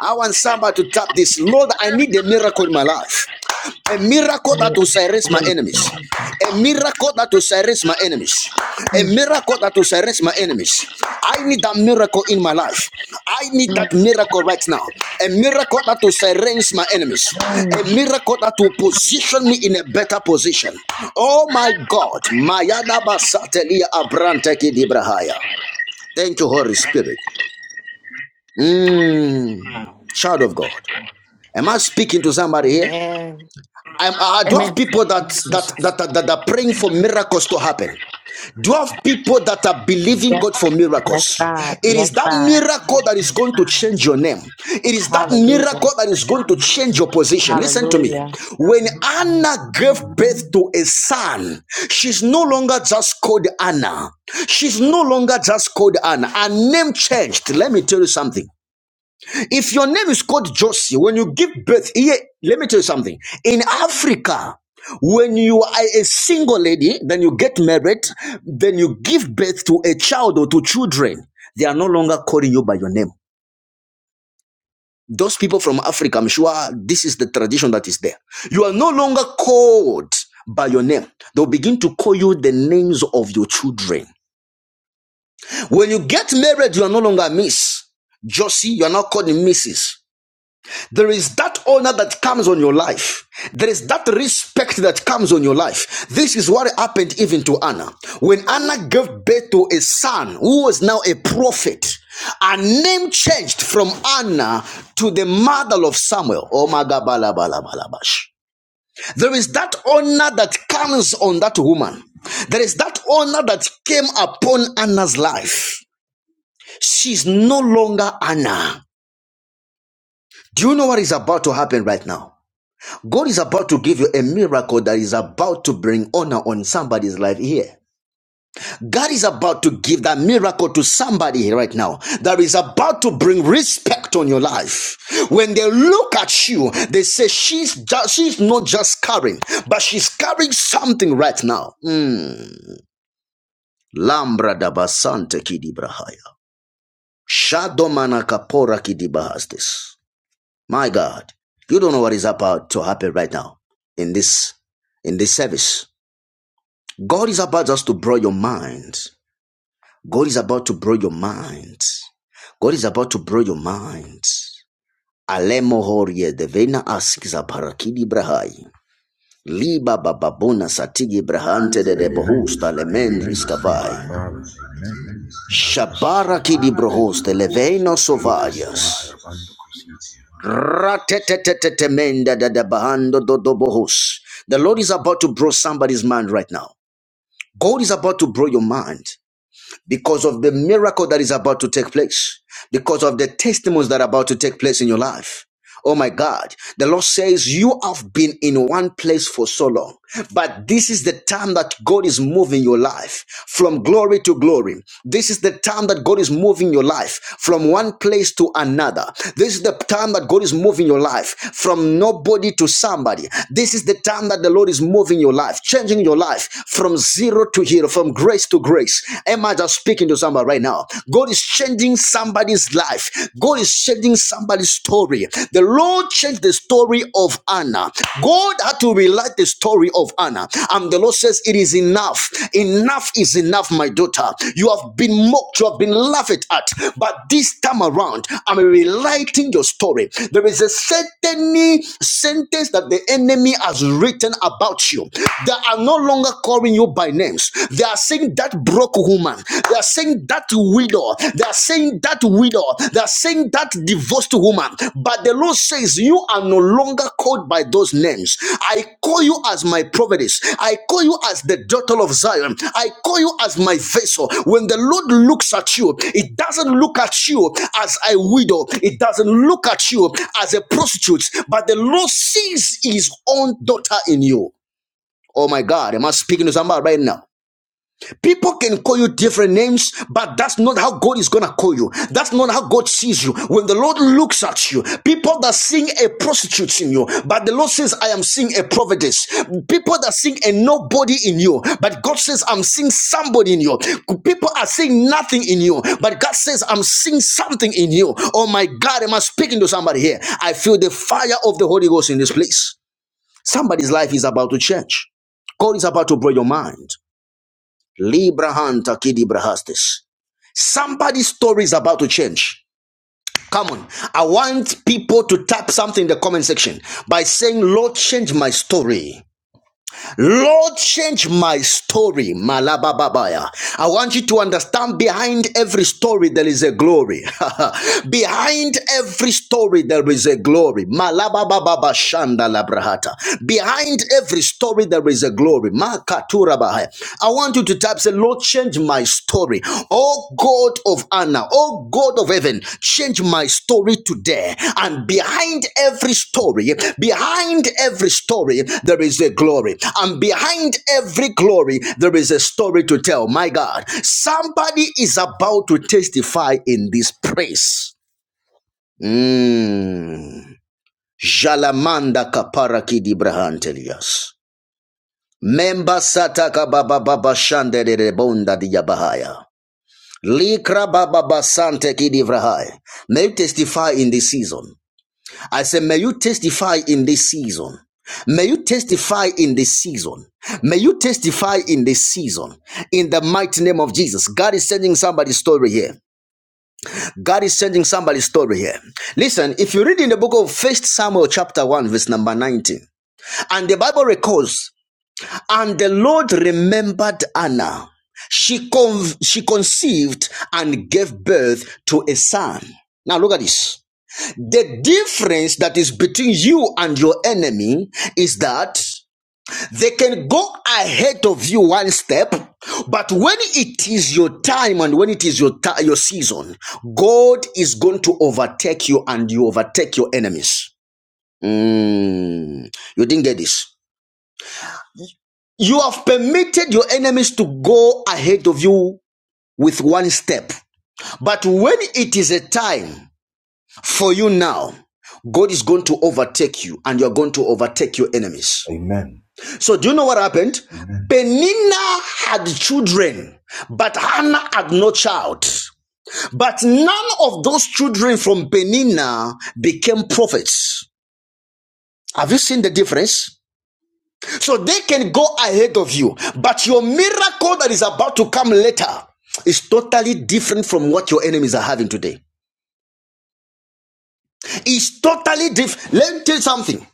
I want somebody to tap this. Lord, I need a miracle in my life. A miracle that
Mm,
will silence my enemies. A miracle that will silence my enemies. A
mm,
miracle that will silence my enemies. I need that miracle in my life. I need that
mm,
miracle right now. A miracle that will silence my enemies. A
mm.
miracle that will position me in a better position. Oh my God. Mayada basatelia abranteki dibrahaya. Thank you, Holy Spirit. Mm, child of God. Am I speaking to somebody here?
Amen.
I'm, I do have
Amen.
people that that, that that that are praying for miracles to happen. Do have people that are believing
Yes,
God for
yes,
miracles.
God.
It
Yes,
is that
God.
miracle that is going to change your name. It is that
Hallelujah.
miracle that is going to change your position. Listen to me.
Hallelujah.
When Anna gave birth
Amen.
to a son, she's no longer just called Anna. She's no longer just called Anna. Her name changed. Let me tell you something. If your name is called Josie, when you give birth, here, let me tell you something. In Africa, when you are a single lady, then you get married, then you give birth to a child or to children, they are no longer calling you by your name. Those people from Africa, I'm sure this is the tradition that is there. You are no longer called by your name. They'll begin to call you the names of your children. When you get married, you are no longer Miss Josie, you are not called Mrs. There is that honor that comes on your life. There is that respect that comes on your life. This is what happened even to Anna. When Anna gave birth to a son who was now a prophet, her name changed from Anna to the mother of Samuel. Oh my God, bala, bala, bala, bash. There is that honor that comes on that woman. There is that honor that came upon Anna's life. She's no longer Anna. Do you know what is about to happen right now? God is about to give you a miracle that is about to bring honor on somebody's life here. God is about to give that miracle to somebody right now that is about to bring respect on your life. When they look at you, they say she's just, she's not just carrying, but she's carrying something right now. Mm. Lambra da basante kidibrahaya. Shadomana kapora kidibahastis. My God, you don't know what is about to happen right now in this in this service. God is about just to blow your mind. God is about to blow your mind. God is about to blow your mind. Alemo horie devena askiza parakidi brahai. Liba bababona satigi
And
brahante de de
Amen.
bohusta
Amen.
lemendris
Thank you,
kavai.
Father. Amen. Mwanangu
Shabara
kusitia.
kidi
Amen.
brohoste leveno
Davita sianta
sovayas.
rabando kusitia.
Ratetetetetemenda de da bahando do do bohus. The Lord is about to blow somebody's mind right now. God is about to blow your mind. because of the miracle that is about to take place, because of the testimonies that are about to take place in your life. Oh my God. The Lord says, You have been in one place for so long, but this is the time that God is moving your life from glory to glory. This is the time that God is moving your life from one place to another. This is the time that God is moving your life from nobody to somebody. This is the time that the Lord is moving your life, changing your life from zero to hero, from grace to grace. Am I just speaking to somebody right now? God is changing changing somebody's life. God is changing somebody's story. The Lord changed the story of Anna. God had to rewrite the story of Anna. And the Lord says, It is enough. Enough is enough, my daughter. You have been mocked, you have been laughed at. But this time around, I'm rewriting your story. There is a certain sentence that the enemy has written about you. They are no longer calling you by names. They are saying that broke woman. They are saying that widow. They are saying that widow. They are saying that divorced woman. But the Lord says, You are no longer called by those names. I call you as my prophetess. I call you as the daughter of Zion. I call you as my vessel. When the Lord looks at you, it doesn't look at you as a widow, it doesn't look at you as a prostitute, but the Lord sees his own daughter in you. Oh my God, am I speaking to somebody right now? People can call you different names, but that's not how God is gonna call you. That's not how God sees you. When the Lord looks at you, people that seeing a prostitute in you, but the Lord says, I am seeing a providence. People that seeing a nobody in you, but God says, I'm seeing somebody in you. People are seeing nothing in you, but God says, I'm seeing something in you. Oh my God, am I speaking to somebody here? I feel the fire of the Holy Ghost in this place. Somebody's life is about to change. God is about to blow your mind. Librahanta kidibrahastes. Somebody's story is about to change. Come on. I want people to tap something in the comment section by saying, Lord, change my story. Lord, change my story. Malabababaya. I want you to understand behind every story there is a glory. behind every story there is a glory. Malabababa shanda labrahata. Behind every story there is a glory. Makatura bahaya. I want you to tap say, Lord, change my story. Oh God of Anna, oh God of heaven, change my story today. And behind every story, behind every story, there is a glory. And behind every glory, there is a story to tell. My God, somebody is about to testify in this praise. Mm. Jalamanda kaparaki di brahantelias. Memba sataka baba baba shandere bonda di yabahaya. Likra baba basante kidivrahai. May you testify in this season. I say, may you testify in this season. May you testify in this season. May you testify in this season. In the mighty name of Jesus. God is sending somebody's story here. God is sending somebody's story here. Listen, if you read in the book of First Samuel chapter 1, verse number 19, and the Bible records and the Lord remembered Anna. She, con- she conceived and gave birth to a son. Now look at this. The difference that is between you and your enemy is that they can go ahead of you one step, but when it is your time and when it is your ti- your season, God is going to overtake you and you overtake your enemies. Mm, you didn't get this. You have permitted your enemies to go ahead of you with one step. But when it is a time for you now, God is going to overtake you and you're going to overtake your enemies.
Amen.
So, do you know what happened? Penina had children, but Hannah had no child. But none of those children from Penina became prophets. Have you seen the difference? So they can go ahead of you. But your miracle that is about to come later is totally different from what your enemies are having today. It's totally different. Let me tell you something.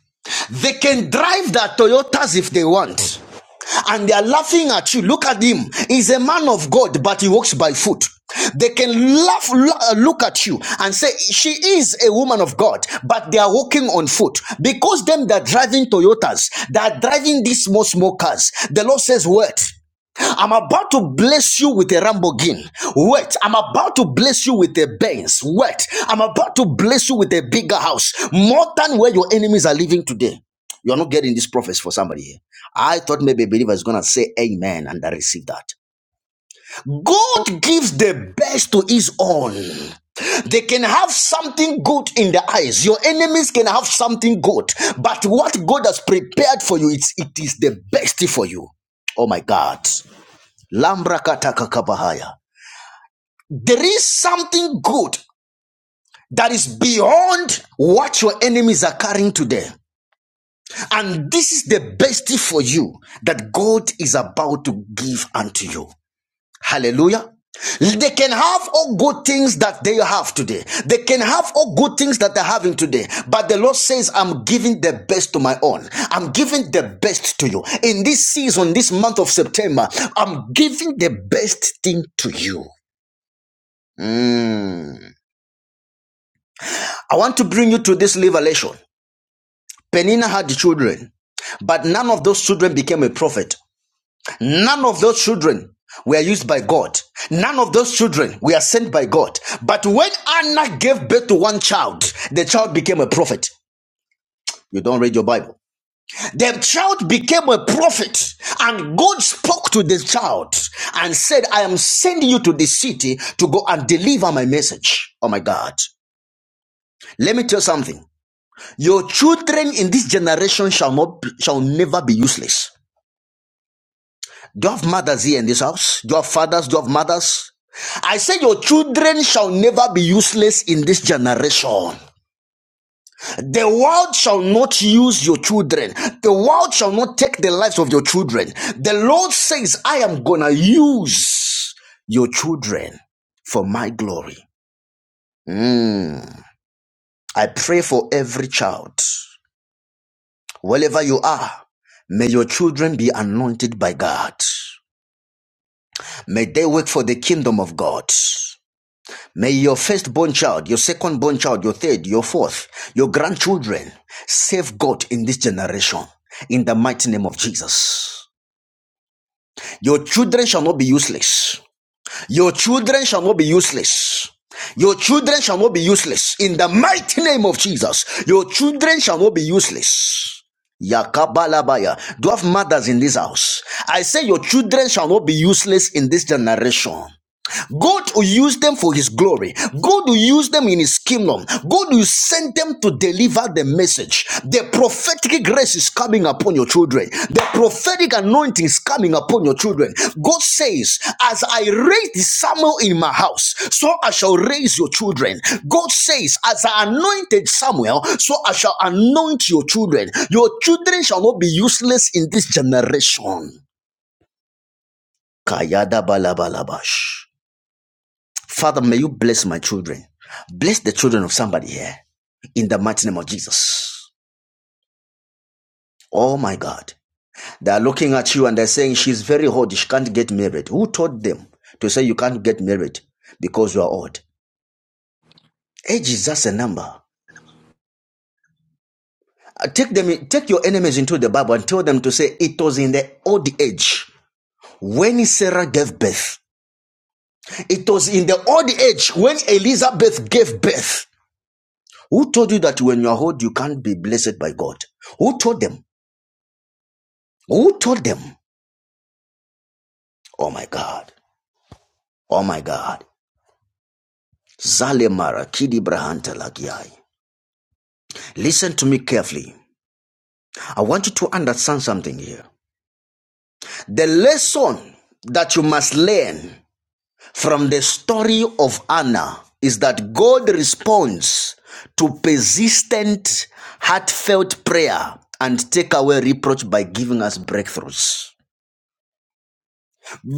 They can drive their Toyotas if they want. And they are laughing at you. Look at him. He's a man of God, but he walks by foot. They can laugh, uh, look at you and say, She is a woman of God, but they are walking on foot. Because them that are driving Toyotas, they are driving these small, small cars. The Lord says, What? I'm about to bless you with a Lamborghini. Wait, I'm about to bless you with a Benz. Wait, I'm about to bless you with a bigger house, more than where your enemies are living today. You're not getting this prophecy for somebody here. I thought maybe a believer is going to say amen and I receive that. God gives the best to his own. They can have something good in their eyes. Your enemies can have something good. But what God has prepared for you, it's, it is the best for you. Oh my God. Lambrakataka There is something good that is beyond what your enemies are carrying today. And this is the best for you that God is about to give unto you. Hallelujah. They can have all good things that they have today. They can have all good things that they're having today. But the Lord says, I'm giving the best to my own. I'm giving the best to you. In this season, this month of September, I'm giving the best thing to you. Mm. I want to bring you to this revelation. Penina had children, but none of those children became a prophet. None of those children were used by God. None of those children were sent by God. But when Anna gave birth to one child, the child became a prophet. You don't read your Bible. The child became a prophet, and God spoke to the child and said, I am sending you to the city to go and deliver my message. Oh my God. Let me tell you something. Your children in this generation shall not shall never be useless. Do you have mothers here in this house? Do you have fathers? Do you have mothers? I say your children shall never be useless in this generation. The world shall not use your children. The world shall not take the lives of your children. The Lord says, I am gonna use your children for my glory. Mm. I pray for every child. Wherever you are, may your children be anointed by God. May they work for the kingdom of God. May your firstborn child, your second-born child, your third, your fourth, your grandchildren save God in this generation in the mighty name of Jesus. Your children shall not be useless. Your children shall not be useless. Your children shall not be useless. In the mighty name of Jesus, your children shall not be useless. Yakabalabaya. Do you have mothers in this house? I say your children shall not be useless in this generation. God will use them for His glory. God will use them in His kingdom. God will send them to deliver the message. The prophetic grace is coming upon your children. The prophetic anointing is coming upon your children. God says, As I raised Samuel in my house, so I shall raise your children. God says, As I anointed Samuel, so I shall anoint your children. Your children shall not be useless in this generation. Kayada balabalabash. Father, may you bless my children. Bless the children of somebody here in the mighty name of Jesus. Oh my God. They are looking at you and they're saying, She's very old. She can't get married. Who taught them to say you can't get married because you are old? Age is just a number. Uh, Take them, take your enemies into the Bible and tell them to say it was in the old age when Sarah gave birth. It was in the old age when Elizabeth gave birth. Who told you that when you are old, you can't be blessed by God? Who told them? Who told them? Oh my God. Oh my God. Zale mara kidi brahanta lagiai. Listen to me carefully. I want you to understand something here. The lesson that you must learn from the story of Anna is that God responds to persistent, heartfelt prayer and take away reproach by giving us breakthroughs.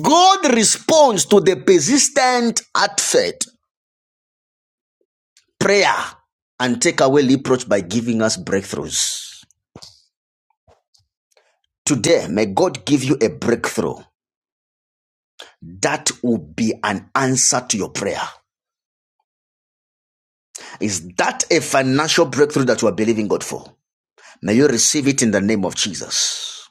God responds to the persistent, heartfelt, prayer and take away reproach by giving us breakthroughs. Today, may God give you a breakthrough that will be an answer to your prayer. Is that a financial breakthrough that you are believing God for? May you receive it in the name of Jesus.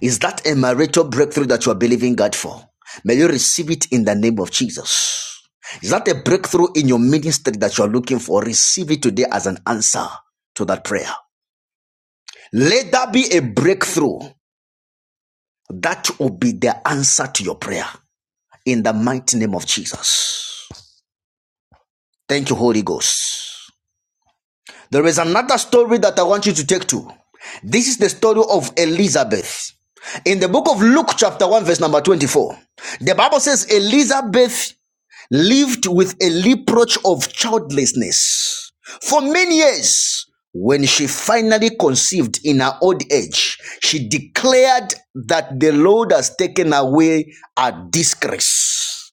Is that a marital breakthrough that you are believing God for? May you receive it in the name of Jesus. Is that a breakthrough in your ministry that you are looking for? Receive it today as an answer to that prayer. Let that be a breakthrough That will be the answer to your prayer in the mighty name of Jesus. Thank you, Holy Ghost. There is another story that I want you to take to. This is the story of Elizabeth. In the book of Luke, chapter 1, verse number 24, the Bible says Elizabeth lived with a reproach of childlessness for many years. When she finally conceived in her old age, she declared that the Lord has taken away her disgrace.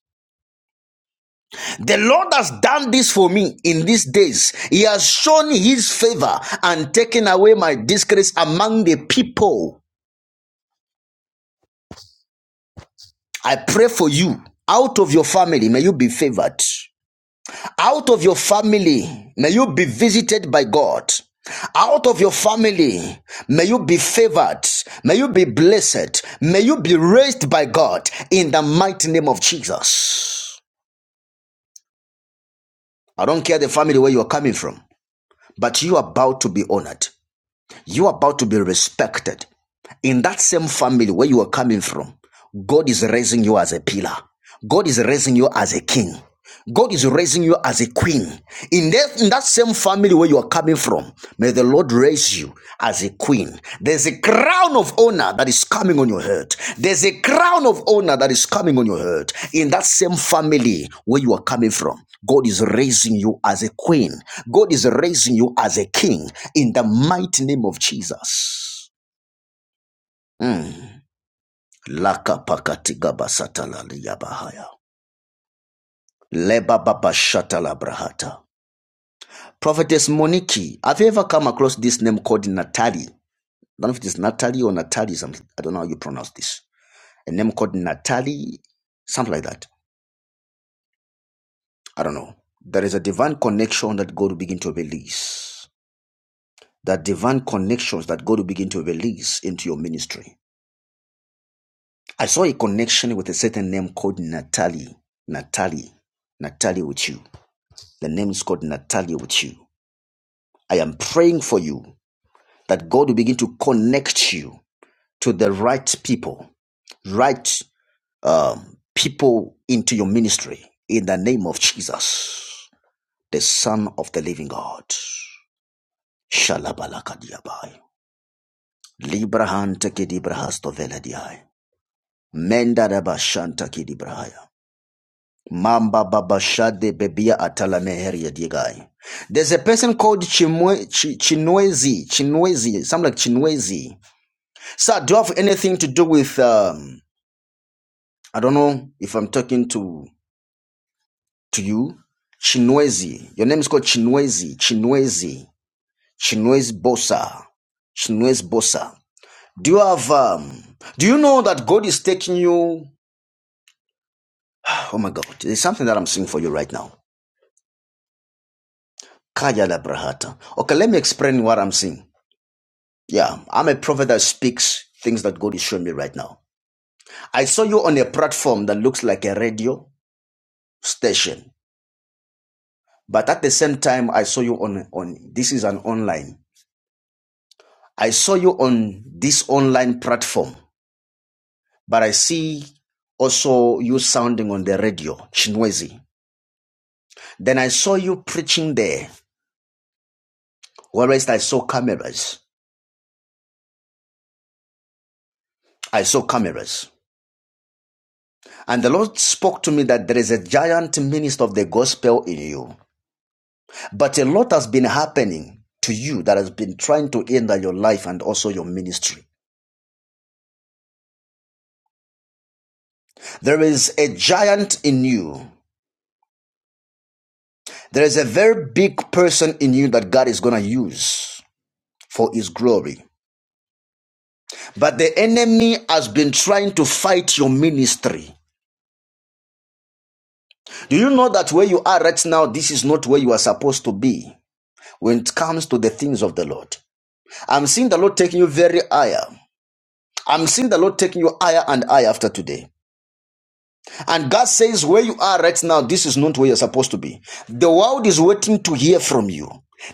The Lord has done this for me in these days. He has shown his favor and taken away my disgrace among the people. I pray for you. Out of your family, may you be favored. Out of your family, may you be visited by God. Out of your family, may you be favored. May you be blessed. May you be raised by God in the mighty name of Jesus. I don't care the family where you are coming from, but you are about to be honored. You are about to be respected. In that same family where you are coming from, God is raising you as a pillar. God is raising you as a king. God is raising you as a queen. In that, in that same family where you are coming from, may the Lord raise you as a queen. There's a crown of honor that is coming on your head. There's a crown of honor that is coming on your head. In that same family where you are coming from, God is raising you as a queen. God is raising you as a king in the mighty name of Jesus. Mm. Laka pakatiga basatala liyabahaya. Leba baba shatala brahata. Prophetess Moniki. Have you ever come across this name called Natalie? I don't know if it is Natalie or Natalie something. I don't know how you pronounce this. A name called Natalie, something like that. I don't know. There is a divine connection that God will begin to release. That divine connections that God will begin to release into your ministry. I saw a connection with a certain name called Natalie. Natalie. Natalie with you. The name is called Natalie with you. I am praying for you that God will begin to connect you to the right people right um, people into your ministry in the name of Jesus, the Son of the Living God. Shalabalakadiabai. Librahan tekidibrahastoveladia. Menda raba shanta kidibrahaya. Mamba baba shade bebia atala meheria digai. There's a person called Chimwe, Ch- Chinwezi, Chinwezi, something like Chinwezi. Sir, do you have anything to do with, um, I don't know if I'm talking to to you, Chinwezi. Your name is called Chinwezi, Chinwezi, Chinwezi Bosa, Chinwezi Bosa. Do you have, um, do you know that God is taking you? Oh my God, there's something that I'm seeing for you right now. Kaya la Brahata. Okay, let me explain what I'm seeing. Yeah, I'm a prophet that speaks things that God is showing me right now. I saw you on a platform that looks like a radio station, but at the same time, I saw you on, on this is an online. I saw you on this online platform, but I see also you sounding on the radio, Chinwezi. Then I saw you preaching there, whereas I saw cameras. I saw cameras. And the Lord spoke to me that there is a giant minister of the gospel in you. But a lot has been happening to you that has been trying to hinder your life and also your ministry. There is a giant in you. There is a very big person in you that God is going to use for his glory. But the enemy has been trying to fight your ministry. Do you know that where you are right now, this is not where you are supposed to be when it comes to the things of the Lord? I'm seeing the Lord taking you very higher. I'm seeing the Lord taking you higher and higher after today. And God says, where you are right now, this is not where you're supposed to be. The world is waiting to hear from you.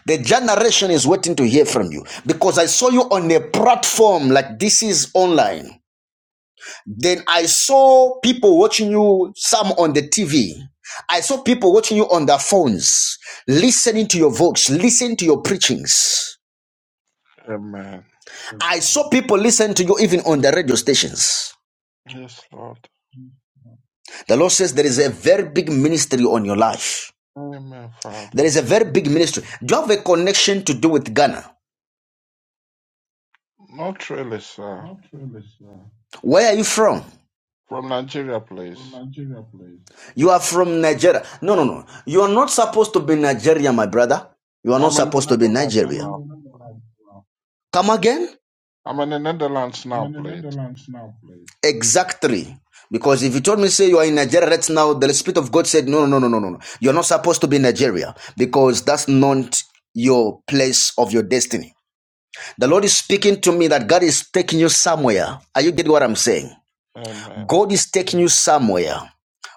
The generation is waiting to hear from you because I saw you on a platform like this is online. Then I saw people watching you, some on the TV. I saw people watching you on their phones, listening to your voice, listening to your preachings.
Amen.
I saw people listen to you even on the radio stations.
Yes, Lord.
The Lord says there is a very big ministry on your life.
Amen,
There
Father.
is a very big ministry. Do you have a connection to do with Ghana?
Not really, sir.
Where are you from?
From Nigeria, please.
You are from Nigeria. No, no, no. You are not supposed to be Nigeria, my brother. You are not
I'm in the
supposed to be
Netherlands
Nigeria.
now.
Come again?
I'm in the Netherlands now, please.
Exactly. Because if you told me, say, you are in Nigeria right now, the Spirit of God said, no, no, no, no, no, no. You're not supposed to be in Nigeria because that's not your place of your destiny. The Lord is speaking to me that God is taking you somewhere. Are you getting what I'm saying?
Amen.
God is taking you somewhere.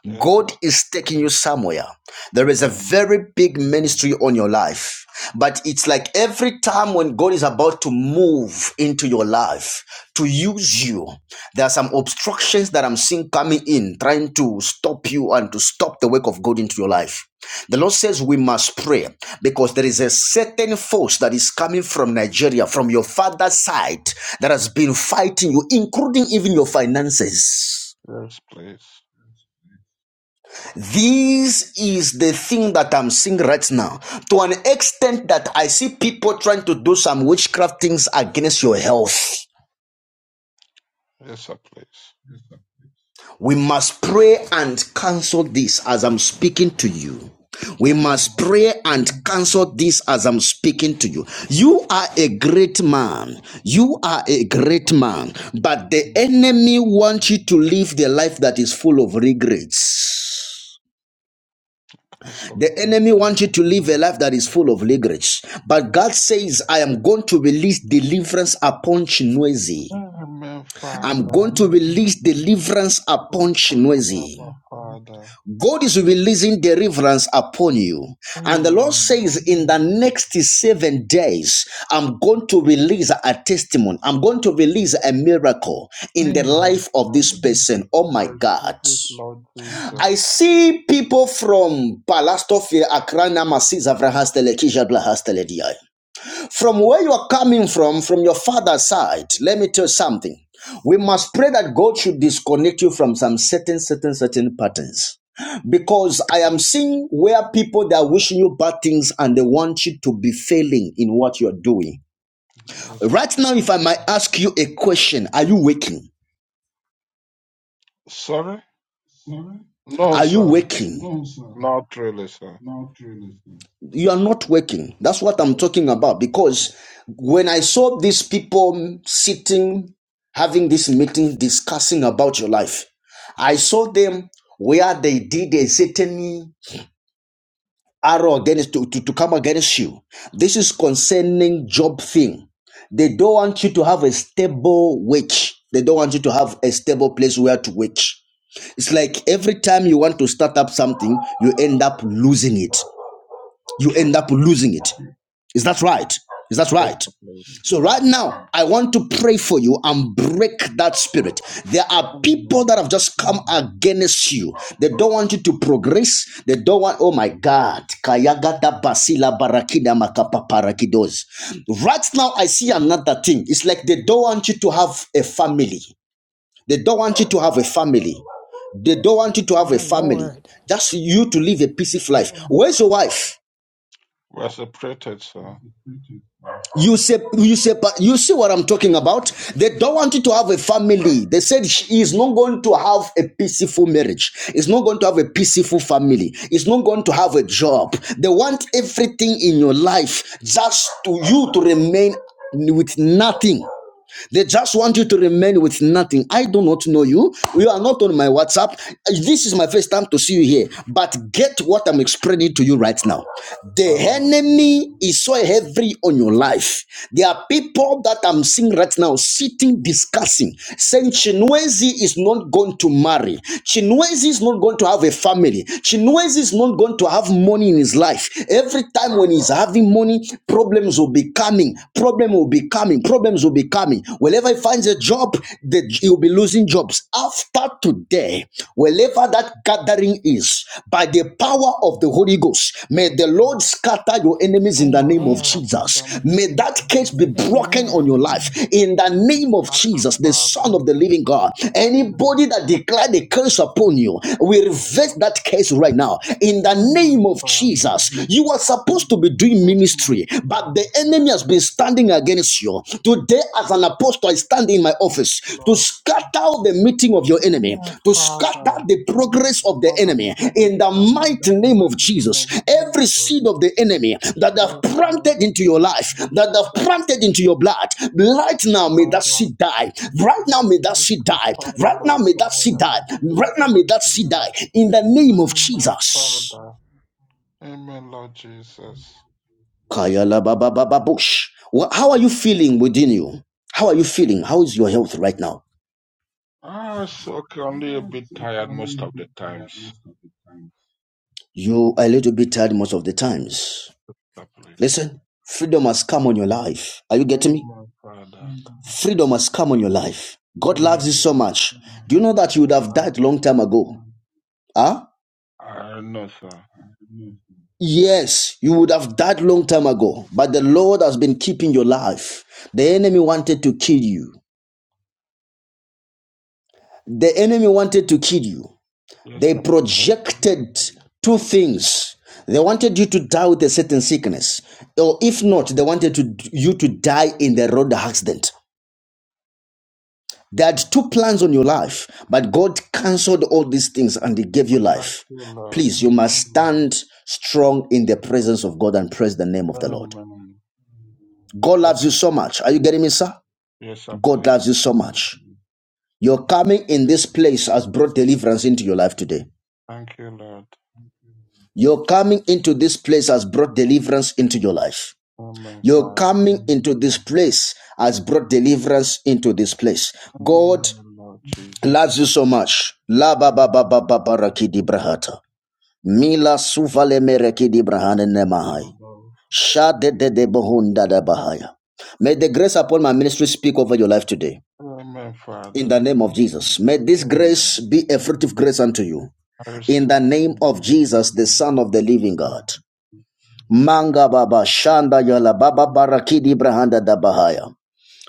Yes,
God
Lord.
is taking you somewhere. There is a
Amen.
very big ministry on your life. But it's like every time when God is about to move into your life to use you, there are some obstructions that I'm seeing coming in, trying to stop you and to stop the work of God into your life. The Lord says we must pray because there is a certain force that is coming from Nigeria, from your father's side, that has been fighting you, including even your finances.
Yes, please.
This is the thing that I'm seeing right now. To an extent that I see people trying to do some witchcraft things against your health.
Yes, sir, please.
We must pray and cancel this as I'm speaking to you. We must
Amen.
pray and cancel this as I'm speaking to you. You are a great man. You are a great man. But the
Amen.
enemy wants you to live the life that is full of regrets.
Cancel it
The
in
enemy wants you
Jesus'
to live a
name.
life that is full of leverage. But God says, I am going to release deliverance upon Chinwezi.
Amen,
I'm
Father.
going to release deliverance
Oh,
upon
thank you,
Chinwezi.
Abba, Father.
God is releasing deliverance upon you. And
Amen,
the Lord says,
Lord.
in the next seven days, I'm going to release a testimony. I'm going to release a miracle in the
Amen,
life of this
Father.
person. Oh
I
my God.
receive it, Lord Jesus.
I see people from Palastofia, Accra, Namasi, Zavra Hastele, Kisha, Bla Hastele, Diai. From where you are coming from, from your father's side, let me tell you something. We must pray that God should disconnect you from some certain, certain, certain patterns. Because I am seeing where people that are wishing you bad things and they want you to be failing in what you're doing.
Yes,
Right now, if I might ask you a question, are you waking?
Sorry? No,
Are you
sir.
waking?
Not really, sir.
you are not working. That's what I'm
Not
talking about. Because when I saw these people sitting, having this meeting, discussing about your life, I saw them where they did a certain arrow against to, to, to come against you. This is concerning job thing. They don't want you to have a stable work. They don't want you to have a stable place where to work. It's like every time you want to start up something, you end up losing it you
true.
end up losing it. Is that right? Is that
Yes,
right?
sir, please.
So, right now, I want to pray for you and break that spirit. There are people
Amen.
that have just come against you. They don't want you to progress. They don't want, oh my God. Kayagata basila barakida makapa parakidos. Right now, I see another thing. It's like they don't want you to have a family. They don't want you to have a family. They don't want you to have a
My
family.
Lord.
Just you to live a peaceful life. Where's your wife?
We're separated, sir.
You say, you say, you see what I'm talking about? They don't want you to have a family. They said she is not going to have a peaceful marriage. It's not going to have a peaceful family. It's not going to have a job. They want everything in your life just to you to remain with nothing. They just want you to remain with nothing. I do not know you. You are not on my WhatsApp. This is my first time to see you here. But get what I'm explaining to you right now. The
Uh, yes,
enemy is so heavy on your life. There are people that I'm seeing right now sitting discussing, saying Chinwezi is not going to marry. Chinwezi is not going to have a family. Chinwezi is not going to have money in his life. Every time when he's having money, problems will be coming coming. Problem will be coming. Problems will be coming. Wherever he finds a job, the, he'll be losing jobs. After today, wherever that gathering is, by the power of the Holy Ghost, may
yes,
the Lord
Lord.
scatter your enemies
Oh,
in the name
Father,
of
Amen.
scatter them
Jesus.
in
May that
Jesus'
case be
name.
broken on
Amen.
your life in the
Let the
name of
scattered
Jesus, the
Father
Son
in
of the Living
Jesus'
God.
mighty name.
Anybody that declared a curse upon you, we reverse
Oh,
that curse right now in the
Amen,
name of
Father.
Jesus. You are supposed to
In
supposed to be doing
Jesus' mighty
ministry, but
name.
the enemy has been standing against you. Today, as an apostle, I stand in my
Yes,
office to
Lord.
scatter the meeting of your enemy,
Amen,
to scatter
Father.
the progress of the
Father, may
enemy
they be
in the
scattered
mighty
in the
name of
mighty name
Jesus.
of
Every
Jesus.
seed of the enemy that they have
Yes, Lord,
planted into your life, that they have planted into your blood, right now may that
Father.
seed die. Right now may that
Thank
seed
you,
die.
Father,
Right
my
now may that seed
Father, in
die.
Jesus'
Right now may that
mighty
seed
name.
die. In the name of
Amen,
Jesus.
Father. Amen, Lord Jesus.
Kayala Baba Baba Bush. Wha- How are you feeling within you? How are you feeling? How is your health right now?
Ah, so only a little bit tired most of the times,
You are a little bit tired most of the times.
sir, please.
Listen, freedom has come on your life. Are you getting me?
Amen, Father.
Freedom has come on your life. God loves
amen,
you so
Lord.
much. Do you know that you would have
Thank
died
you,
long time ago? Huh?
I know, sir.
Yes, you would have died long time ago, but the Lord has been keeping your life. The enemy wanted to kill you. The enemy wanted to kill you.
Yes,
They
sir, please.
projected two things. They wanted you to die with a certain sickness, or if not, they wanted to, you to die in the road accident. They had two plans on your life, but God cancelled all these things and He gave you
Thank
life.
you, Lord.
Please, you must stand strong in the presence of God and praise the name of the Lord.
Amen.
God loves
Okay,
you so
sir.
much. Are you getting me, sir?
Yes, sir,
God
please.
loves you so much. Your coming in this place has brought deliverance into your life today.
Thank you, Lord.
Your coming into this place has brought deliverance into your life.
Amen,
Your
Father.
coming into this place has brought deliverance into this place. God
Amen, Lord Jesus.
loves you so much. La ba ba ba
Amen,
ba ba
Father.
ba brahata. Mila suvale mereki di brahane nemahai.
Amen.
Sha de de de bohunda da bahaya. May the grace upon my ministry speak over your life today.
Amen,
In the
Father.
name of Jesus. May this
Amen.
grace be a fruit of grace unto you.
I
In
receive
the
it
name
in
of
Jesus'
Jesus, the Son of the living
name.
God. Manga baba shanda yala baba barakidi brahanda da bahaya.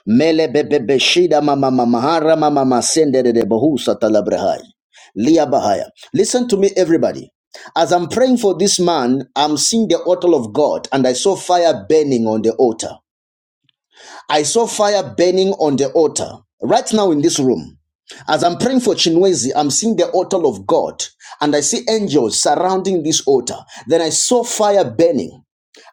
Mele bebe beshida mama mamahara mama masende de de bohusa talabrahai. Lia bahaya. Listen to me everybody. As I'm praying for this man, I'm seeing the altar of God and I saw fire burning on the altar. I saw fire burning on the altar. Right now in this room, as I'm praying for Chinwezi, I'm seeing the altar of God and I see angels surrounding this altar. Then I saw fire burning.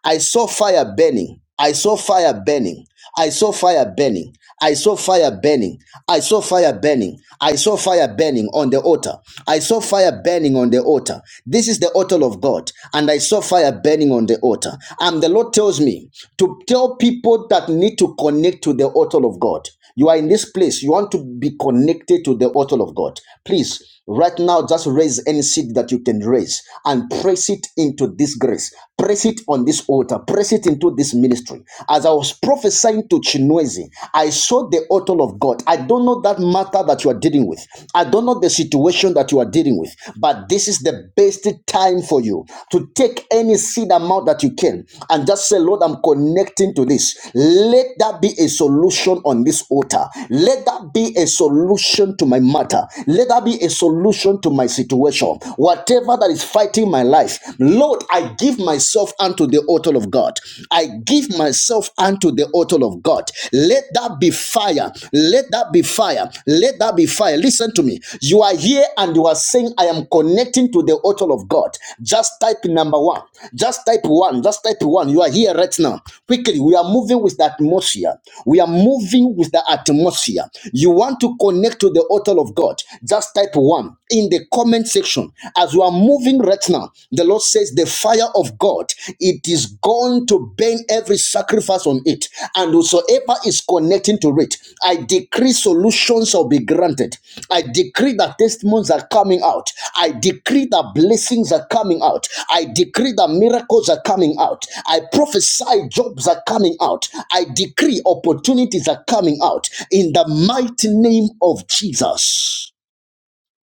I saw fire burning. I saw fire burning. I saw fire burning. I saw fire burning. I saw fire burning. I saw fire burning on the altar. I saw fire burning on the altar. This is the altar of God. And I saw fire burning on the altar. And the Lord tells me to tell people that need to connect to the altar of God. You are in this place. You want to be connected to the altar of God. Please, right now, just raise any seed that you can raise and press it into this grace. Press it on this altar. Press it into this ministry. As I was prophesying to Chinwezi, I saw the altar of God. I don't know that matter that you are dealing with. I don't know the situation that you are dealing with, but this is the best time for you to take take any seed amount that you can and just say, Lord, I'm connecting to this. Let that be a solution on this altar. Let that be a solution to my matter. Let that be a solution to my situation. Whatever that is fighting my life, Lord, I give myself unto the altar of God. I give myself unto the altar of God. Let that be fire. Let that be fire fire. Let that be fire. Listen to me. You are here and you are saying, I am connecting to the altar of God. Just type number one. Just type one. Just type one. You are here right now. Quickly, we are moving with the atmosphere. We are moving with the atmosphere. You want to connect to the altar of God. Just type one in the comment section. As we are moving right now, the Lord says, The fire of God, It is gone to burn every sacrifice on it, and whosoever is connecting to it, I decree solutions shall be granted. I decree that testimonies are coming out. I decree that blessings are coming out. I decree that miracles are coming out. I prophesy jobs are coming out. I decree opportunities are coming out in the mighty name of Jesus.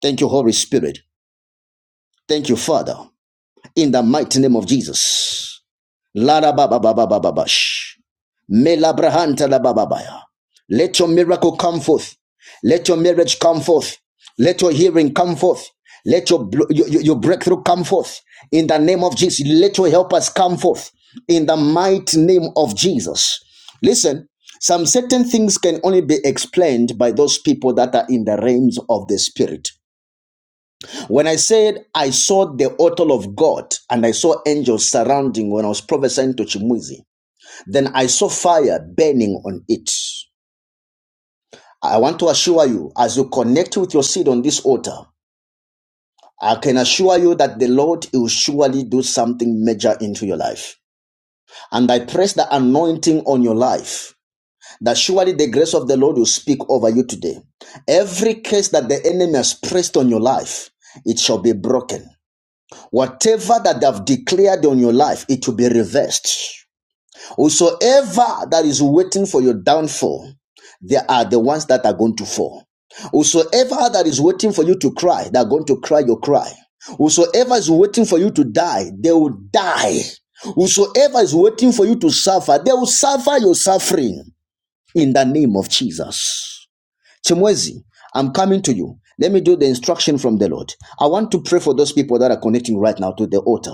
Thank you, Holy Spirit. Thank you, Father, in the mighty name of Jesus. Lara ba ba ba ba sh. Melabrahanta labababaya. Let your miracle come forth. Let your marriage come forth. Let your hearing come forth. Let your, your, your breakthrough come forth. In the name of Jesus, let your helpers come forth. In the mighty name of Jesus. Listen, some certain things can only be explained by those people that are in the realms of the Spirit. When I said I saw the altar of God and I saw angels surrounding when I was prophesying to Chimwizi, then I saw fire burning on it. I want to assure you, as you connect with your seed on this altar, I can assure you that the Lord will surely do something major into your life. And I press the anointing on your life that surely the grace of the Lord will speak over you today. Every case that the enemy has pressed on your life, it shall be broken. Whatever that they have declared on your life, it will be reversed. Whosoever that is waiting for your downfall, they are the ones that are going to fall. Whosoever that is waiting for you to cry, they are going to cry your cry. Whosoever is waiting for you to die, they will die. Whosoever is waiting for you to suffer, they will suffer your suffering in the name of Jesus. Chimwezi, I'm coming to you. Let me do the instruction from the Lord. I want to pray for those people that are connecting right now to the altar.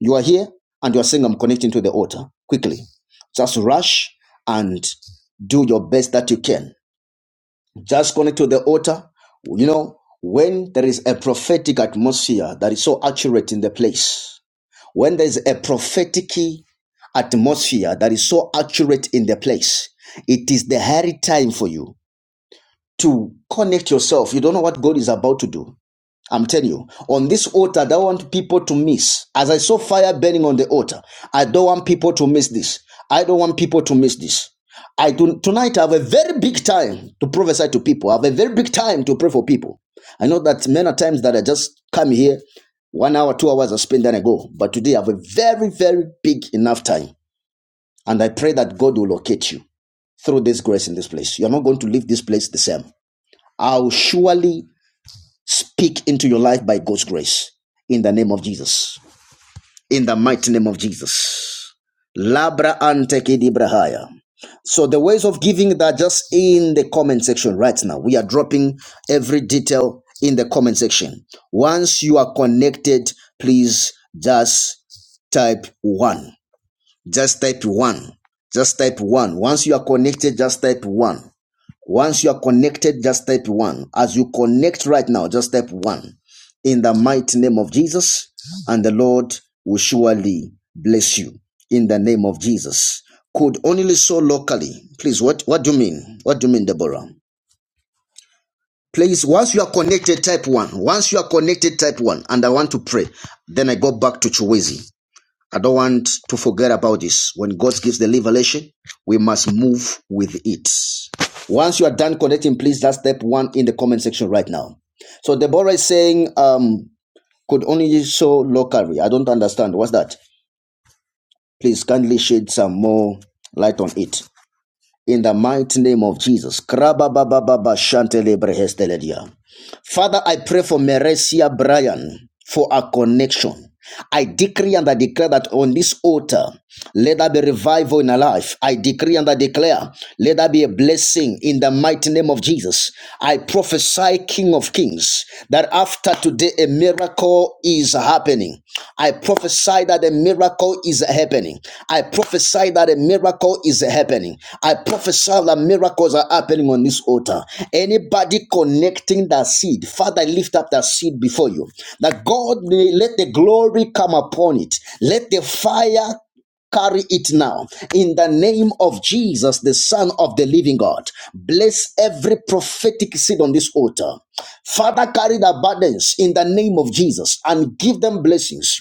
You are here and you are saying, I'm connecting to the altar. Quickly, just rush and do your best that you can. Just connect to the altar. You know, when there is a prophetic atmosphere that is so accurate in the place, when there is a prophetic atmosphere that is so accurate in the place, it is the hairy time for you to connect yourself. You don't know what God is about to do. I'm telling you, on this altar, I don't want people to miss. As I saw fire burning on the altar, I don't want people to miss this. I don't want people to miss this. I do tonight. I have a very big time to prophesy to people. I have a very big time to pray for people. I know that many times that I just come here, one hour, two hours, I spend then I go. But today I have a very, very big enough time, and I pray that God will locate you through this grace in this place. You are not going to leave this place the same. I'll surely Speak into your life by God's grace in the name of Jesus. In the mighty name of Jesus. Labra ante kidibrahaya. So the ways of giving that are just in the comment section right now. We are dropping every detail in the comment section. Once you are connected, please just type one. Just type one. Just type one. Once you are connected, just type one. Once you are connected, just type one. As you connect right now, just type one. In the mighty name of Jesus, and the Lord will surely bless you. In the name of Jesus. Could only so locally. Please, what, what do you mean? What do you mean, Deborah? Please, once you are connected, type one. Once you are connected, type one. And I want to pray. Then I go back to Chuwezi. I don't want to forget about this. When God gives the revelation, we must move with it. Once you are done connecting, please that's step one in the comment section right now. So Deborah is saying, um, could only show locally. I don't understand. What's that? Please kindly shed some more light on it in the mighty name of Jesus. Father, I pray for Merecia Bryan for a connection. I decree and I declare that on this altar, let there be revival in her life. I decree and I declare, let there be a blessing in the mighty name of Jesus. I prophesy, King of Kings, that after today a miracle is happening. I prophesy that a miracle is happening. I prophesy that a miracle is happening. I prophesy that miracles are happening on this altar. Anybody connecting that seed, Father, lift up that seed before you. That God may let the glory come upon it. Let the fire carry it now in the name of Jesus, the Son of the Living God. Bless every prophetic seed on this altar. Father, carry the burdens in the name of Jesus and give them blessings.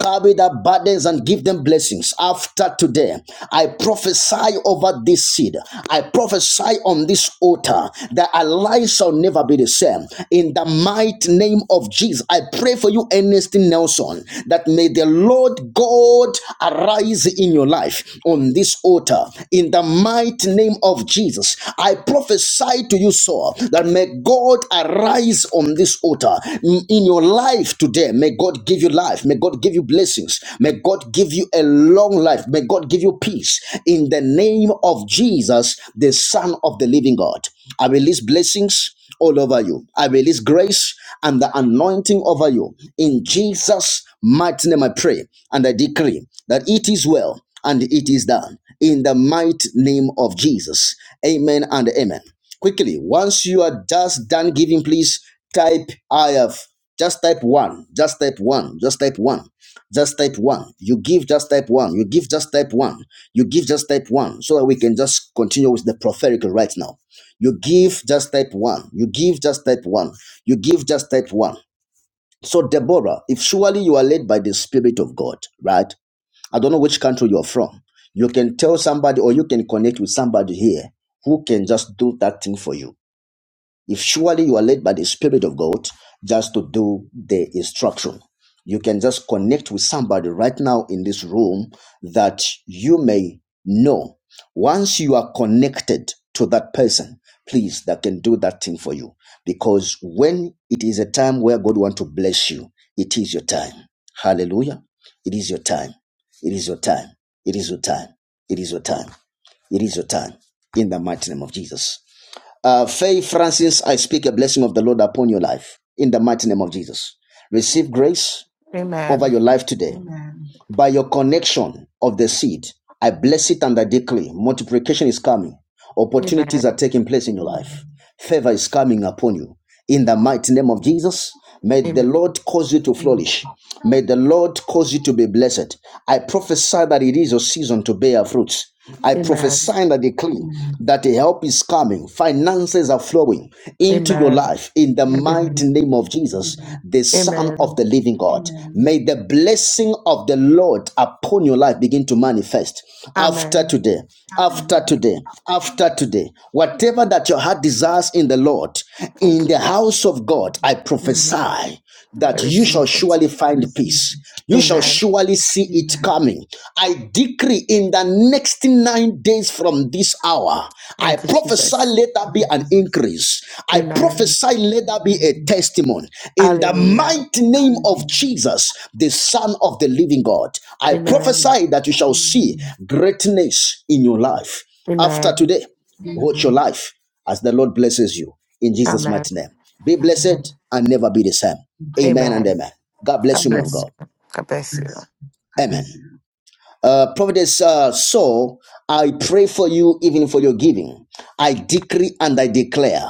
Carry the burdens and give them blessings after today. I prophesy over this seed. I prophesy on this altar that our lives shall never be the same. In the mighty name of Jesus, I pray for you, Ernestine Nelson, that may the Lord God arise in your life on this altar in the mighty name of Jesus. I prophesy to you, Saul, that may God arise on this altar in in your life today. May God give you life. May God give you blessings. May God give you a long life. May God give you peace in the name of Jesus, the Son of the living God. I release blessings all over you. I release grace and the anointing over you. In Jesus' mighty name, I pray and I decree that it is well and it is done. In the mighty name of Jesus. Amen and amen. Quickly, once you are just done giving, please type I have. Just type one. Just type one. Just type one. Just type one. You give just type one. You give just type one. You give just type one so that we can just continue with the prophetical right now you give just type one. You give just type one. You give just type one. So, Deborah, if surely you are led by the Spirit of God, right? I don't know which country you're from. You can tell somebody or you can connect with somebody here who can just do that thing for you. If surely you are led by the Spirit of God just to do the instruction, you can just connect with somebody right now in this room that you may know. Once you are connected to that person, please, that can do that thing for you. Because when it is a time where God wants to bless you, it is your time. Hallelujah. It is your time. It is your time. It is your time. It is your time. It is your time. In the mighty name of Jesus. Uh, Faye Francis, I speak a blessing of the Lord upon your life in the mighty name of Jesus. Receive grace over
Amen.
your life today Amen. by your connection of the seed. I bless it and I declare multiplication is coming. Opportunities are
Amen.
taking place in your life. Favor is coming upon you. In the mighty name of Jesus, may the
Amen.
Lord cause you to flourish. May the Lord cause you to be blessed. I prophesy that it is your season to bear fruits. I
Amen.
prophesy and I declare that the help is coming, finances are flowing into your
Amen.
life in the
I believe.
mighty Amen. name of Jesus, the Son of
Amen.
the Living God. Amen. May the blessing of the Lord upon your life begin to manifest after
Amen.
today, after today, after today. Whatever that your heart desires in the Lord,
Thank
in
you.
the house of God, I
Amen.
prophesy
I
that you
receive
shall
it.
surely find peace. You shall
Amen.
surely see it coming. I decree in the next nine days from this hour, I
Thank you,
prophesy
Jesus.
let there be an increase. I
Amen.
prophesy let there be a testimony. In the
Hallelujah.
mighty name of Jesus, the Son of the living God, I
Amen.
prophesy that you shall see greatness in your life. After
Amen.
today, watch your life as the Lord blesses you in Jesus'
Amen.
mighty name. Be blessed and never be the same. Amen and
Amen.
amen. God bless
God
you, man of
bless
God.
you. God bless you.
Amen. Uh, Prophetess uh, Saul, I pray for you even for your giving. I decree and I declare.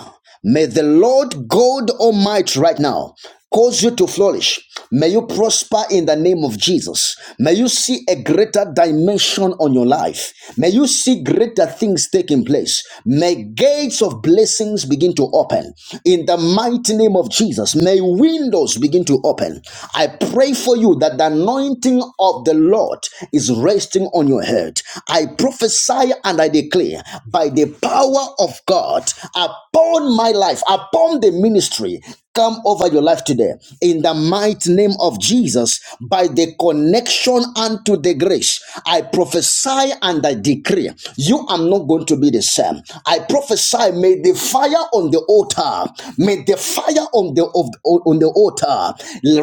May the Lord God Almighty right now cause you to flourish. May you prosper in the name of Jesus. May you see a greater dimension on your life. May you see greater things taking place. May gates of blessings begin to open in the mighty name of Jesus. May windows begin to open open. I pray for you that the anointing of the Lord is resting on your head. I prophesy and I declare by the power of God upon my life, upon the ministry, come over your life today in the mighty name of Jesus by the connection unto the grace. I prophesy and I decree you are not going to be the same. I prophesy may the fire on the the altar. May the fire on the of, on the altar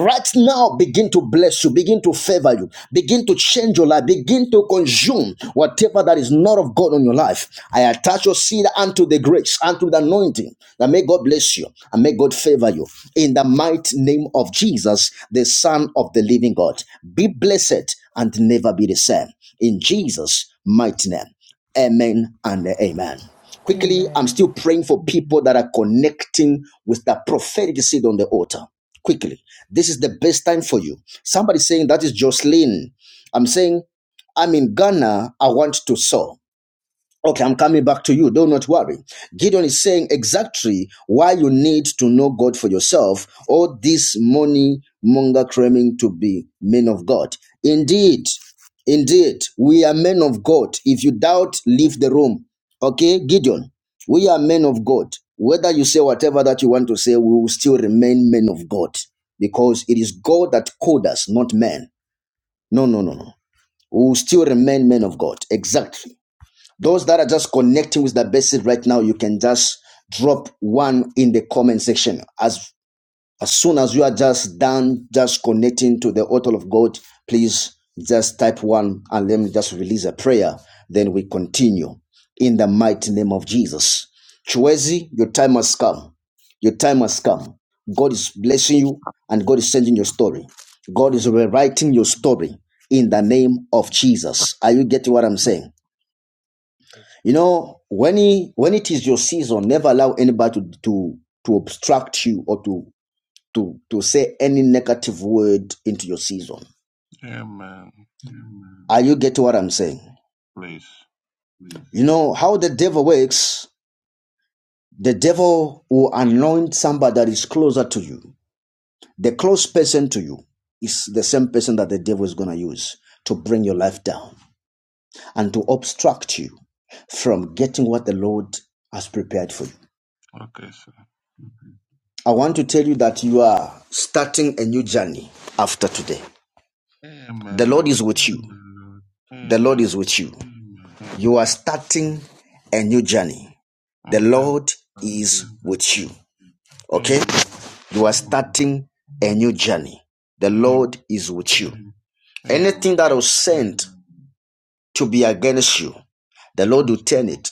right now begin to bless you, begin to favor you, begin to change your life, begin to consume whatever that is not of God on your life. I attach your seed unto the grace, unto the anointing. That may God bless you and may God favor you in the mighty name of Jesus, the Son of the Living God. Be blessed and never be the same. In Jesus' mighty name. Amen and amen. Quickly, I'm
Amen.
still praying for people that are connecting with that prophetic seed on the altar. Quickly, this is the best time for you. Somebody saying that is Jocelyn. I'm saying I'm in Ghana. I want to sow. Okay, I'm coming back to you. Do not worry. Gideon is saying exactly why you need to know God for yourself, all this money monger claiming to be men of God. Indeed, indeed, we are men of God. If you doubt, leave the room. Okay, Gideon, we are men of God. Whether you say whatever that you want to say, we will still remain men of God because it is God that called us, not man. No, no, no, no. We will still remain men of God. Exactly. Those that are just connecting with the basic right now, you can just drop one in the comment section. As as soon as you are just done, just connecting to the altar of God, please just type one and let me just release a prayer. Then we continue in the mighty name of Jesus. Chuezi, your time has come. Your time has come. God is blessing you and God is sending your story. God is
Amen.
rewriting your story in the name of Jesus. Are you getting what I'm saying?
Yes.
You know, when he, when it is your season, never allow anybody to to, to obstruct you or to, to to say any negative word into your season.
Amen.
Are you getting what I'm saying?
Please.
You know how the devil works. The devil will anoint somebody that is closer to you. The close person to you is the same person that the devil is going to use to bring your life down and to obstruct you from getting what the Lord has prepared for you.
Okay, sir.
I want to tell you that you are starting a new journey after today. The
Amen,
Lord
Lord.
is with you. The Lord
Amen.
is with you.
Amen.
You are starting a new journey. The
Oh, thank
Lord
God,
is
Jesus.
with you. Okay?
Amen.
You are
Amen.
starting a new journey. The
Amen.
Lord is with you. Anything
Amen.
that was sent to be against you, the Lord will
Yes,
turn
Lord.
it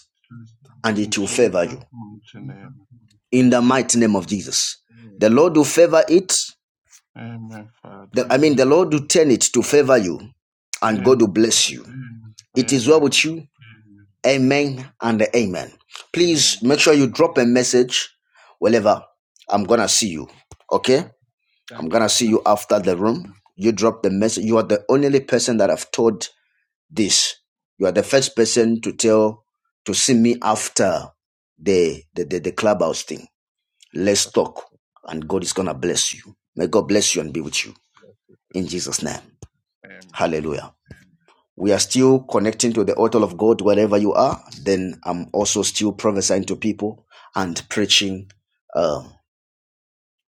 and
In
it will
Jesus'
favor you.
mighty name.
In the mighty name of Jesus. The Lord
Amen.
will favor it
Amen,
The,
Father.
I mean, the Lord will turn it to favor you and God will
Amen.
bless you. It is well
Amen.
with you. Amen and amen. Please
Amen.
make sure you drop a message wherever I'm going to see you. Okay? I'm
Thank
going
you,
to see you after the room. You drop the message. You are the only person that I've told this. You are the first person to tell, to see me after the, the, the, the clubhouse thing. Let's talk. And God is going to bless you. May God
sir.
bless you and be with you. In Jesus' name.
Amen.
Hallelujah. we are still connecting to the altar of God wherever you are, then I'm also still prophesying to people and preaching. uh,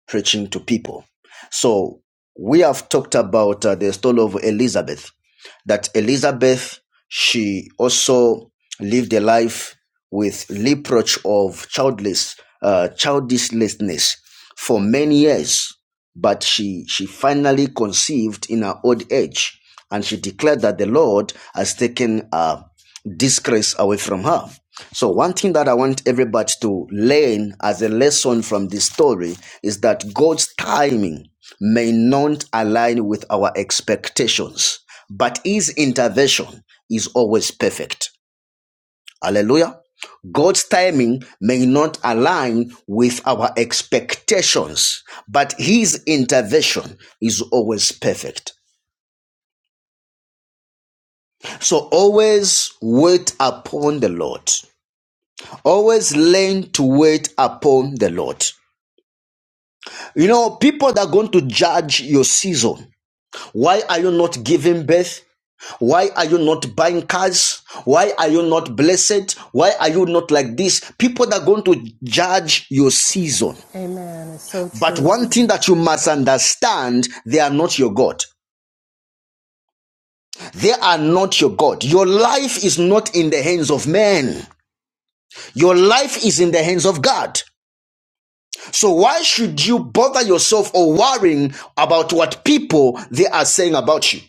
preaching to people. So we have talked about uh, the story of Elizabeth, that Elizabeth, she also lived a life with reproach of childless, uh, childlessness for many years, but she, she finally conceived in her old age, and she declared that the Lord has taken her disgrace away from her. So, one thing that I want everybody to learn as a lesson from this story is that God's timing may not align with our expectations, but His intervention is always perfect. Hallelujah. God's timing may not align with our expectations, but His intervention is always perfect. So always wait upon the Lord. Always learn to wait upon the Lord. You know, people that are going to judge your season. Why are you not giving birth? Why are you not buying cars? Why are you not blessed? Why are you not like this? People that are going to judge your season.
Amen. It's so
But
true.
one thing that you must understand they are not your God. They are not your God. Your life is not in the hands of men, your life is in the hands of God. So why should you bother yourself or worrying about what people they are saying about you?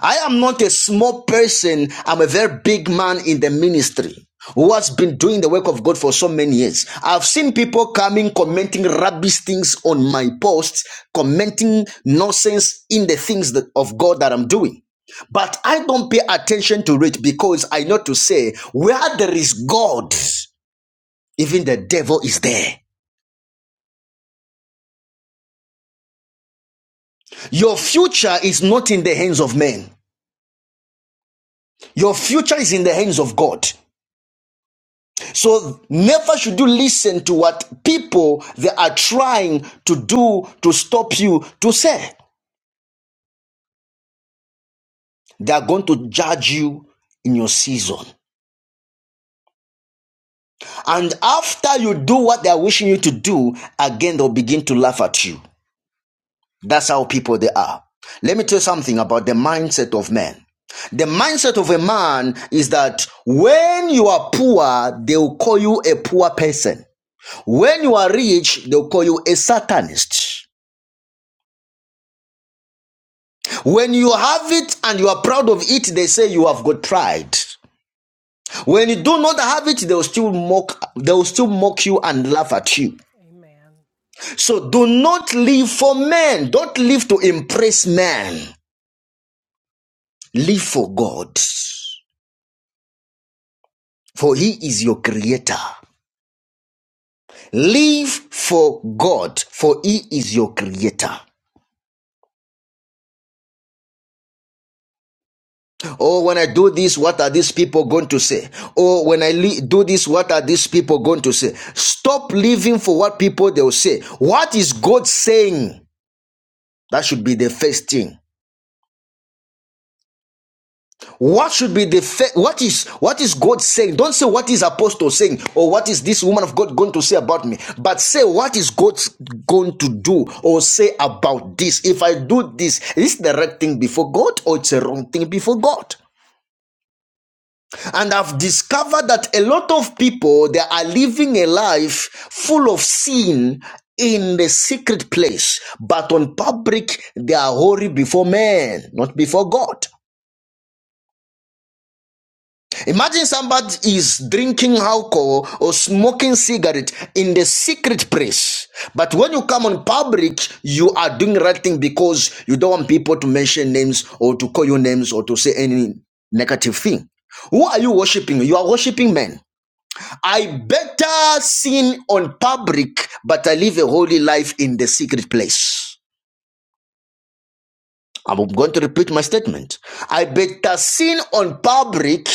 I am not a small person. I'm a very big man in the ministry who has been doing the work of God for so many years. I've seen people coming, commenting rubbish things on my posts, commenting nonsense in the things that, of God that I'm doing. But I don't pay attention to it because I know to say where there is God, even the devil is there. Your future is not in the hands of men. Your future is in the hands of God. So never should you listen to what people they are trying to do to stop you to say. They are going to judge you in your season. And after you do what they are wishing you to do, again they'll begin to laugh at you. That's how people they are. Let me tell you something about the mindset of men. The mindset of a man is that when you are poor, they will call you a poor person. When you are rich, they'll call you a satanist. When you have it and you are proud of it, they say you have got pride. When you do not
Yes.
have it, they will still mock they will still mock you and laugh at you.
Amen.
So do not live for men. Don't live to impress men. Live for God. for he is your creator. Live for God, for he is your creator. Oh, when I do this, what are these people going to say? Oh, when I li- do this, what are these people going to say? Stop living for what people they'll say. What is God saying? That should be the first thing. What should be the fa- what is what is God saying? Don't say what is apostle saying or what is this woman of God going to say about me, but say what is God going to do or say about this. If I do this, is it the right thing before God or it's a wrong thing before God? And I've discovered that a lot of people they are living a life full of sin in the secret place, but on public they are holy before men, not before God. Imagine somebody is drinking alcohol or smoking cigarette in the secret place. But when you come on public, you are doing right thing because you don't want people to mention names or to call you names or to say any negative thing. Who are you worshiping? You are worshiping men. I better sin on public, but I live a holy life in the secret place. I'm going to repeat my statement. I better sin on public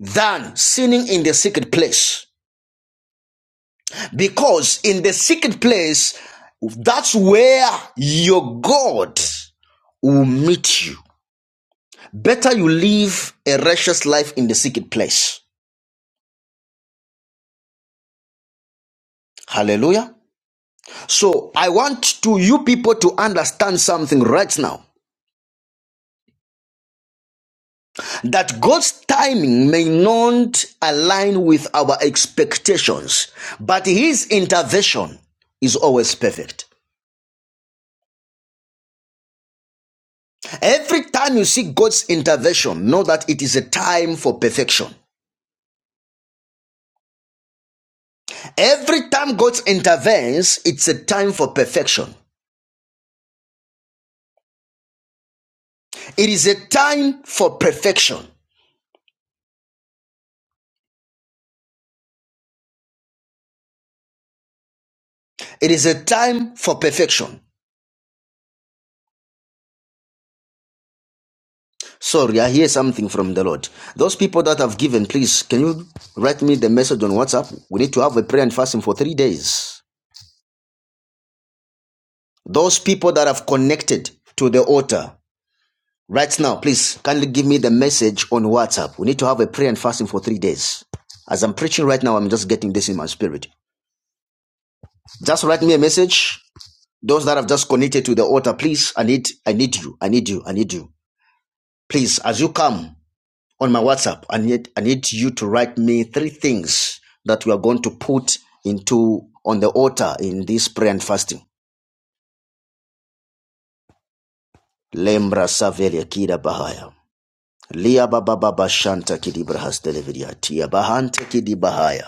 than sinning in the secret place. Because in the secret place, that's where your God will meet you. Better you live a righteous life in the secret place. Hallelujah. So I want to you people to understand something right now that God's timing may not align with our expectations, but his intervention is always perfect. Every time you see God's intervention, know that it is a time for perfection. Every time God intervenes, it's a time for perfection. It is a time for perfection. It is a time for perfection. Sorry, I hear something from the Lord. Those people that have given, please, can you write me the message on WhatsApp? We need to have a prayer and fasting for three days. Those people that have connected to the altar, right now, please, kindly give me the message on WhatsApp. We need to have a prayer and fasting for three days. As I'm preaching right now, I'm just getting this in my spirit. Just write me a message Those that have just connected to the altar, please, I need, I need you, I need you, I need you. Please, as you come on my WhatsApp, I need, I need you to write me three things that we are going to put into on the altar in this prayer and fasting. Lembra savelia kida bahaya. Lia baba baba shanta kidibrahas deleviriatia bahante kidibahaya.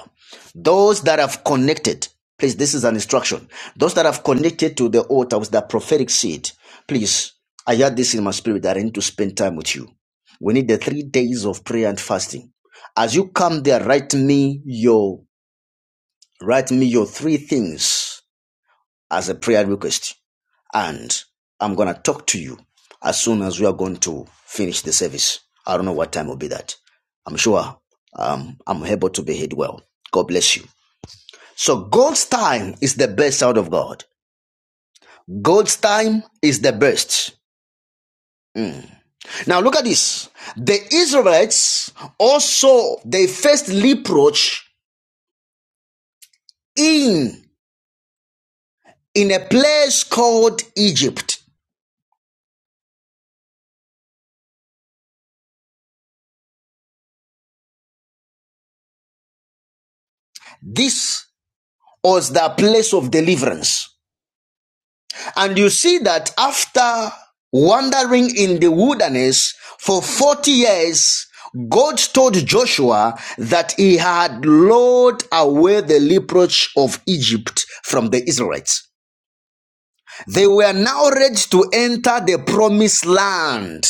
Those that have connected, please, this is an instruction. Those that have connected to the altar with that prophetic seed, please, I had this in my spirit that I need to spend time with you. We need the three days of prayer and fasting. As you come there, write me your write me your three things as a prayer request. And I'm going to talk to you as soon as we are going to finish the service. I don't know what time will be that. I'm sure um, I'm able to behave well. God bless you. So God's time is the best out of God. God's time is the best. Now look at this. The Israelites also they faced reproach in in a place called Egypt. This was the place of deliverance. And you see that after wandering in the wilderness for 40 years, God told Joshua that he had lured away the reproach of Egypt from the Israelites. They were now ready to enter the promised land.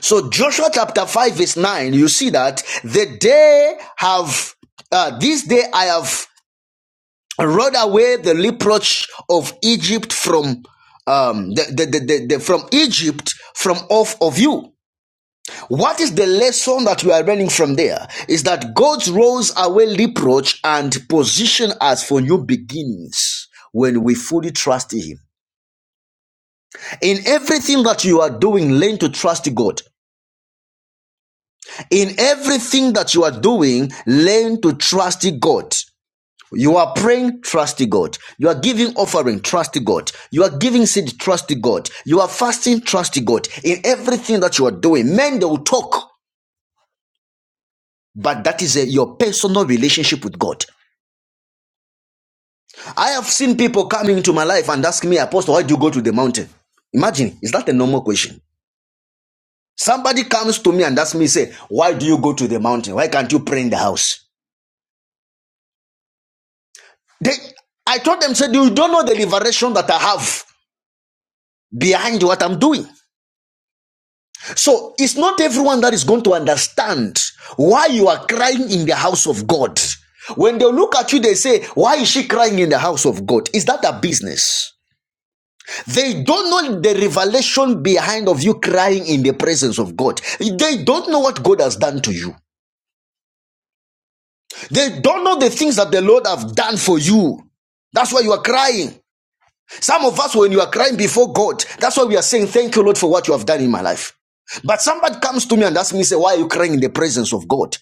So Joshua chapter 5 verse 9, you see that the day have uh, this day I have Run away the reproach of Egypt from um, the, the, the, the, the- from Egypt from off of you. What is the lesson that we are learning from there? Is that God rolls away reproach and position us for new beginnings when we fully trust Him. In everything that you are doing, learn to trust God. In everything that you are doing, learn to trust God. You are praying, trusting God. You are giving offering, trusting God. You are giving seed, trusting God. You are fasting, trusting God. In everything that you are doing, men they will talk, but that is a, your personal relationship with God. I have seen people coming into my life and asking me, Apostle, why do you go to the mountain? Imagine, is that a normal question? Somebody comes to me and asks me, say, why do you go to the mountain? Why can't you pray in the house? They, I told them, said, you don't know the liberation that I have behind what I'm doing. So it's not everyone that is going to understand why you are crying in the house of God. When they look at you, they say, Why is she crying in the house of God? Is that a business? They don't know the revelation behind of you crying in the presence of God. They don't know what God has done to you. They don't know the things that the Lord have done for you. That's why you are crying. Some of us, when you are crying before God, that's why we are saying, Thank you, Lord, for what you have done in my life. But somebody comes to me and asks me, say, Why are you crying in the presence of God?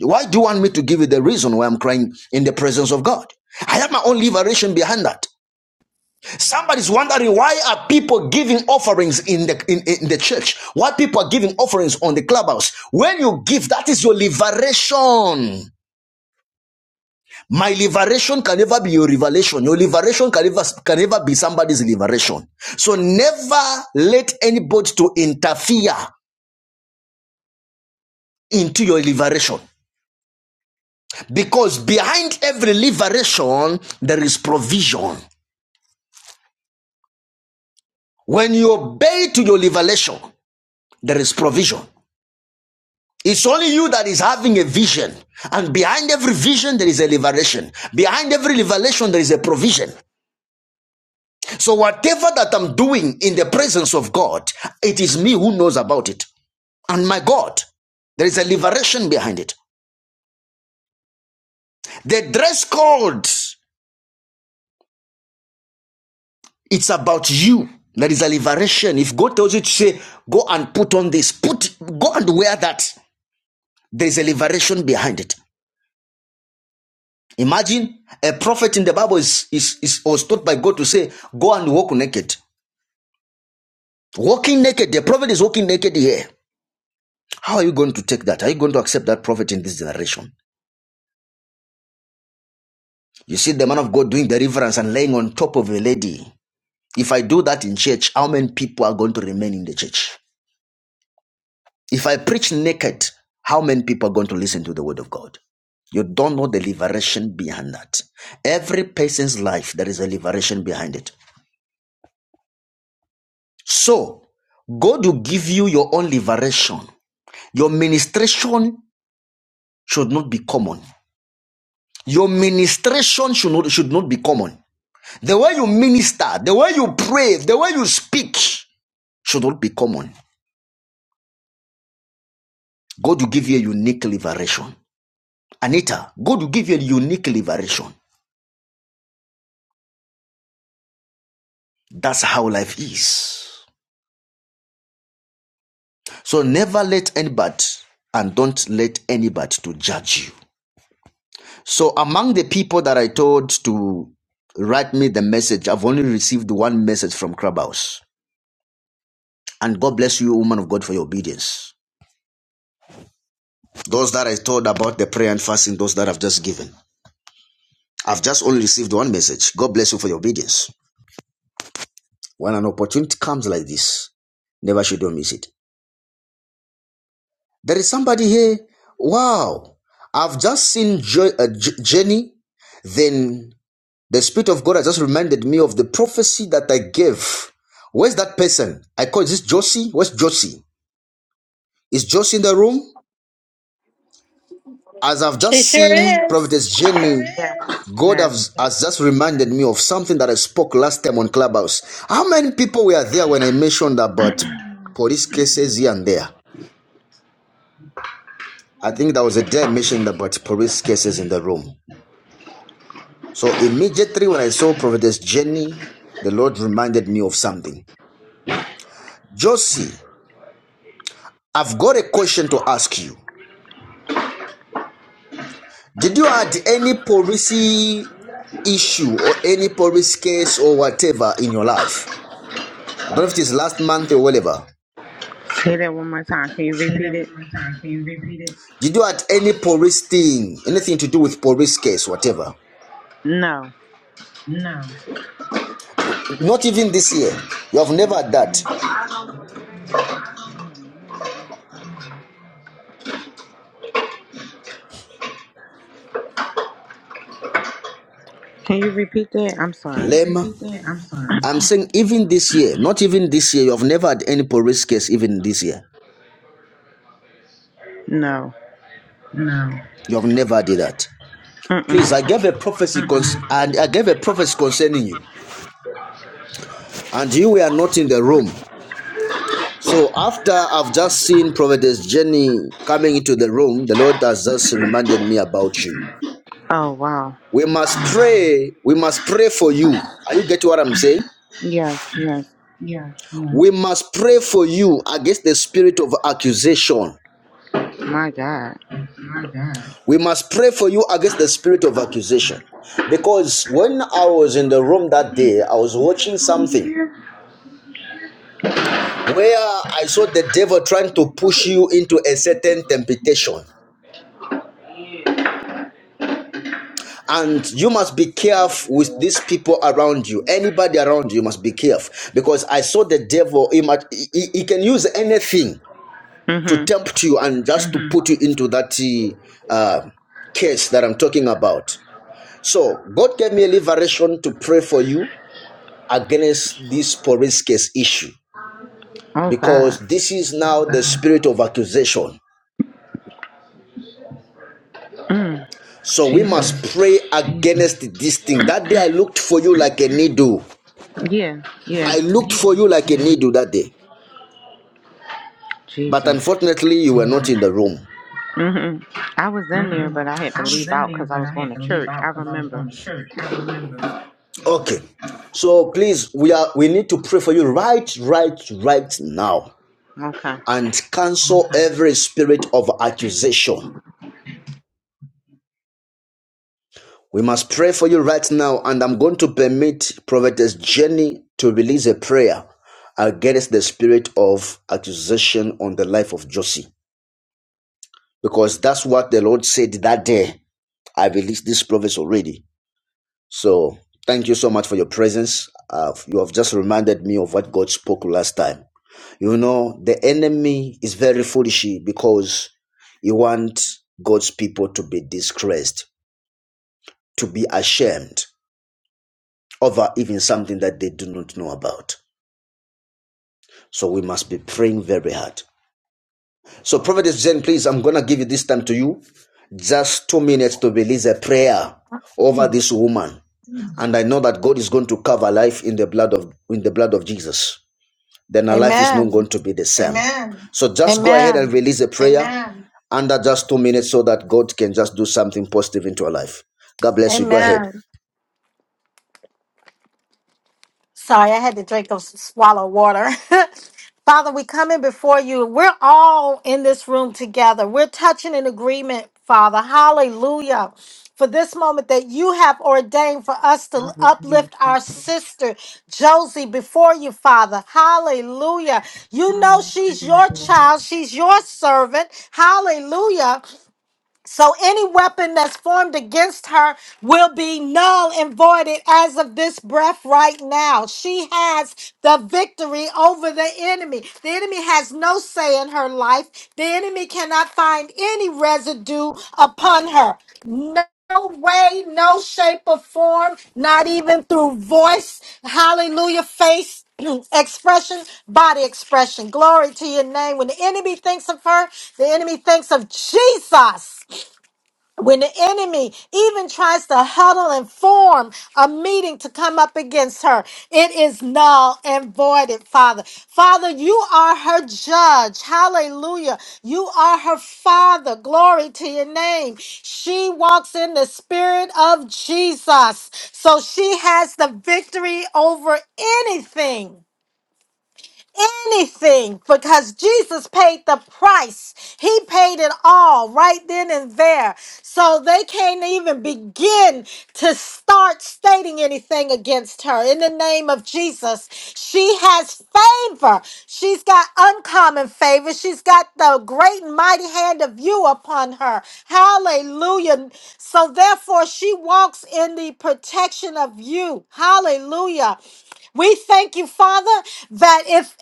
Why do you want me to give you the reason why I'm crying in the presence of God? I have my own liberation behind that.
Amen,
Somebody's
man of God.
wondering why are
Amen.
people giving offerings in the in, in the church? Why people are giving offerings on the clubhouse? When you give, that is your liberation. My liberation can never be your revelation. Your liberation can never, can never be somebody's liberation. So never let anybody to interfere into your liberation. Because behind every liberation, there is provision. When you obey to your liberation, there is provision. It's only you that is having a vision. And behind every vision, there is a liberation. Behind every liberation there is a provision. So whatever that I'm doing in the presence of God, it is me who knows about it. And my God, there is a liberation behind it. The dress code, it's about you. There is a liberation. If God tells you to say, go and put on this, put go and wear that. There is a liberation behind it. Imagine a prophet in the Bible is, is, is was taught by God to say, go and walk naked. Walking naked, the prophet is walking naked here. How are you going to take that? Are you going to accept that prophet in this generation? You see the man of God doing deliverance and laying on top of a lady. If I do that in church, how many people are going to remain in the church? If I preach naked, how many people are going to listen to the word of God? You don't know the liberation behind that. Every person's life, there is a liberation behind it. So, God will give you your own liberation. Your ministration should not be common. Your ministration should not, should not be common. The way you minister, the way you pray, the way you speak, should not be common. God will give you a unique liberation. Anita, God will give you a unique liberation. That's how life is. So never let anybody and don't let anybody to judge you. So among the people that I told to write me the message, I've only received one message from Clubhouse. And God bless you, woman of God, for your obedience. Those that I told about the prayer and fasting, those that I've just given. I've just only received one message. God bless you for your obedience. When an opportunity comes like this, never should you miss it. There is somebody here. Wow, I've just seen jo- uh, J- Jenny. Then the Spirit of God has just reminded me of the prophecy that I gave. Where's that person? I call this Josie. Where's Josie? Is Josie in the room? As I've
She
just
sure
seen
is.
Prophetess Jenny,
Yes,
God
yes.
has, has just reminded me of something that I spoke last time on Clubhouse. How many people were there when I mentioned about police cases here and there? I think there was a day I mentioned about police cases in the room. So immediately when I saw Prophetess Jenny, the Lord reminded me of something. Josie, I've got a question to ask you. Did you had any policy issue or any police case or whatever in your life? I don't know if it is last month or whatever.
Say that one more time. Can you
Say
repeat
that one
it?
more time. Can you repeat it? Did you had any police thing, anything to do with police case, whatever?
No.
No. Not even this year. You have never had that.
Can you repeat that? I'm sorry.
Lema. I'm sorry. I'm saying even this year, not even this year, you have never had any police case even this year.
No.
No. You have never did that. Please, I
Mm-mm.
gave a prophecy cons- Mm-mm. and I gave a prophecy concerning you, and you were not in the room. So after I've just seen Prophetess Jenny coming into the room, the Lord has just reminded me about you.
Oh, wow.
We must Oh wow. pray. We must pray for you. Are you getting what I'm saying?
Yes, yes.
Yes. Yes. We must pray for you against the spirit of accusation.
My God.
My God. We must pray for you against the spirit of accusation. Because when I was in the room that day, I was watching something where I saw the devil trying to push you into a certain temptation. And you must be careful with these people around you. Anybody around you must be careful. Because I saw the devil, he, might- he- he- can use anything to
Mm-hmm.
tempt you and just to Mm-hmm. to put you into that uh, case that I'm talking about. So God gave me a liberation to pray for you against this Porisques issue
Oh, God.
because this is now the spirit of accusation.
Mm.
So we must
Jesus.
pray against this thing. That day I looked for you like a needle.
Yeah,
I
yeah.
looked for you like a needle that day. But
Jesus.
unfortunately, you were not in the room.
hmm I was in there,
Mm-hmm.
but I had
I
to
was
leave
in
out
there,
because I
but
was
I
going
had
to
to leave
church. I
out because I was
remember.
going to church. I remember. Okay. So please, we are we need to pray for you right, right, right now
Okay.
and cancel every spirit of accusation. We must pray for you right now, and I'm going to permit Prophetess Jenny to release a prayer against the spirit of accusation on the life of Josie, because that's what the Lord said that day. I released this prophets already. So thank you so much for your presence. Uh, you have just reminded me of what God spoke last time. You know, the enemy is very foolish because he wants God's people to be disgraced, to be ashamed. over even something that they do not know about. So we must be praying very hard. So, Prophetess Jane, please, I'm going to give you this time to you. Just two minutes to release a prayer over this woman. And I know that God is going to cover life in the blood of in the blood of Jesus. Then her life is not
Amen.
going to be the same. Amen. So just go ahead and
Amen.
release a prayer Amen. under just two minutes so that God can just do something positive into her life. God bless you. Go ahead.
Amen. Sorry, I had to drink those swallow water. Father, we come in before you. We're all in this room together. We're touching an agreement, Father. Hallelujah. For this moment that you have ordained for us to uplift our sister Josie before you, Father. Hallelujah. You know she's your child, she's your servant. Hallelujah. So any weapon that's formed against her will be null and voided as of this breath right now. She has the victory over the enemy. The enemy has no say in her life. The enemy cannot find any residue upon her. No way, no shape or form, not even through voice, hallelujah, face, expression, body expression. Glory to your name. When the enemy thinks of her, the enemy thinks of Jesus when the enemy even tries to huddle and form a meeting to come up against her, it is null and voided, Father. Father, you are her judge. Hallelujah. You are her father. Glory to your name. She walks in the spirit of Jesus. So she has the victory over anything anything because Jesus paid the price. He paid it all right then and there. So they can't even begin to start stating anything against her. In the name of Jesus, she has favor. She's got uncommon favor. She's got the great and mighty hand of you upon her. Hallelujah. So therefore, she walks in the protection of you. Hallelujah. We thank you, Father, that if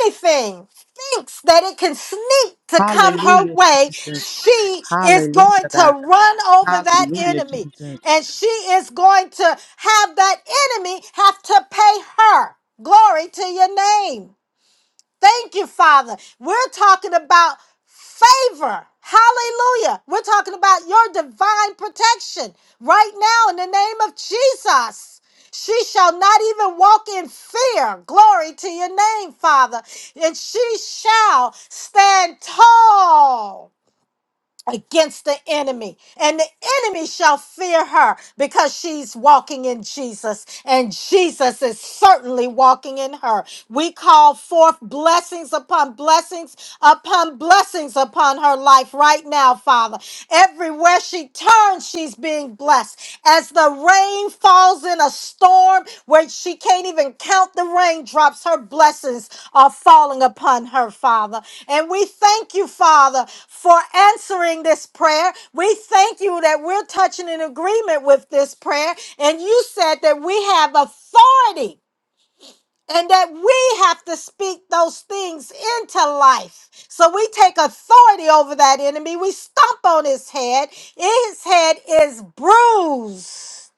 anything thinks that it can sneak to come her
Hallelujah, Jesus. Hallelujah, baby. Hallelujah,
way,
Jesus.
she is going
Hallelujah, God.
to run over that
Hallelujah,
enemy.
Jesus.
And she is going to have that enemy have to pay her. Glory to your name. Thank you, Father. We're talking about favor. Hallelujah. We're talking about your divine protection right now in the name of Jesus. She shall not even walk in fear. Glory to your name, Father. And she shall stand tall against the enemy, and the enemy shall fear her because she's walking in Jesus, and Jesus is certainly walking in her. We call forth blessings upon blessings upon blessings upon her life right now, Father. Everywhere she turns, she's being blessed as the rain falls in a storm where she can't even count the raindrops, her blessings are falling upon her, Father. And we thank you, Father, for answering this prayer. We thank you that we're touching an agreement with this prayer. And you said that we have authority and that we have to speak those things into life. So we take authority over that enemy. We stomp on his head. His head is bruised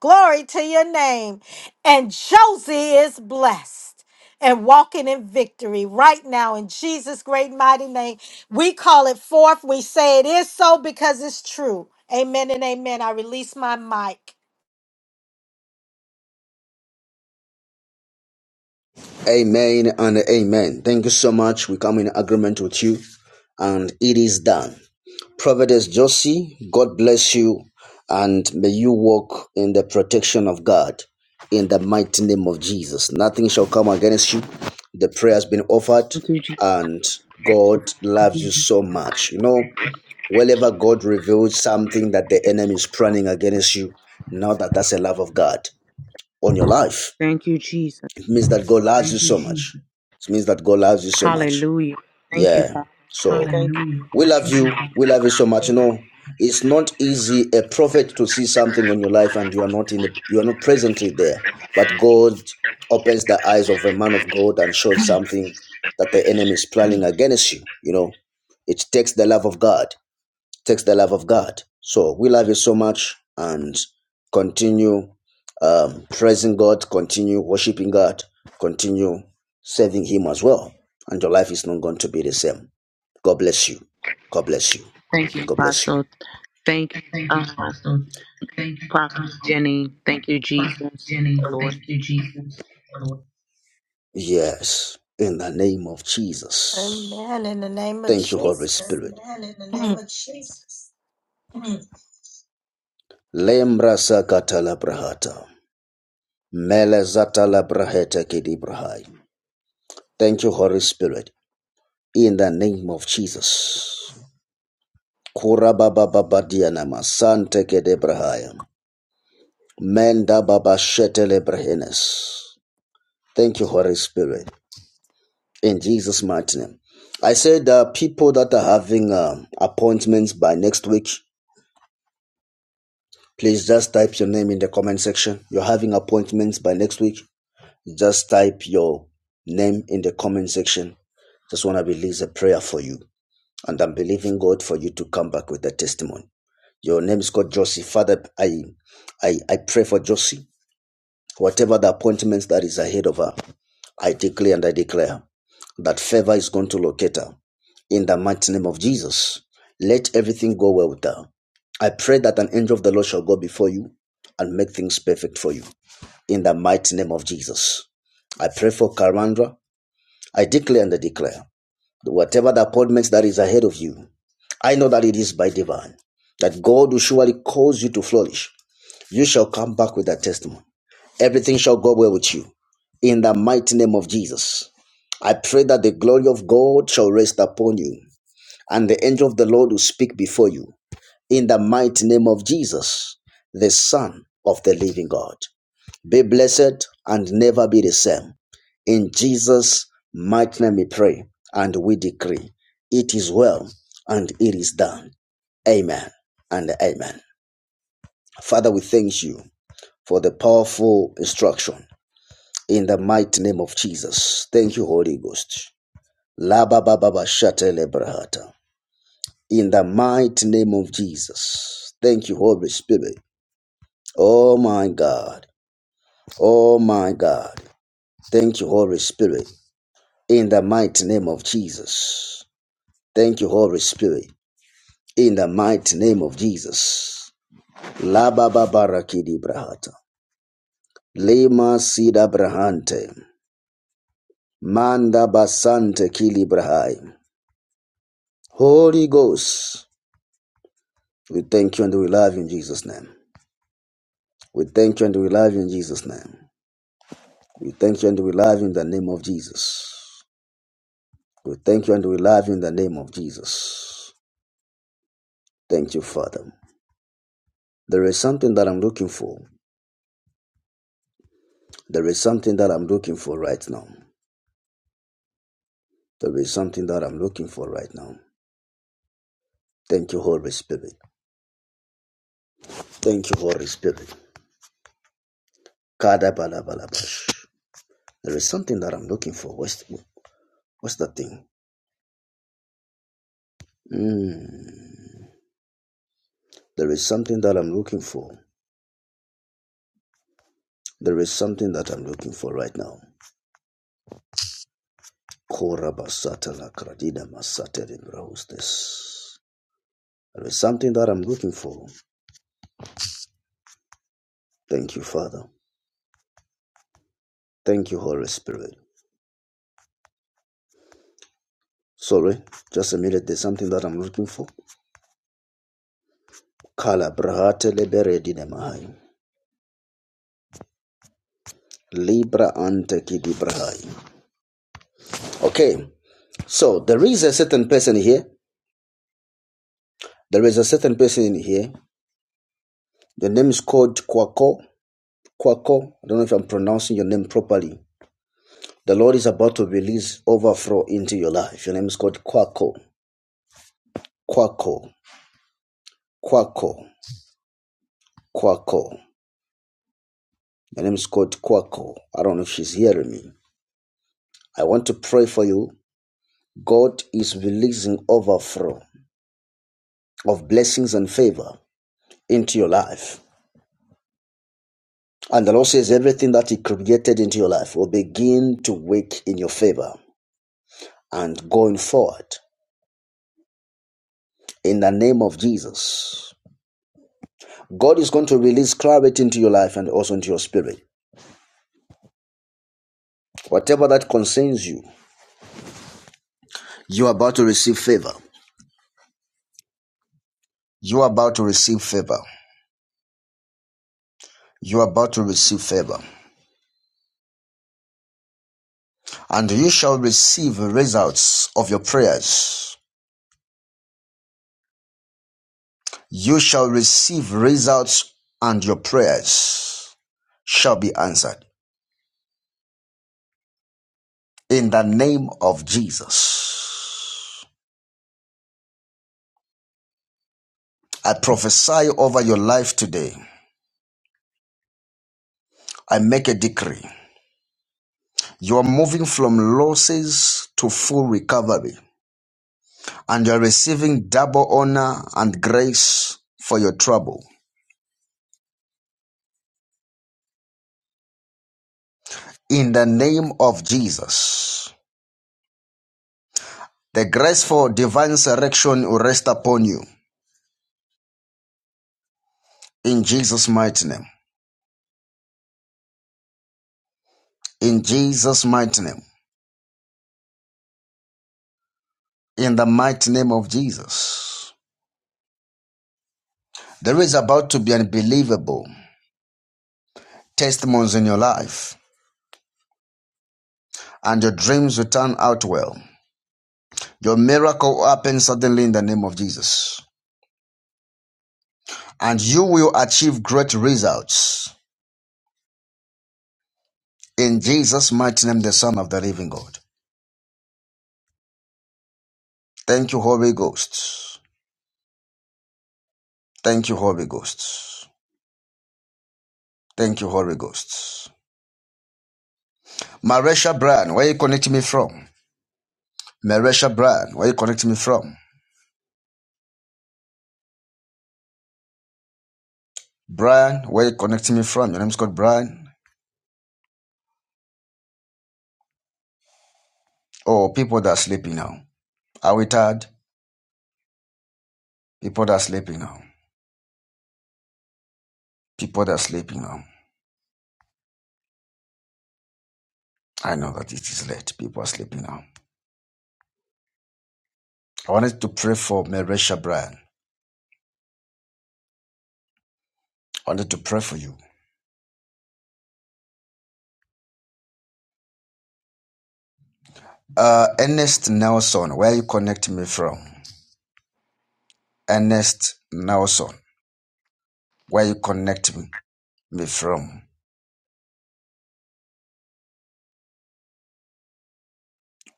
Glory to your name. And Josie is blessed and walking in victory right now in Jesus' great mighty name. We call it forth. We say it is so because it's true. Amen and amen. I release my mic.
Amen and amen. Thank you so much. We come in agreement with you, and it is done. Providence Josie, God bless you, and may you walk in the protection of God in the mighty name of Jesus. Nothing shall come against you. The prayer has been offered,
Thank you, Jesus.
and God loves you so much. You know, whenever God reveals something that the enemy is planning against you, know that that's a love of God on your life.
Thank you, Jesus.
It means that God loves you so much. It means that God loves you so much.
Hallelujah. Thank you,
Yeah.
Father.
So
Thank you.
we love you, We love you so much. You know, it's not easy a prophet to see something on your life and you are not in the, you are not presently there. But God opens the eyes of a man of God and shows something that the enemy is planning against you. You know, it takes the love of God takes the love of God. So we love you so much and continue um, praising God, continue worshiping God, continue serving Him as well. And your life is not going to be the same. God bless you. God bless you.
Thank you,
And God bless you.
Apostle. Thank you,
Thank you,
um,
Pastor. Thank you,
Prophet
um,
Jenny. Thank you,
Pastor
Jesus.
Jenny.
Lord.
Thank you, Jesus. Yes. In the name of Jesus.
Amen. In the name of
Thank you, Holy
Jesus.
Spirit. Amen. in the name
Mm,
of Jesus. Mm. Lembra sakata la brahata. Mele zata la braheta kidi brahai. Thank you, Holy Spirit, in the name of Jesus. Kurababa baba baba dianama sante kede brahaya. Menda baba shetele brahenes. Thank you, Holy Spirit, in Jesus' mighty name. I said, the uh, people that are having um, appointments by next week, please just type your name in the comment section. You're having appointments by next week. just type your name in the comment section. Just want to release a prayer for you. And I'm believing God for you to come back with a testimony. Your name is called Josie. Father, I, I, I pray for Josie. Whatever the appointments that is ahead of her, I declare and I declare that favor is going to locate her. In the mighty name of Jesus, let everything go well with her. I pray that an angel of the Lord shall go before you and make things perfect for you in the mighty name of Jesus. I pray for Karandra. I declare and I declare that whatever the appointments that is ahead of you, I know that it is by divine, that God will surely cause you to flourish. You shall come back with that testimony. Everything shall go well with you. In the mighty name of Jesus, I pray that the glory of God shall rest upon you, and the angel of the Lord will speak before you. In the mighty name of Jesus, the Son of the living God. Be blessed and never be the same. In Jesus' mighty name we pray and we decree. It is well and it is done. Amen and amen. Father, we thank you for the powerful instruction in the mighty name of Jesus. Thank you, Holy Ghost. Laba baba ba shatele brahata. In the mighty name of Jesus. Thank you, Holy Spirit. Oh my God. Oh my God. Thank you, Holy Spirit. in the mighty name of Jesus. Thank you, Holy Spirit, in the mighty name of Jesus. La baba barakidi brahata. Lima sida brahante. Manda basante kili brahai. Holy Ghost, we thank you and we love you in Jesus' name. We thank you and we love you in Jesus' name. We thank you and we love you in the name of Jesus. We thank you and we love you in the name of Jesus. Thank you, Father. There is something that I'm looking for. There is something that I'm looking for right now. There is something that I'm looking for right now. Thank you, Holy Spirit. Thank you, Holy Spirit. Kada bala bala bash. There is something that I'm looking for. What's, what's that thing? Mm. There is something that I'm looking for. There is something that I'm looking for right now. Kora basata la kradida masate de braustes. There is something that I'm looking for. Thank you, Father. Thank you, Holy Spirit. Sorry, just a minute. There's something that I'm looking for. Kala brahate lebere dine mahai. Libra ante kidi brahai. Okay, so there is a certain person here. There is a certain person in here. The name is called Kwako. Kwako. I don't know if I'm pronouncing your name properly. The Lord is about to release overflow into your life. Your name is called Kwako. Kwako. Kwako. Kwako. Your name is called Kwako. I don't know if she's hearing me. I want to pray for you. God is releasing overflow of blessings and favor. into your life. And the Lord says everything that He created into your life will begin to work in your favor and going forward in the name of Jesus. God is going to release clarity into your life and also into your spirit. Whatever that concerns you, you are about to receive favor. You are about to receive favor. You are about to receive favor. And you shall receive results of your prayers. You shall receive results and your prayers shall be answered. in the name of Jesus. I prophesy over your life today. I make a decree. You are moving from losses to full recovery, and you are receiving double honor and grace for your trouble. In the name of Jesus, the grace for divine resurrection will rest upon you. In Jesus' mighty name. In Jesus' mighty name. In the mighty name of Jesus. There is about to be unbelievable testimonies in your life, and your dreams will turn out well. Your miracle will happen suddenly in the name of Jesus, and you will achieve great results in Jesus' mighty name, the Son of the Living God. Thank you, Holy Ghost. Thank you, Holy Ghost. Thank you, Holy Ghost. Marisha Brand, where you connecting me from? Marisha Brand, where you connecting me from? Brian, where you connecting me from? Your name's called Brian. Oh, people that are sleeping now. Are we tired? People that are sleeping now. People that are sleeping now. I know that it is late. People are sleeping now. I wanted to pray for Marisha Bryan. I wanted to pray for you. Uh, Ernest Nelson, where you connect me from? Ernest Nelson, where you connect me me from?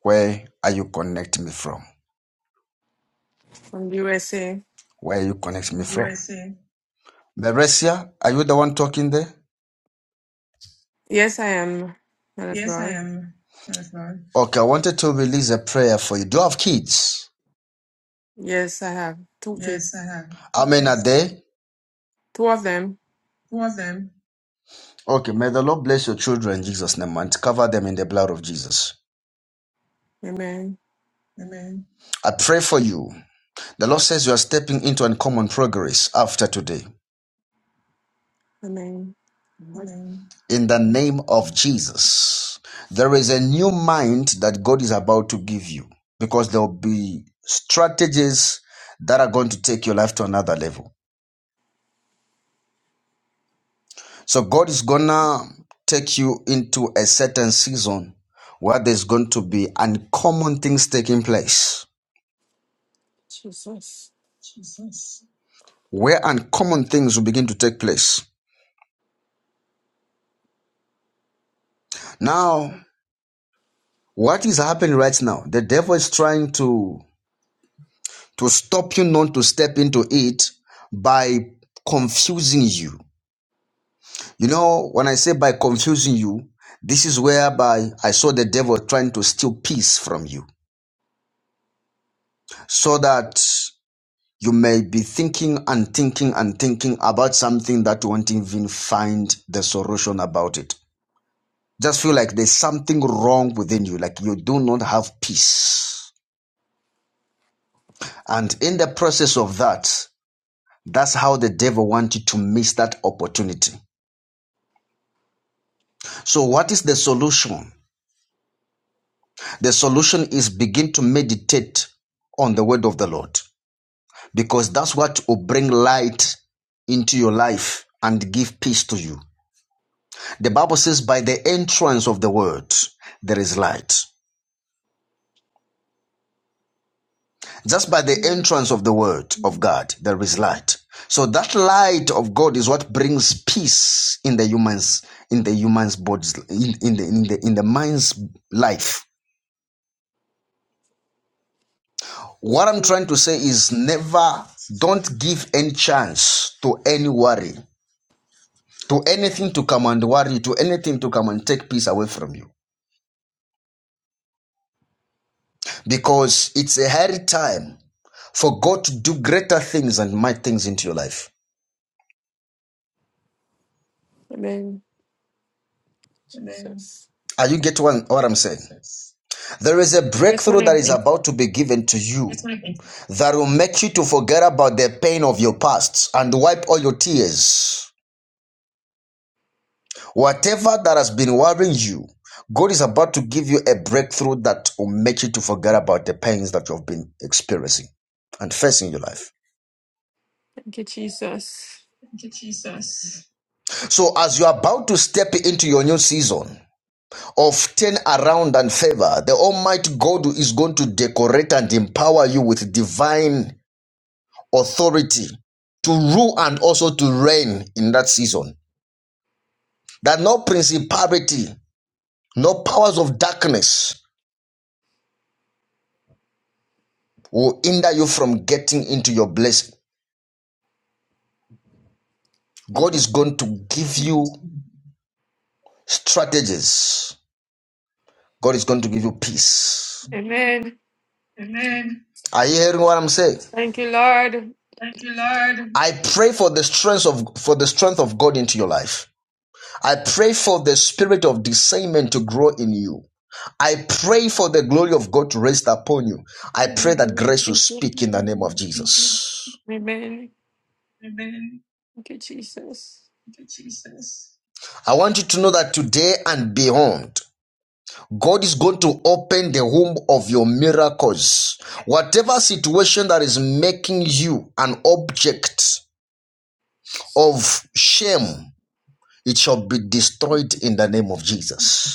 Where are you connecting me from?
From USA.
Where are you connect me from? USA. are you the one talking there?
Yes, I am. Man of
Yes, I
God.
am. Husband. Okay, I wanted to release a prayer for you. Do you have kids?
Yes, I have two
Yes,
kids.
I have How many are there?
Two of them.
Two of them. Okay, may the Lord bless your children in Jesus' name and cover them in the blood of Jesus.
Amen.
Amen. I pray for you. The Lord says you are stepping into uncommon progress after today.
Amen. Lord
Amen. In the name of Jesus, there is a new mind that God is about to give you because there will be strategies that are going to take your life to another level. So, God is going to take you into a certain season where there's going to be uncommon things taking place.
Jesus.
Jesus. where uncommon things will begin to take place. Now, what is happening right now? The devil is trying to to stop you not to step into it by confusing you. You know, when I say by confusing you, this is whereby I saw the devil trying to steal peace from you so that you may be thinking and thinking and thinking about something that you won't even find the solution about it. Just feel like there's something wrong within you, like you do not have peace. And in the process of that, that's how the devil wants you to miss that opportunity. So, what is the solution? The solution is begin to meditate on the word of the Lord because that's what will bring light into your life and give peace to you. The Bible says, by the entrance of the word, there is light. Just by the
Amen.
entrance of the word of God, there is light. So that light of God is what brings peace in the humans, in the humans' bodies, in, in the in the in the mind's life. What
It's
I'm trying
true.
to say is never don't give any chance to any worry, to anything to come and worry to anything to come and take peace away from you. Because it's a hairy time for God to do greater things and mighty things into your life.
Amen.
Amen.
Jesus.
Are you getting what what I'm saying? There is a
Yes, man
breakthrough that
of
is
God.
about to be given to you that will make you to forget about the pain of your past and wipe all your tears. Whatever that has been worrying you, God is about to give you a breakthrough that will make you to forget about the pains that you've been experiencing and facing in your life.
Thank you, Jesus.
Thank you, Jesus. So, as you're about to step into your new season of turn around and favor, the Almighty God is going to decorate and empower you with divine authority to rule and also to reign in that season. That no principality, no powers of darkness will hinder you from getting into your blessing.
Thank
God
you.
is going to give you strategies. God is going to give you peace.
Amen.
Amen. Are you hearing what I'm saying?
Thank you, Lord.
Thank you, Lord. I pray for the strength of for the strength of God into your life. I pray for the spirit of discernment to grow in you. I pray for the glory of God to rest upon you. I pray that grace will
Thank you.
speak in the name of Jesus.
Amen.
Amen.
Thank you, Jesus.
Thank you, Jesus. I want you to know that today and beyond, God is going to open the womb of your miracles. Whatever situation that is making you an object of shame, it shall be destroyed in the name of Jesus.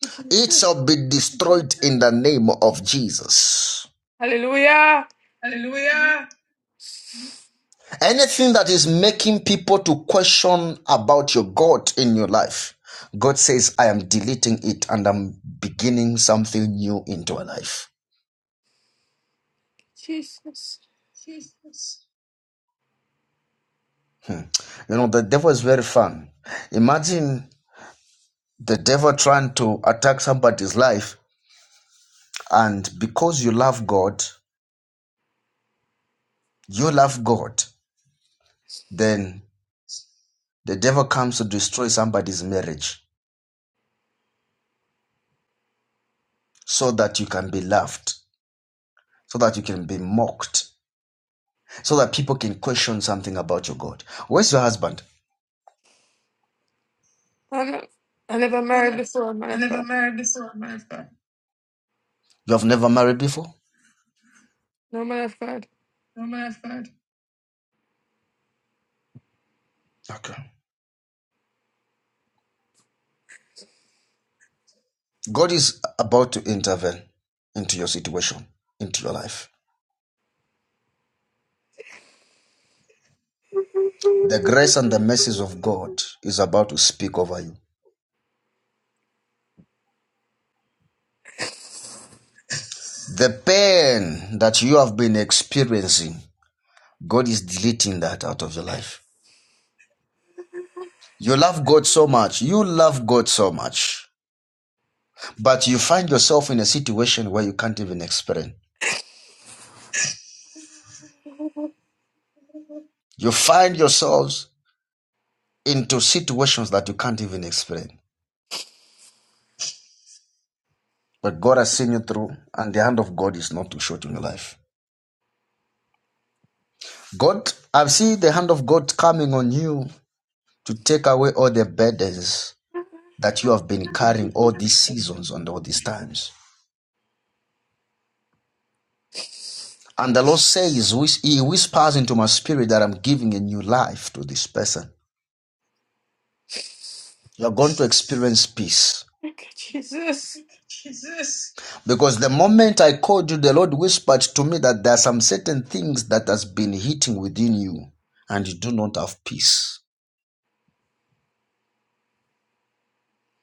Thank you,
It
Jesus.
shall be destroyed in the name of Jesus.
Hallelujah.
Hallelujah. Anything that is making people to question about your God in your life, God says, I am deleting it and I'm beginning something new into your life.
Jesus.
Jesus. Hmm. You know, the devil is very fun. Imagine the devil trying to attack somebody's life, and because you love God, you love God, then the devil comes to destroy somebody's marriage. so that you can be laughed, so that you can be mocked, so that people can question something about your God. Where's your husband?
I never married
I
before, man
I
of God.
never married before. My husband. You have never married before?
No man of God.
No, my husband. Okay. God is about to intervene into your situation, into your life. The grace and the mercies of God is about to speak over you. The pain that you have been experiencing, God is deleting that out of your life. You love God so much. You love God so much. But you find yourself in a situation where you can't even explain. You find yourselves into situations that you can't even explain. But God has seen you through, and the hand of God is not too short in your life. God, I've seen the hand of God coming on you to take away all the burdens that you have been carrying all these seasons and all these times. And the Lord says, He whispers into my spirit that I'm giving a new life to this person. You're going to experience peace.
Thank you, Jesus.
Jesus. Because the moment I called you, the Lord whispered to me that there are some certain things that has been hitting within you and you do not have peace.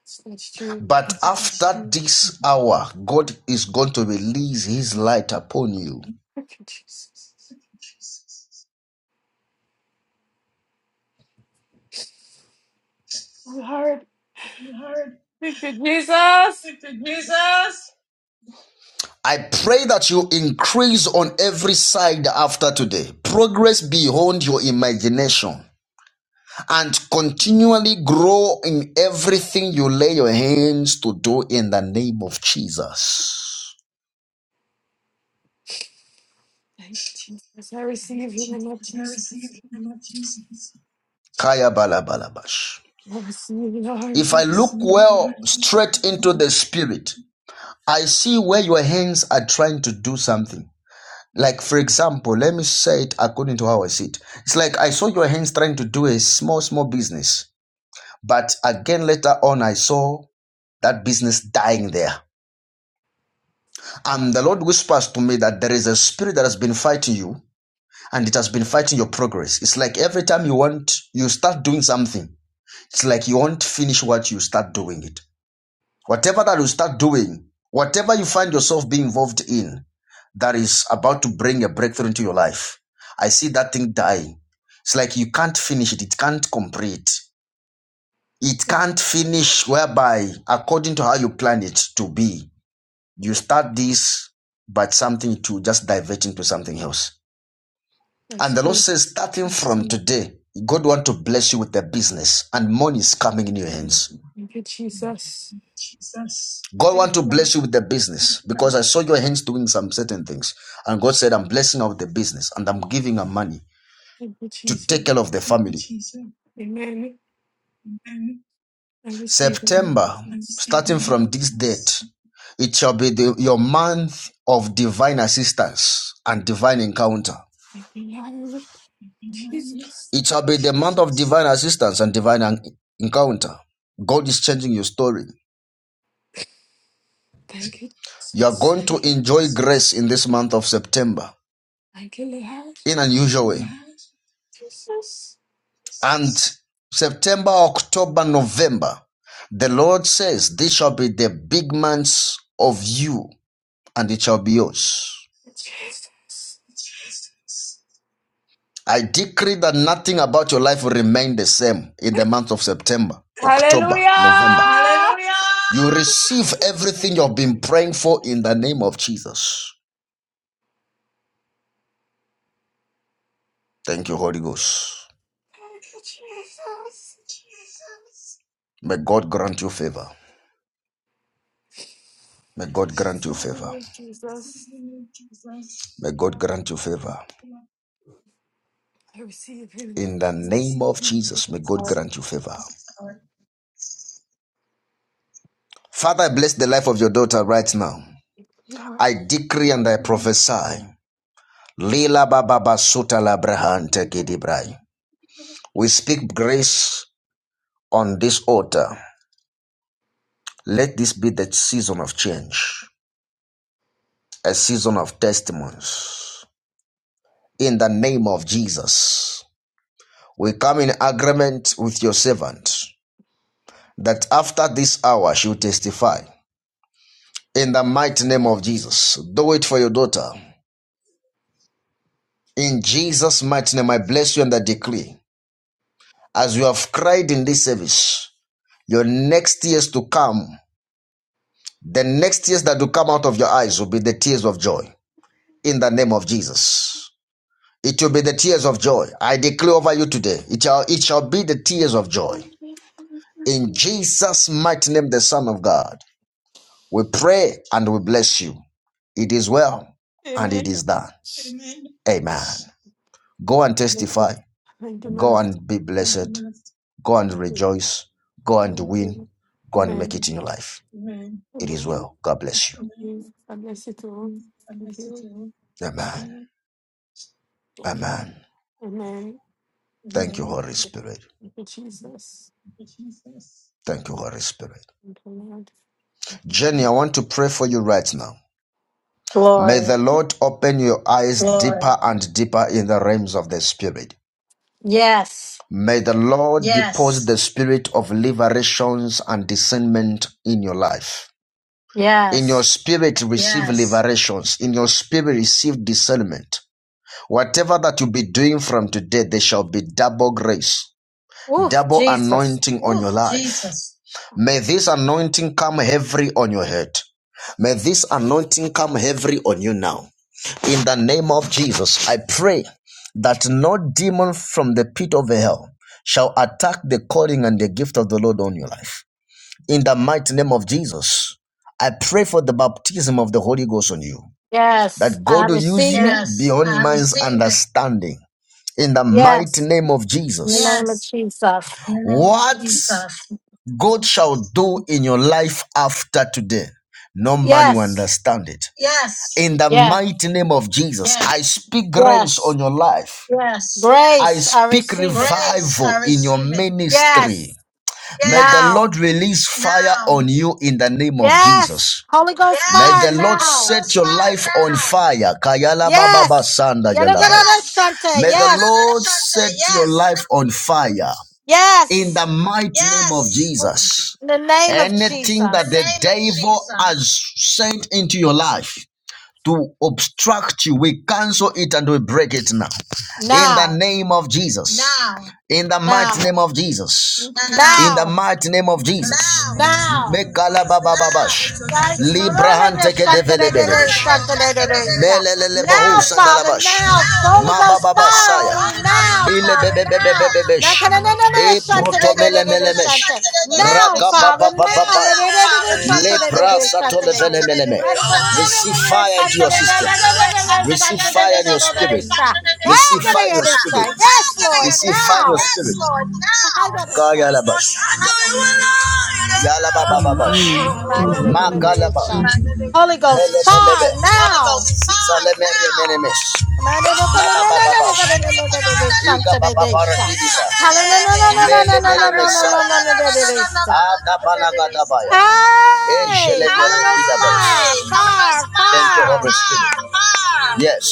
It's not true.
But Yes, after this hour, God is going to release his light upon you.
Thank you, Jesus. I'm hard.
Lord,
Thank you, Jesus.
thank you, Jesus. I pray that you increase on every side after today. Progress beyond your imagination. and continually grow in everything you lay your hands to do in the name of Jesus.
Thank you, Jesus. I receive you, Lord
As I receive
Jesus.
in the name of Jesus. Kaya bala bala bash.
I receive you,
If I look
Lord.
well straight into the spirit, I see where your hands are trying to do something. Like, for example, let me say it according to how I see it. It's like I saw your hands trying to do a small, small business. But again, later on, I saw that business dying there. And the Lord whispers to me that there is a spirit that has been fighting you and it has been fighting your progress. It's like every time you want, you start doing something, it's like you won't finish what you start doing it. Whatever that you start doing, whatever you find yourself being involved in that is about to bring a breakthrough into your life, I see that thing dying. It's like you can't finish it, it can't complete. It can't finish whereby according to how you plan it to be. You start this, but something to just diverting to something else. And
That's
the Lord
true.
says, starting from today, God want to bless you with the business, and money is coming in your hands.
Thank you, Jesus.
Jesus, God want
Thank
to
you, Lord.
bless you with the business because I saw your hands doing some certain things, and God said, "I'm blessing out the business, and I'm giving her money
Thank you,
to
Jesus.
take care of the family." Jesus.
Amen. I receive you,
September,
Jesus.
starting from this date, it shall be the, your month of divine assistance and divine encounter.
Thank you, Lord. Jesus.
It shall be the month of divine assistance and divine encounter. God is changing your story.
Thank you,
You are
Jesus.
going to enjoy grace in this month of September
Thank you, Lord.
in an unusual way.
Jesus.
And September, October, November, the Lord says, These shall be the big months of you, and it shall be yours.
Jesus.
I decree that nothing about your life will remain the same in the month of September, October, November.
Hallelujah.
Hallelujah! You receive everything
Thank
you've been praying for in the name of Jesus. Thank you, Holy Ghost.
you, Jesus.
Jesus. May God grant you favor. May
I
God grant you
receive you,
favor.
Lord Jesus.
May God
I
grant you favor.
receive you, Lord
In the
Jesus.
name of Jesus, may God
Our
grant you favor. Father, I bless the life of your daughter right now.
Lord.
I decree and I prophesy. Lila Baba Basuta Labrahante Gidibrai. We speak grace on this altar. Let this be the season of change, a season of testimonies. In the name of Jesus, we come in agreement with your servant that after this hour she will testify. In the mighty name of Jesus, do it for your daughter. In Jesus' mighty name, I bless you and I decree. As you have cried in this service, your next years to come The next tears that will come out of your eyes will be the tears of joy in the name of Jesus. It will be the tears of joy. I declare over you today. It shall, it shall be the tears of joy. In Jesus' mighty name, the Son of God, we pray and we bless you. It is well and it
Amen.
is done. Amen. Go and
Thank you.
testify.
Thank you, man
Go
of
and be blessed. Go and
God.
rejoice. Go and
Thank
win.
you.
Go and make
Amen.
it in your life. It is
Amen.
well. God bless you.
Thank you. I bless you too. Thank you.
Amen.
Thank you.
Amen.
Amen.
Thank you, Holy
Thank
Spirit.
you, Jesus.
Thank you, Holy Spirit.
Thank you, Lord.
Jenny, I want to pray for you right now. May
Glory.
the Lord open your eyes Lord. deeper and deeper in the realms of the Spirit.
Yes.
May the Lord yes. deposit Yes. the spirit of liberations and discernment in your life. In your
Yes.
spirit, receive Yes. liberations. In your spirit, receive discernment. Whatever that you be doing from today, there shall be double grace.
Oof,
double
Jesus.
anointing on oh, your Oh, life. Jesus. May this anointing come heavily on your head. May this anointing come heavily on you now. In the name of Jesus, I pray that no demon from the pit of hell shall attack the calling and the gift of the Lord on your life. In the mighty name of Jesus, I pray for the baptism of the Holy Ghost on you,
Yes.
that
I
God will use yes,
receive
you
it.
Yes, beyond man's understanding. In the mighty
Yes.
name of
In
Jesus,
the name of
Yes.
Jesus.
What God shall do in your life after today, no man will
Yes.
understand it. Yes. In the
Yes.
mighty name of Jesus, Yes. I speak grace
Yes.
on your life. Yes. I
Grace, I
speak
receive it.
revival in your ministry. Yes.
Yes,
May the Yes. Lord
now.
release fire Now. on you in the name of
Yes,
Jesus.
Holy Ghost
Yes. May the
fire
Yes. Lord
now.
set your fire life now. on fire. Kayala baba
Yes,
basanda yalabaya. Yes.
Yadagaradashante.
May the
yes,
Lord Shakadabashata. set yes. your Yes. life on fire in
yes.
the mighty yes. name of Yes. Jesus.
In the name of
Anything that
Jesus.
the Name devil has sent into your life to obstruct you, we cancel it and we break it now. In the
Now,
name of Jesus. Now. In the mighty
now,
name of Jesus. Now. In the
now,
mighty name of Jesus. Now.
now.
Mekala baba babash.
Now, Father,
Librahan teke develebelebesh. Melelelebohu sadalabash.
now, Holy Ghost fire
Mabababasaya.
on me now, Father, now.
Ilebebebebebebesh.
Now,
E protomelemelemesh.
Father,
Rakapapapapa.
now.
Lepra satolevelemeleme. Receive fire into your system. Receive fire in your spirit. Receive fire in your spirit.
Yes, Lord,
Receive fire in your spirit.
now.
Kayalabash. Yalabababash.
Amen.
Mm, my
Thank
little
you,
God,
Jesus.
little little
Makalaba.
son. Holy Ghost,
Melebelebe.
fire now.
Zalemeremenemesh.
My little God, little
Laba baba bash.
little little little little son,
Iga
little
baba
little son. Hallelujah.
Mele mele mesai. Ada balaga dabaya. Ejele
Hey, Holy Ghost,
berekida bash.
fire, fire,
Thank you,
fire.
Holy Spirit. Yes.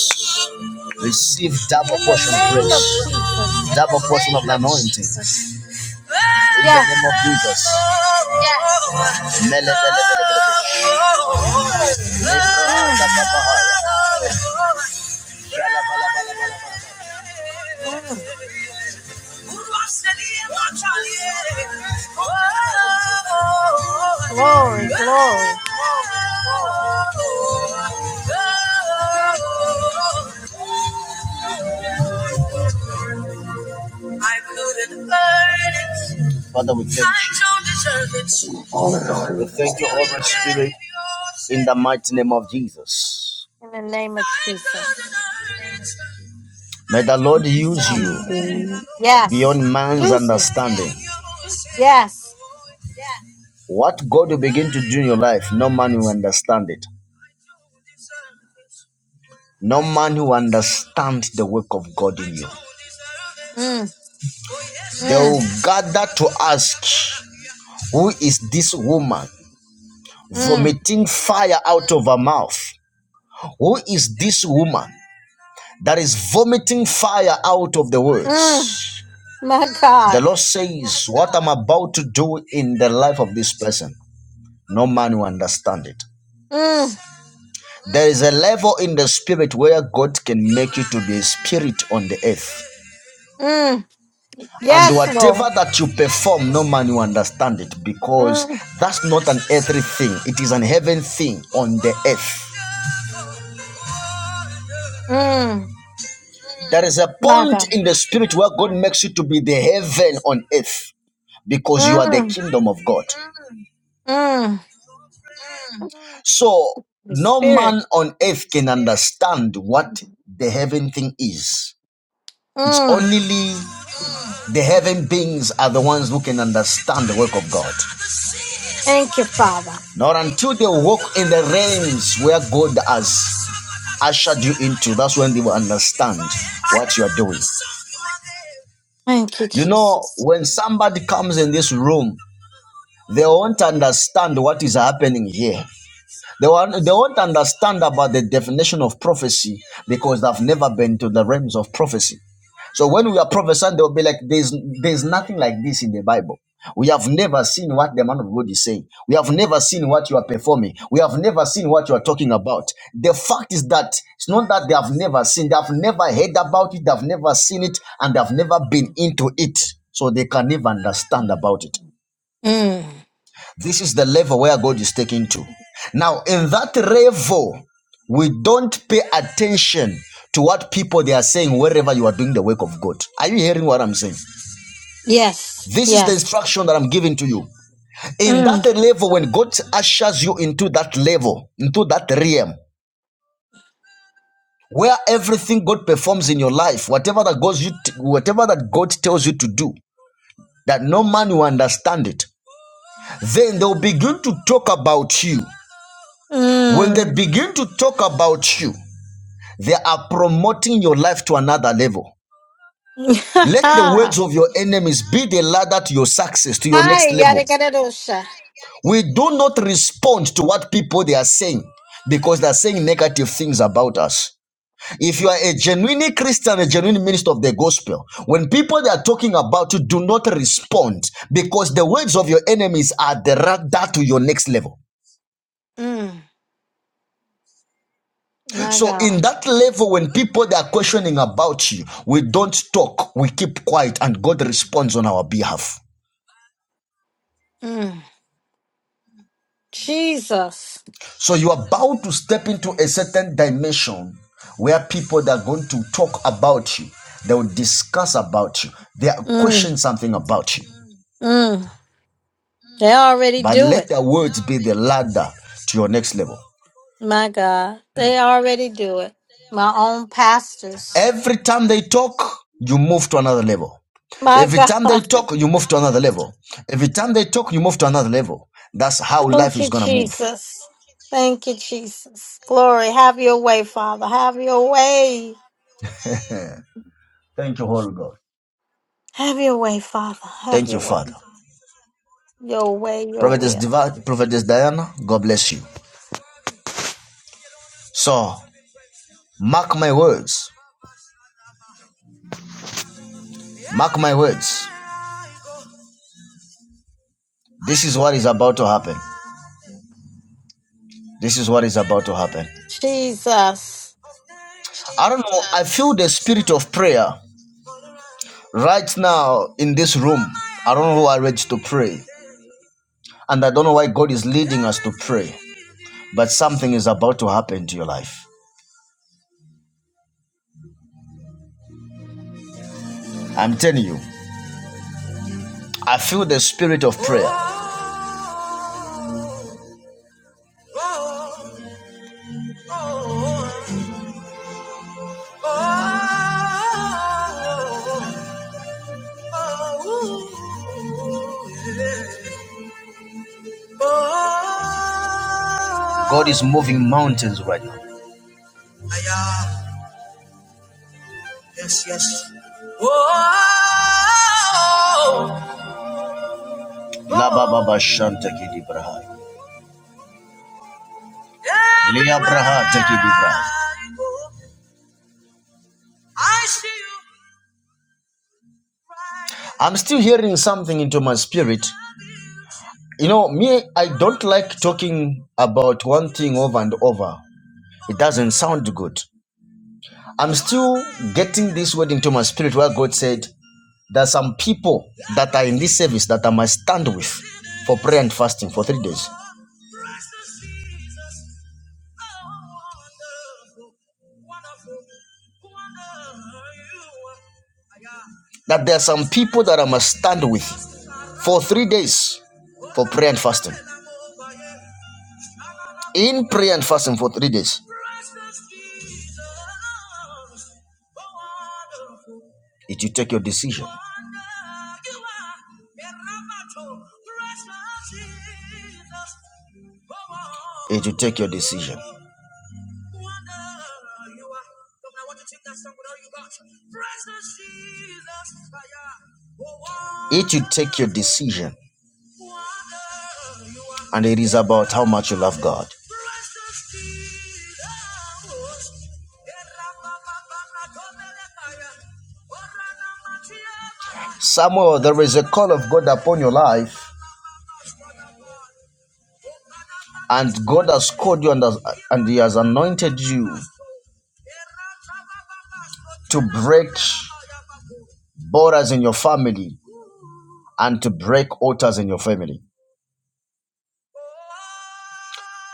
Receive double
In the
portion of
name
grace.
of Jesus.
Double portion of anointing. In the name of
Yes.
Jesus. Yes. Mele mele mele mele.
Mm, mm. Glory, glory.
Thank
We
you.
thank you, Holy Spirit, in the mighty name of Jesus.
In the name of Jesus.
May the Lord use
Thank
Father.
you
you.
Yes.
beyond man's
Use me.
understanding.
Yes.
What God will begin to do in your life, no man will understand it. No man will understand the work of God in you.
Mm.
They
mm.
will gather to ask, Who is this woman
Mm,
vomiting fire out of her mouth? Who is this woman that is vomiting fire out of the
mm,
words.
my
The
God.
Lord says, What I'm about to do in the life of this person, no man will understand it.
Mm,
There is a level in the spirit where God can make you to be a spirit on the earth.
mm.
And
Yes,
whatever
Lord.
that you perform, no man will understand it because
Mm,
that's not an earthly thing, it is an heaven thing on the earth.
mm,
There is a
my
point
God.
in the spirit where God makes you to be the heaven on earth because you are the
Mm,
kingdom of God.
mm.
So
The
no
Spirit.
man on earth can understand what the heaven thing is. It's
Mm.
only the heaven beings are the ones who can understand the work of God.
Thank you, Father.
Not until they walk in the realms where God has ushered you into, that's when they will understand what you are doing.
Thank you,
You know,
Jesus.
when somebody comes in this room, they won't understand what is happening here They won't, they won't understand about the definition of prophecy because they've never been to the realms of prophecy. So when we are prophesying, they'll be like, there's, there's nothing like this in the Bible. We have never seen what the man of God is saying. We have never seen what you are performing. We have never seen what you are talking about. The fact is that it's not that they have never seen, they have never heard about it, they have never seen it, and they have never been into it. So they can never understand about it.
Mm.
This is the level where God is taking to. Now, in that level, we don't pay attention to what people they are saying wherever you are doing the work of God. Are you hearing what I'm saying?
Yes,
This is the
yes.
instruction that I'm giving to you. In
Mm,
that level, when God ushers you into that level, into that realm, where everything God performs in your life, whatever that goes you, t- whatever that God tells you to do, that no man will understand it. Then they'll begin to talk about you. When they
mm.
begin to talk about you, They are promoting your life to another level. Let the words of your enemies be the ladder to your success, to your next
I gotta
level.
get it, Osha.
We do not respond to what people they are saying because they are saying negative things about us. If you are a genuine Christian, a genuine minister of the gospel, when people they are talking about you, do not respond because the words of your enemies are the ladder to your next level.
Mm, my
So
God.
in that level, when people they are questioning about you, we don't talk, we keep quiet, and God responds on our behalf.
Mm. Jesus.
So you are about to step into a certain dimension where people that are going to talk about you, they will discuss about you, they are
Mm,
questioning something about you.
mm. They already
But
do it.
let their words be the ladder to your next level.
My God, they already do it. My own pastors.
Every time they talk, you move to another level.
My
Every time they
God.
talk, you move to another level. Every time they talk, you move to another level. That's how life
Thank
is
you,
going to move.
Jesus. Thank you, Jesus. Glory. Have your way, Father. Have your way.
Thank you, Holy God.
Have your way, Father. Have
Thank you,
your
Father.
way. Your way, your
Prophetess,
will.
Diva, Prophetess Diana, God bless you. So, mark my words. Mark my words. This is what is about to happen. This is what is about to happen.
Jesus.
I don't know. I feel the spirit of prayer right now in this room. I don't know who are ready to pray. And I don't know why God is leading us to pray, but something is about to happen to your life. I'm telling you, I feel the spirit of prayer. God is moving mountains right now. I'm still hearing something into my spirit. You know, me, I don't like talking about one thing over and over. It doesn't sound good. I'm still getting this word into my spirit where God said, There are some people that are in this service that I must stand with for prayer and fasting for three days. That there are some people that I must stand with for three days for prayer and fasting. In prayer and fasting for three days, it will take your decision. It will take your decision. wonder It you take your decision, and it is about how much you love God. Samuel, there is a call of God upon your life, and God has called you and, has, and He has anointed you to break borders in your family and to break altars in your family.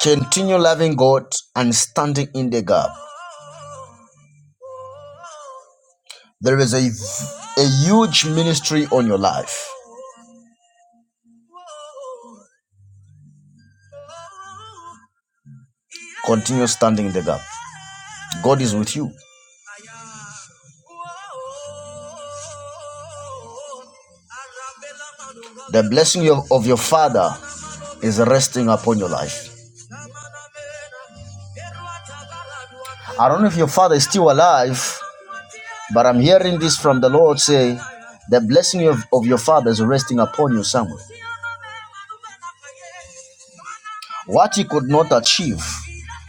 Continue loving God and standing in the gap. There is a, a huge ministry on your life. Continue standing in the gap. God is with you. The blessing of, of your Father is resting upon your life. I don't know if your Father is still alive, But I'm hearing this from the Lord say, the blessing of, of your father is resting upon you, Samuel. What you could not achieve,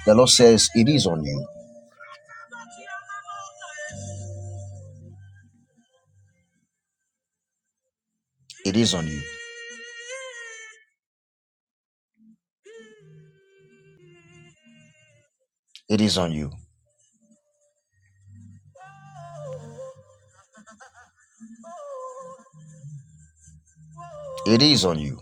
the Lord says, it is on you. It is on you. It is on you. It is on you.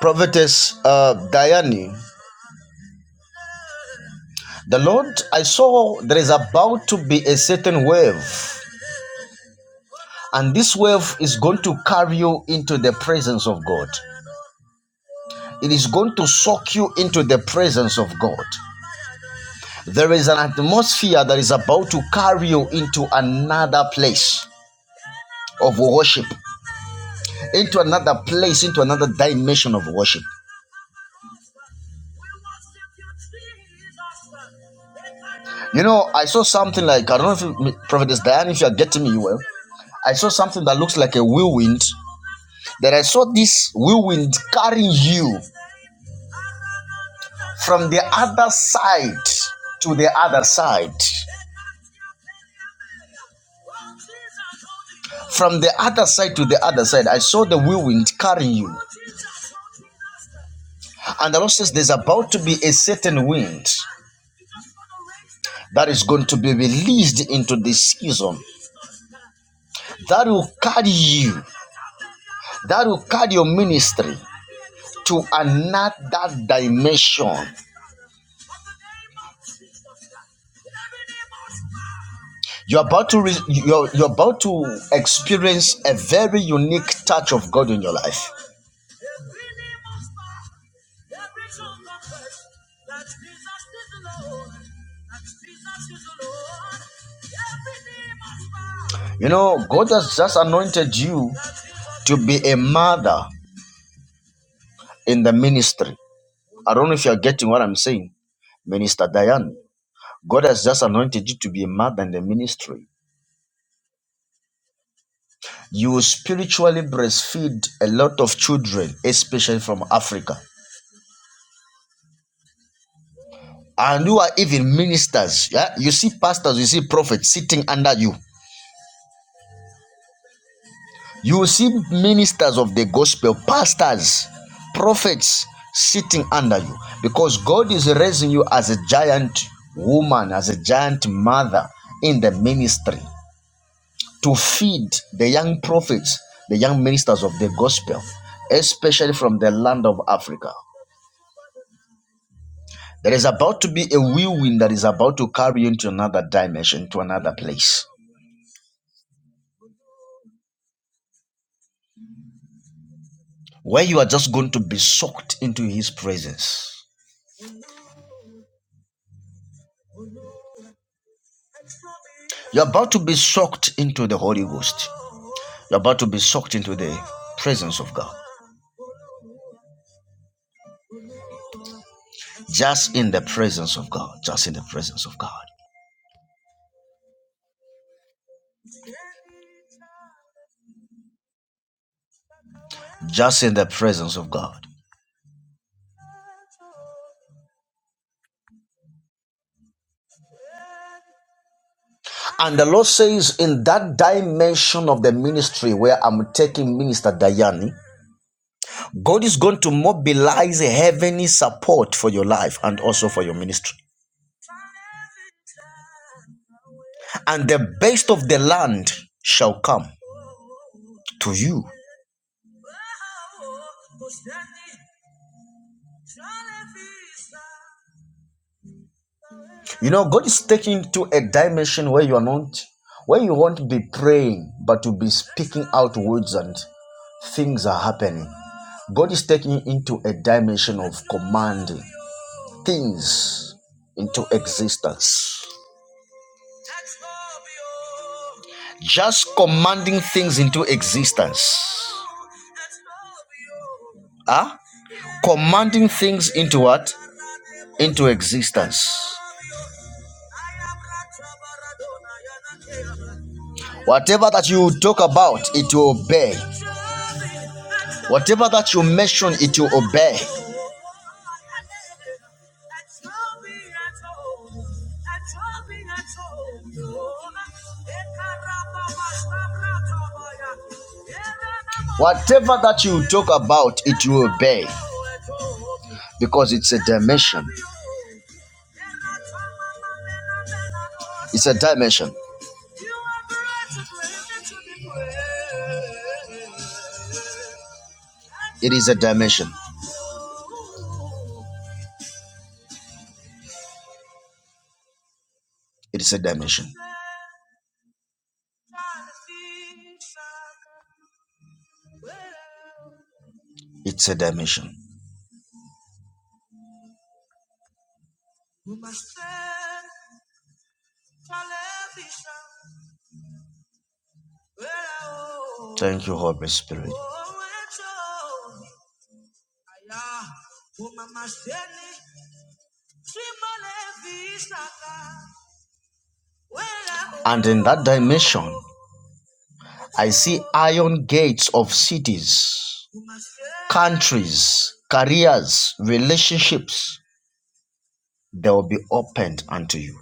Prophetess uh, Diane, the Lord, I saw there is about to be a certain wave, and this wave is going to carry you into the presence of God. It is going to soak you into the presence of God. There is an atmosphere that is about to carry you into another place of worship, into another place, into another dimension of worship. You know, I saw something like, I don't know if you, Prophetess Diane, if you are getting me well, I saw something that looks like a whirlwind, that I saw this whirlwind carrying you from the other side to the other side. From the other side to the other side, I saw the whirlwind carrying you. And the Lord says there's about to be a certain wind. that is going to be released into this season that will carry you, that will carry your ministry to another dimension. You're about to re- you're, you're about to experience a very unique touch of God in your life. You know, God has just anointed you to be a mother in the ministry. I don't know if you're getting what I'm saying, Minister Diane. God has just anointed you to be a mother in the ministry. you spiritually breastfeed a lot of children, especially from Africa. And you are even ministers. Yeah? You see pastors, you see prophets sitting under you. You will see ministers of the gospel, pastors, prophets sitting under you because God is raising you as a giant woman, as a giant mother in the ministry to feed the young prophets, the young ministers of the gospel, especially from the land of Africa. There is about to be a whirlwind that is about to carry you into another dimension, to another place, where you are just going to be sucked into His presence. You're about to be sucked into the Holy Ghost. You're about to be sucked into the presence of God. Just in the presence of God. Just in the presence of God. Just in the presence of God. And the Lord says, in that dimension of the ministry where I'm taking Minister Diane, God is going to mobilize heavenly support for your life and also for your ministry. and the best of the land shall come to you. You know, God is taking you to a dimension where you are not, where you won't be praying, but to be speaking out words and things are happening. God is taking you into a dimension of commanding things into existence. Just commanding things into existence. Huh? Commanding things into what? Into existence. Whatever that you talk about, it will obey. Whatever that you mention, it will obey. Whatever that you talk about, it will obey because it's a dimension. It's a dimension. It is a dimension. It is a dimension. It's a dimension. Thank you, Holy Spirit. And in that dimension, I see iron gates of cities, countries, careers, relationships. They will be opened unto you.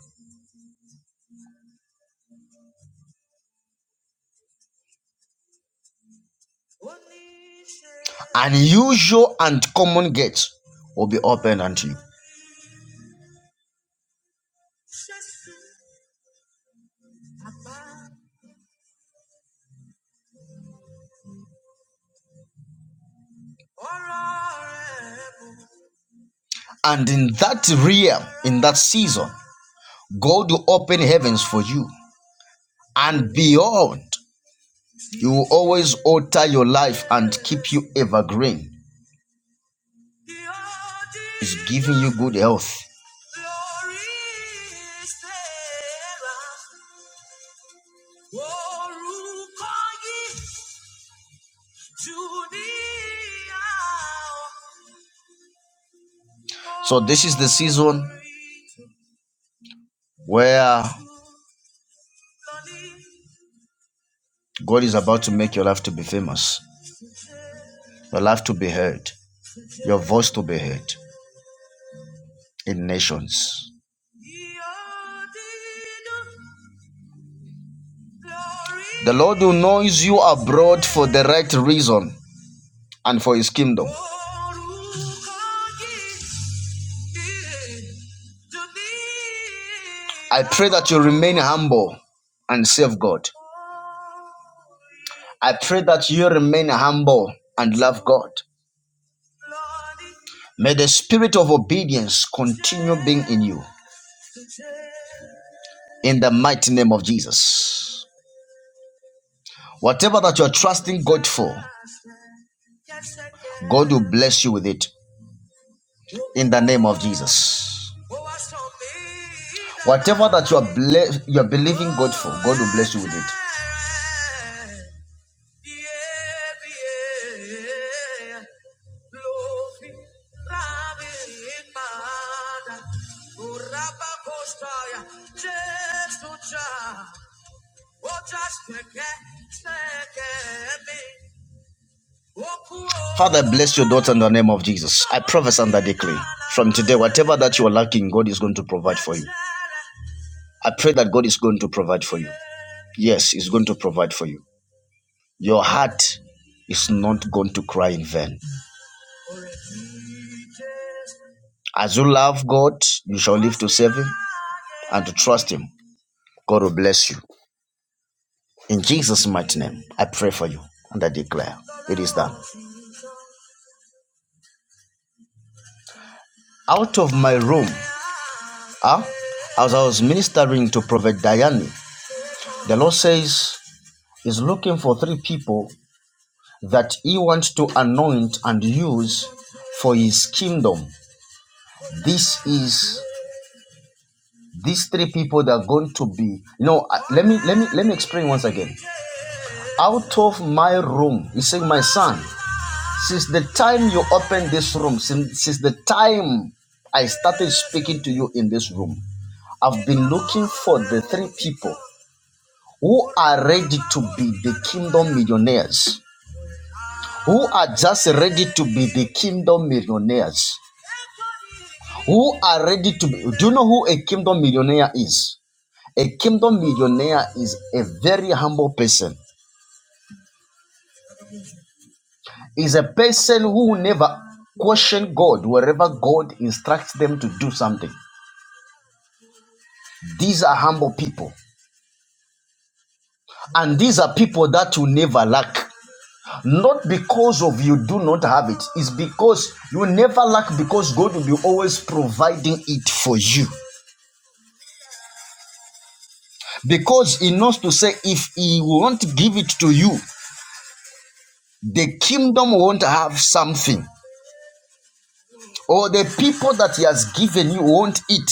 Unusual and common gates will be opened unto you. And in that realm, in that season, God will open heavens for you and beyond. You will always alter your life and keep you evergreen. It's giving you good health. So, this is the season where God is about to make your life to be famous, your life to be heard, your voice to be heard in nations. The Lord who knows you abroad for the right reason and for his kingdom. I pray that you remain humble and serve God. I pray that you remain humble and love God. May the spirit of obedience continue being in you in the mighty name of Jesus. Whatever that you're trusting God for, God will bless you with it. in the name of Jesus. Whatever that you are ble- you are believing God for, God will bless you with it. Father, bless your daughter in the name of Jesus. I prophesy and I declare from today, whatever that you are lacking, God is going to provide for you. I pray that God is going to provide for you. Yes, He's going to provide for you. Your heart is not going to cry in vain. As you love God, you shall live to serve Him and to trust Him. God will bless you. In Jesus' mighty name, I pray for you and I declare it is done. Out of my room, huh? as I was ministering to Prophet Diane, the Lord says He's looking for three people that He wants to anoint and use for His kingdom. This is these three people that are going to be. You know, uh, let me let me let me explain once again. Out of my room, He's saying, my son. Since the time you opened this room, since, since the time I started speaking to you in this room, I've been looking for the three people who are ready to be the kingdom millionaires, who are just ready to be the kingdom millionaires, who are ready to be. Do you know who a kingdom millionaire is? A kingdom millionaire is a very humble person, is a person who will never question God wherever God instructs them to do something. These are humble people. And these are people that will never lack. Not because of you do not have it, it's because you never lack because God will be always providing it for you. Because He knows to say, if He won't give it to you, the kingdom won't have something, or the people that He has given you won't eat.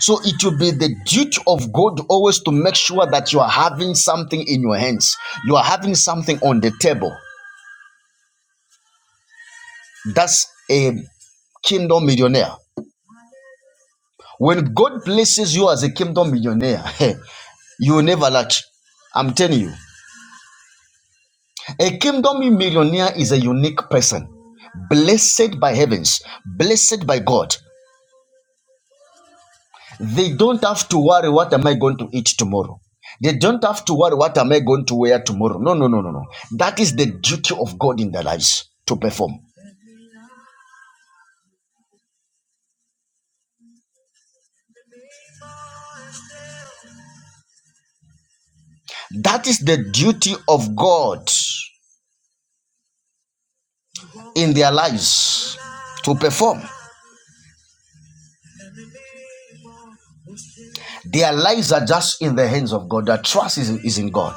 So it will be the duty of God always to make sure that you are having something in your hands. You are having something on the table. That's a kingdom millionaire. When God places you as a kingdom millionaire, you will never lack. I'm telling you, a kingdom millionaire is a unique person, blessed by heavens, blessed by God. They don't have to worry what am I going to eat tomorrow. They don't have to worry what am I going to wear tomorrow. No, no, no, no, no. That is the duty of God in their lives to perform. That is the duty of God in their lives to perform. Their lives are just in the hands of God. Their trust is, is in God.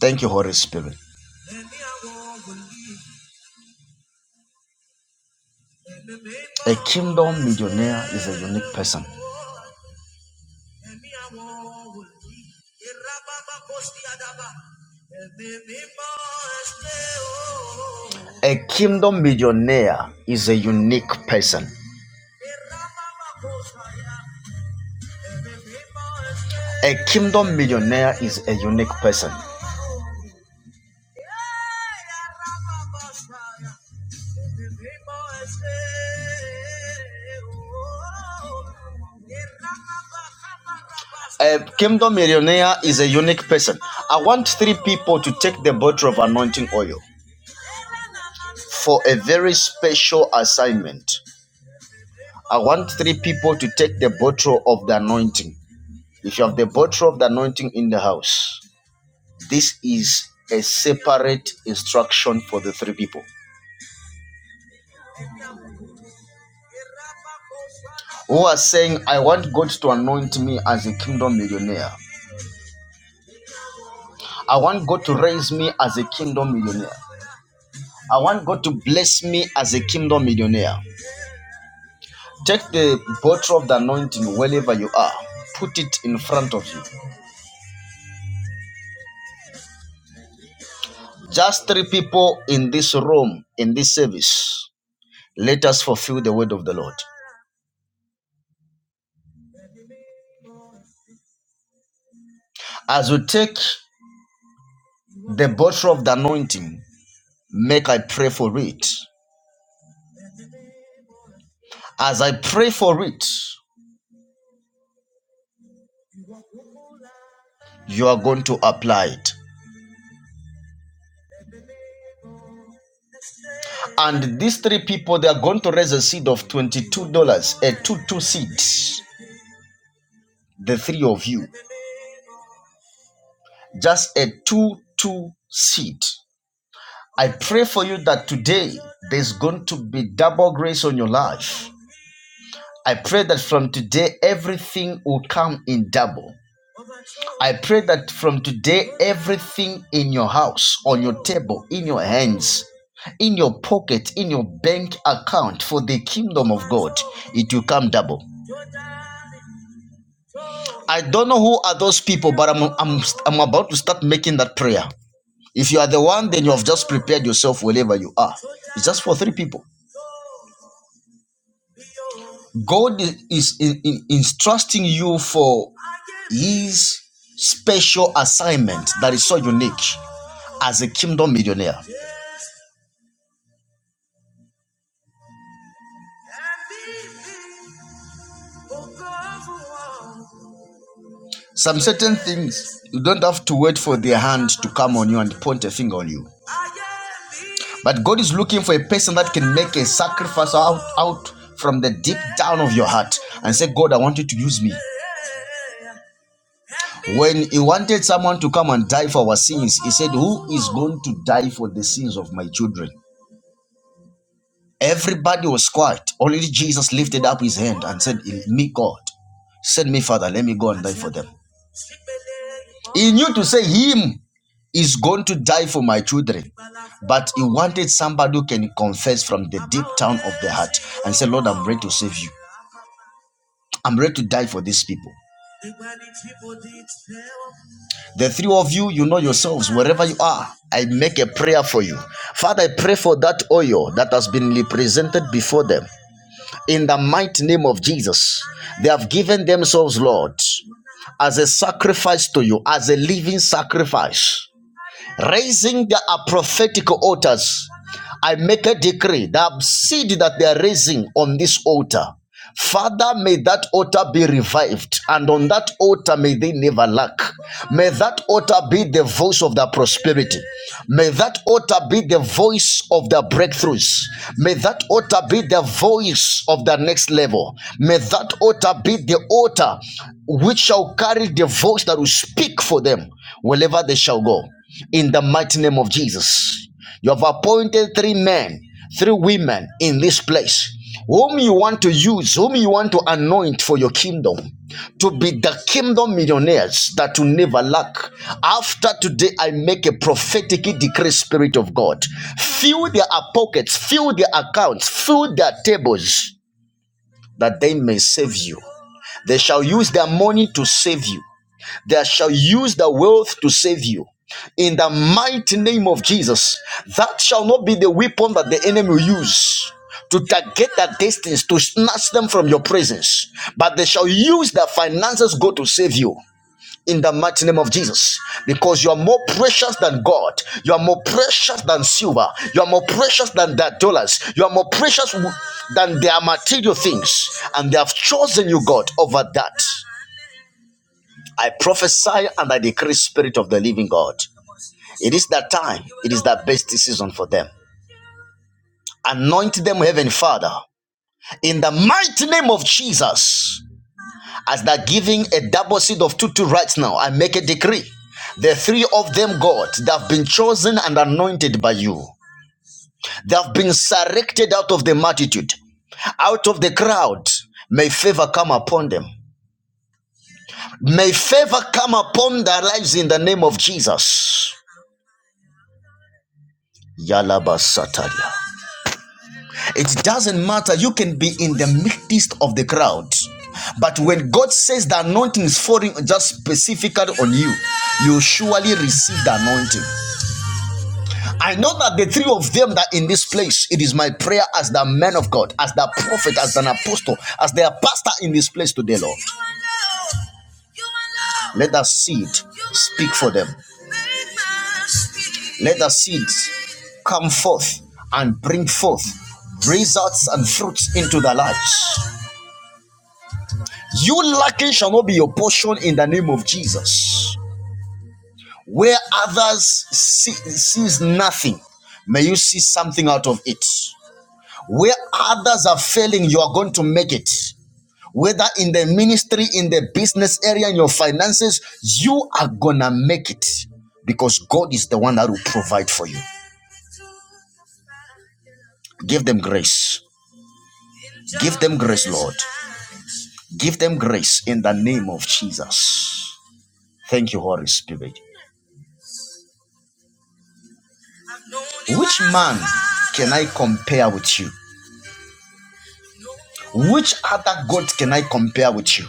Thank you, Holy Spirit. A kingdom millionaire is a unique person. A kingdom millionaire is a unique person. A kingdom millionaire is a unique person. A kingdom millionaire is a unique person. I want three people to take the bottle of anointing oil for a very special assignment. I want three people to take the bottle of the anointing. If you have the bottle of the anointing in the house, this is a separate instruction for the three people who are saying, I want God to anoint me as a kingdom millionaire. I want God to raise me as a kingdom millionaire. I want God to bless me as a kingdom millionaire. Take the bottle of the anointing wherever you are, put it in front of you. Just three people in this room, in this service. Let us fulfill the word of the Lord. As you take the bottle of the anointing, make I pray for it. As I pray for it, you are going to apply it. And these three people, they are going to raise a seed of $22, dollars, a 2 2 seed. The three of you, just a 2 2 seed. I pray for you that today there's going to be double grace on your life. I pray that from today everything will come in double. I pray that from today everything in your house, on your table, in your hands, in your pocket, in your bank account for the kingdom of God, it will come double. I don't know who are those people, but I'm, I'm, I'm about to start making that prayer. If you are the one, then you have just prepared yourself wherever you are. It's just for three people. God is in, in, entrusting you for His special assignment that is so unique as a kingdom millionaire. Some certain things you don't have to wait for their hand to come on you and point a finger on you. But God is looking for a person that can make a sacrifice out, out from the deep down of your heart and say, God, I want you to use me. When he wanted someone to come and die for our sins, he said, Who is going to die for the sins of my children? Everybody was quiet. Only Jesus lifted up his hand and said, Me, God, send me, Father, let me go and die for them. He knew to say, Him is going to die for my children. But he wanted somebody who can confess from the deep down of the heart and say, Lord, I'm ready to save you. I'm ready to die for these people. The three of you, you know yourselves, wherever you are, I make a prayer for you. Father, I pray for that oil that has been represented before them. in the mighty name of Jesus. They have given themselves, Lord, as a sacrifice to you, as a living sacrifice, raising their prophetic altars I make a decree that seed that they are raising on this altar, Father, may that altar be revived, and on that altar may they never lack. May that altar be the voice of their prosperity. May that altar be the voice of their breakthroughs. May that altar be the voice of the next level. May that altar be the altar which shall carry the voice that will speak for them wherever they shall go. In the mighty name of Jesus. You have appointed three men, three women in this place, whom you want to use, whom you want to anoint for your kingdom, to be the kingdom millionaires that will never lack. After today, I make a prophetic decree, Spirit of God. Fill their pockets, fill their accounts, fill their tables, that they may save you. They shall use their money to save you. They shall use the wealth to save you. In the mighty name of Jesus, that shall not be the weapon that the enemy will use to target their destinies, to snatch them from your presence. But they shall use their finances God, to save you. In the mighty name of Jesus, because you are more precious than God, you are more precious than silver, you are more precious than their dollars, you are more precious than their material things, and they have chosen you, God, over that. I prophesy and I decree spirit of the living God. It is that time. It is that best season for them. Anoint them, Heavenly Father, in the mighty name of Jesus. As they're giving a double seed of two, two right now, I make a decree. The three of them, God, that have been chosen and anointed by you, they have been selected out of the multitude, out of the crowd. May favor come upon them. May favor come upon their lives in the name of Jesus. Yalaba Sataria. It doesn't matter. You can be in the midst of the crowd. But when God says the anointing is falling just specifically on you, you surely receive the anointing. I know that the three of them that in this place, it is my prayer as the man of God, as the prophet, as an apostle, as their pastor in this place today, Lord. Let that seed speak for them. Let the seeds come forth and bring forth results and fruits into their lives. You lacking shall not be your portion in the name of Jesus. Where others see, sees nothing, may you see something out of it. Where others are failing, you are going to make it. Whether in the ministry, in the business area, in your finances, you are gonna make it because God is the one that will provide for you. Give them grace. Give them grace, Lord. Give them grace in the name of Jesus. Thank you, Holy Spirit. Which man can I compare with you? Which other God can I compare with you?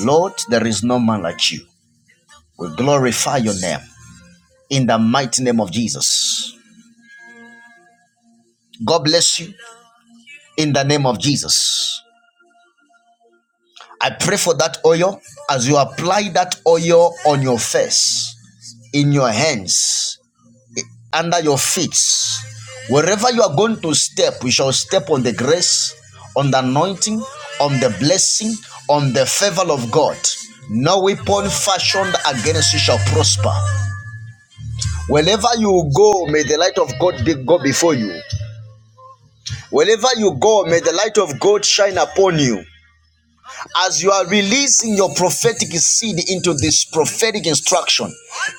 Lord, there is no man like you. We glorify your name in the mighty name of Jesus. God bless you in the name of Jesus. I pray for that oil as you apply that oil on your face, in your hands. under your feet. Wherever you are going to step, we shall step on the grace, on the anointing, on the blessing, on the favor of God. No weapon fashioned against you shall prosper. Wherever you go, may the light of God be, go before you. Wherever you go, may the light of God shine upon you. As you are releasing your prophetic seed into this prophetic instruction,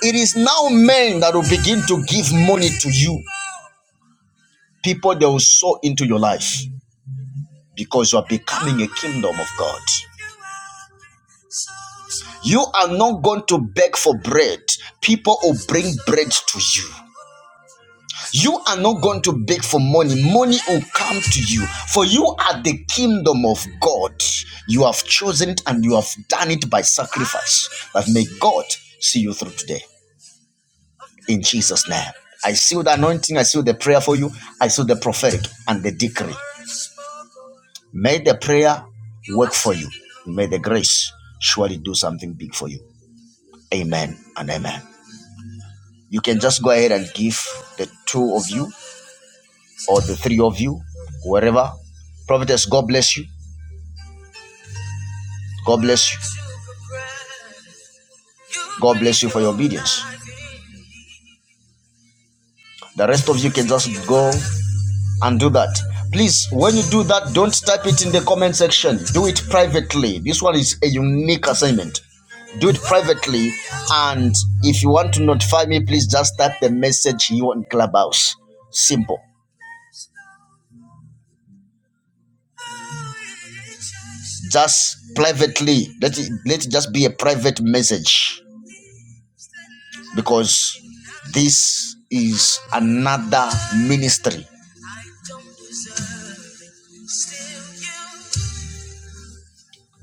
it is now men that will begin to give money to you people they will sow into your life. because you are becoming a kingdom of God. You are not going to beg for bread. People will bring bread to you. You are not going to beg for money. Money will come to you. For you are the kingdom of God. You have chosen it and you have done it by sacrifice. But may God see you through today. In Jesus' name. I seal the anointing. I seal the prayer for you. I seal the prophetic and the decree. May the prayer work for you. May the grace surely do something big for you. Amen and amen. You can just go ahead and give the two of you or the three of you, wherever. Prophetess, God bless you. God bless you. God bless you for your obedience. The rest of you can just go and do that. Please, when you do that, don't type it in the comment section. Do it privately. This one is a unique assignment. Do it privately. And if you want to notify me, please just type the message you want in Clubhouse. Simple. just privately let it, let it just be a private message because this is another ministry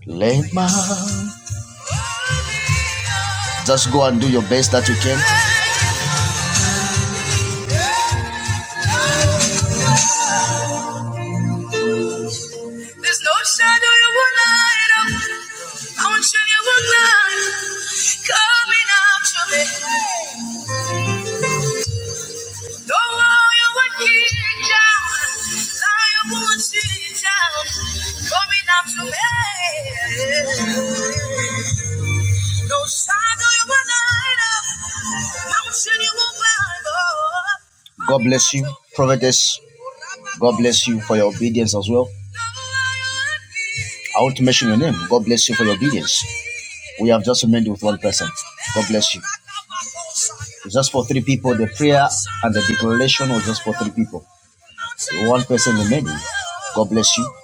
Lema. just go and do your best that you can god bless you prophetess god bless you for your obedience as well i want to mention your name god bless you for your obedience we have just remained with one person god bless you it's just for three people the prayer and the declaration was just for three people You're One person in many. God bless you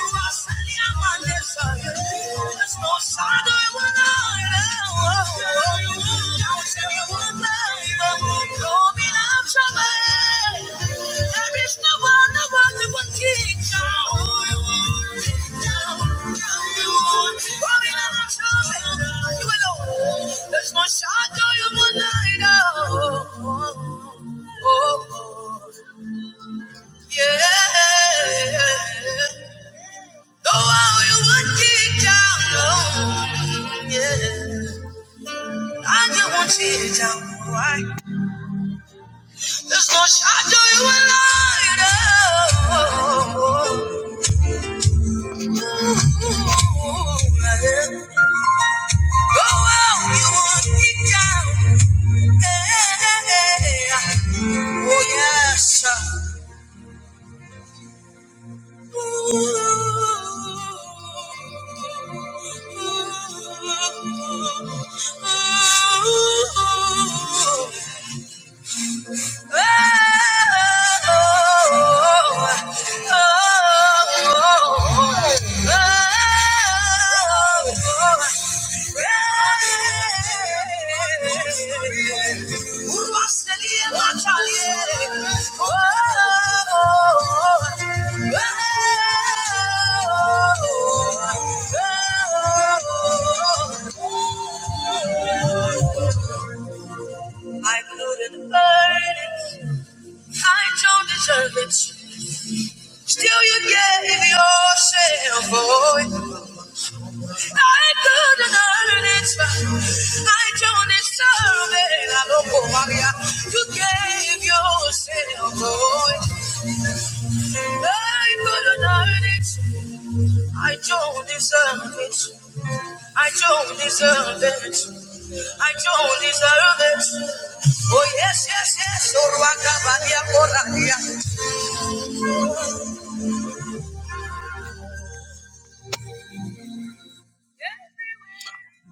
no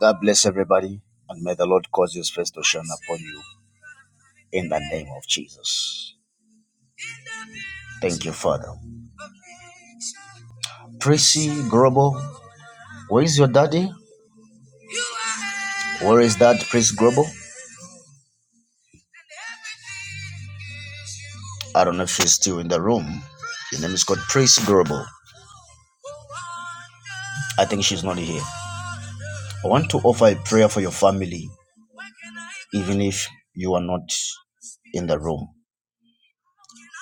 God bless everybody, and may the Lord cause His face to shine upon you. in the name of Jesus. Thank you, Father. Tracy Grobo, where is your daddy? Where is that Tracy Grobo? I don't know if she's still in the room. Your name is called Tracy Grobo. I think she's not here. I want to offer a prayer for your family, even if you are not in the room.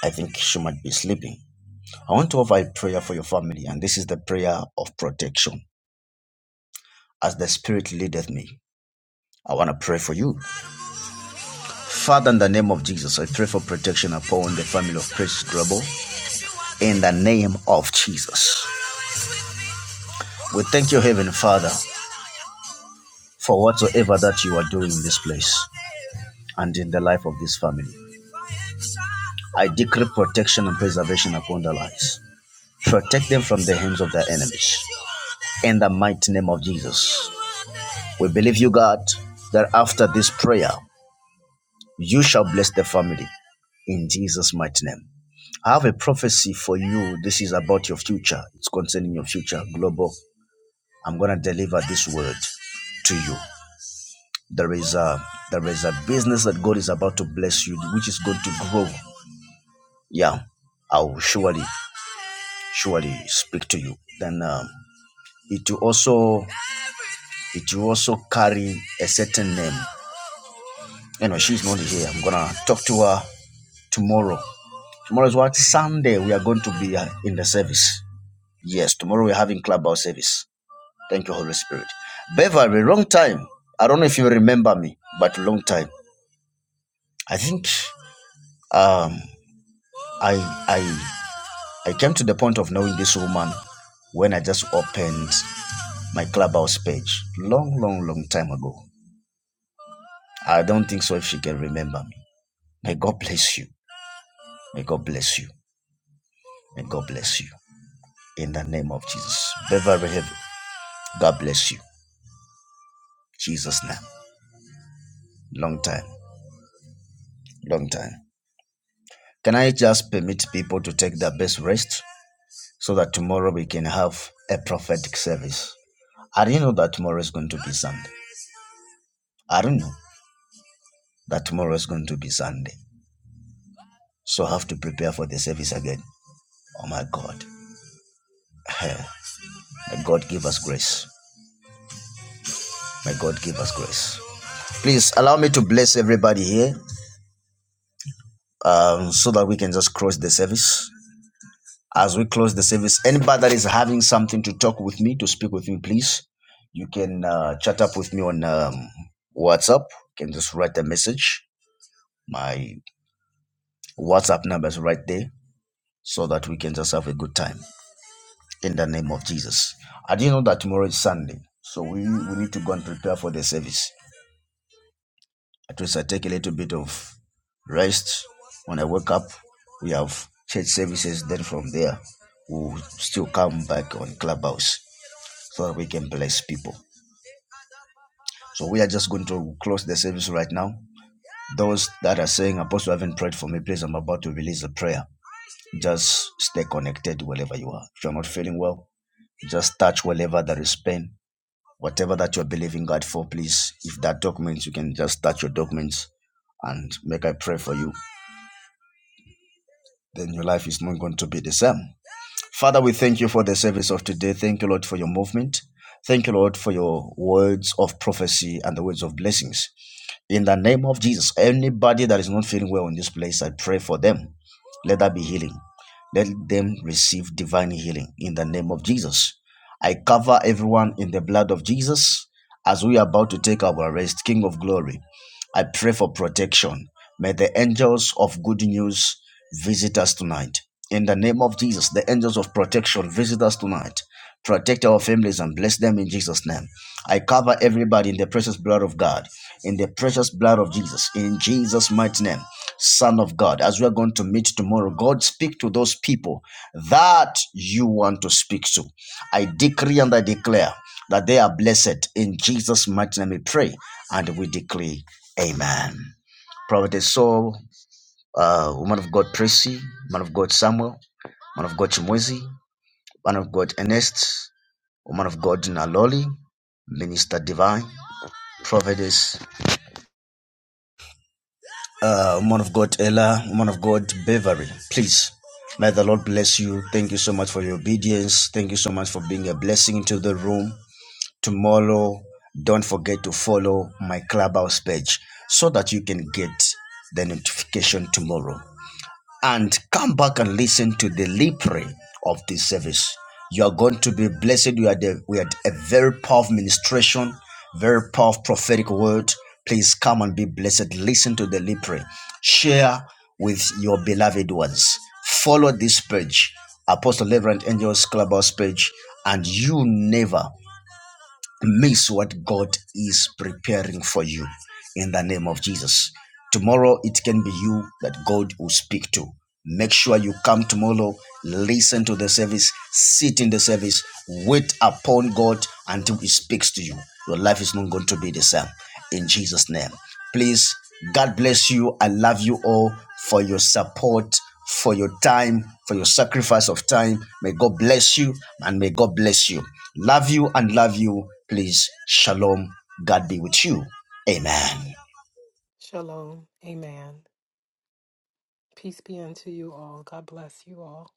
I think she might be sleeping. I want to offer a prayer for your family, and this is the prayer of protection. As the Spirit leadeth me, I want to pray for you Father, in the name of Jesus, I pray for protection upon the family of precious Grubble. In the name of Jesus. We thank you, Heavenly Father, for whatsoever that you are doing in this place and in the life of this family. I decree protection and preservation upon their lives. Protect them from the hands of their enemies. In the mighty name of Jesus. We believe you, God, that after this prayer, you shall bless the family. In Jesus' mighty name. I have a prophecy for you. This is about your future. It's concerning your future. Global. I'm gonna deliver this word to you. There is a there is a business that God is about to bless you, which is going to grow. Yeah, I will surely surely speak to you. Then um, it will also it will also carry a certain name. Anyway, she's not here. I'm gonna talk to her tomorrow. Tomorrow is what Sunday. We are going to be uh, in the service. Yes, tomorrow we're having clubhouse service. Thank you, Holy Spirit. Beverly, long time. I don't know if you remember me, but long time. I think um, I I I came to the point of knowing this woman when I just opened my clubhouse page long, long, long time ago. I don't think so if she can remember me. May God bless you. May God bless you. May God bless you. In the name of Jesus. Beverly Heaven, God bless you. Jesus' name. Long time. Long time. Can I just permit people to take their best rest? so that tomorrow we can have a prophetic service. I didn't know that tomorrow is going to be Sunday. I don't know that tomorrow is going to be Sunday. So I have to prepare for the service again. Oh my God. May God give us grace. May God give us grace. Please allow me to bless everybody here um, so that we can just close the service. As we close the service, anybody that is having something to talk with me, to speak with me, please, you can uh, chat up with me on um, WhatsApp. You can just write a message. My WhatsApp numbers right there so that we can just have a good time in the name of Jesus. I didn't know that tomorrow is Sunday, so we, we need to go and prepare for the service. At least I take a little bit of rest. When I wake up, we have church services. Then from there, we'll still come back on Clubhouse so that we can bless people. So we are just going to close the service right now. Those that are saying, Apostle, I haven't prayed for me, please, I'm about to release a prayer. Just stay connected wherever you are. If you're not feeling well, Just touch wherever there is pain. Whatever that you're believing God for, please, if that documents, you can just touch your documents and make I pray for you. Then your life is not going to be the same. Father, we thank you for the service of today. Thank you, Lord, for your movement. Thank you, Lord, for your words of prophecy and the words of blessings. In the name of Jesus, anybody that is not feeling well in this place, I pray for them. Let that be healing. Let them receive divine healing in the name of Jesus. I cover everyone in the blood of Jesus as we are about to take our rest, King of glory. I pray for protection. May the angels of good news visit us tonight. In the name of Jesus, the angels of protection visit us tonight. Protect our families and bless them in Jesus' name. I cover everybody in the precious blood of God, in the precious blood of Jesus, in Jesus' mighty name, Son of God. As we are going to meet tomorrow, God, speak to those people that you want to speak to. I decree and I declare that they are blessed in Jesus' mighty name. We pray and we decree. Amen. Prophetess Saul, uh, woman of God Tracy, man of God Samuel, man of God Chimwezi, man of God Ernest, woman of God Naloli, Minister Divine, Prophetess, uh, woman of God Ella, woman of God Beverly. Please, may the Lord bless you. Thank you so much for your obedience. Thank you so much for being a blessing into the room. Tomorrow, don't forget to follow my clubhouse page so that you can get the notification tomorrow. and come back and listen to the libre of this service. You are going to be blessed. You are the, we had a very powerful ministration, very powerful prophetic word. Please come and be blessed. Listen to the libre. Share with your beloved ones. Follow this page, Apostle Reverend Angels Clubhouse page, and you never miss what God is preparing for you in the name of Jesus. Tomorrow it can be you that God will speak to. Make sure you come tomorrow, listen to the service, sit in the service, wait upon God until He speaks to you. Your life is not going to be the same in Jesus' name. Please, God bless you. I love you all for your support, for your time, for your sacrifice of time. May God bless you and may God bless you. Love you and love you. Please, shalom. God be with you. Amen.
Shalom. Amen. Peace be unto you all. God bless you all.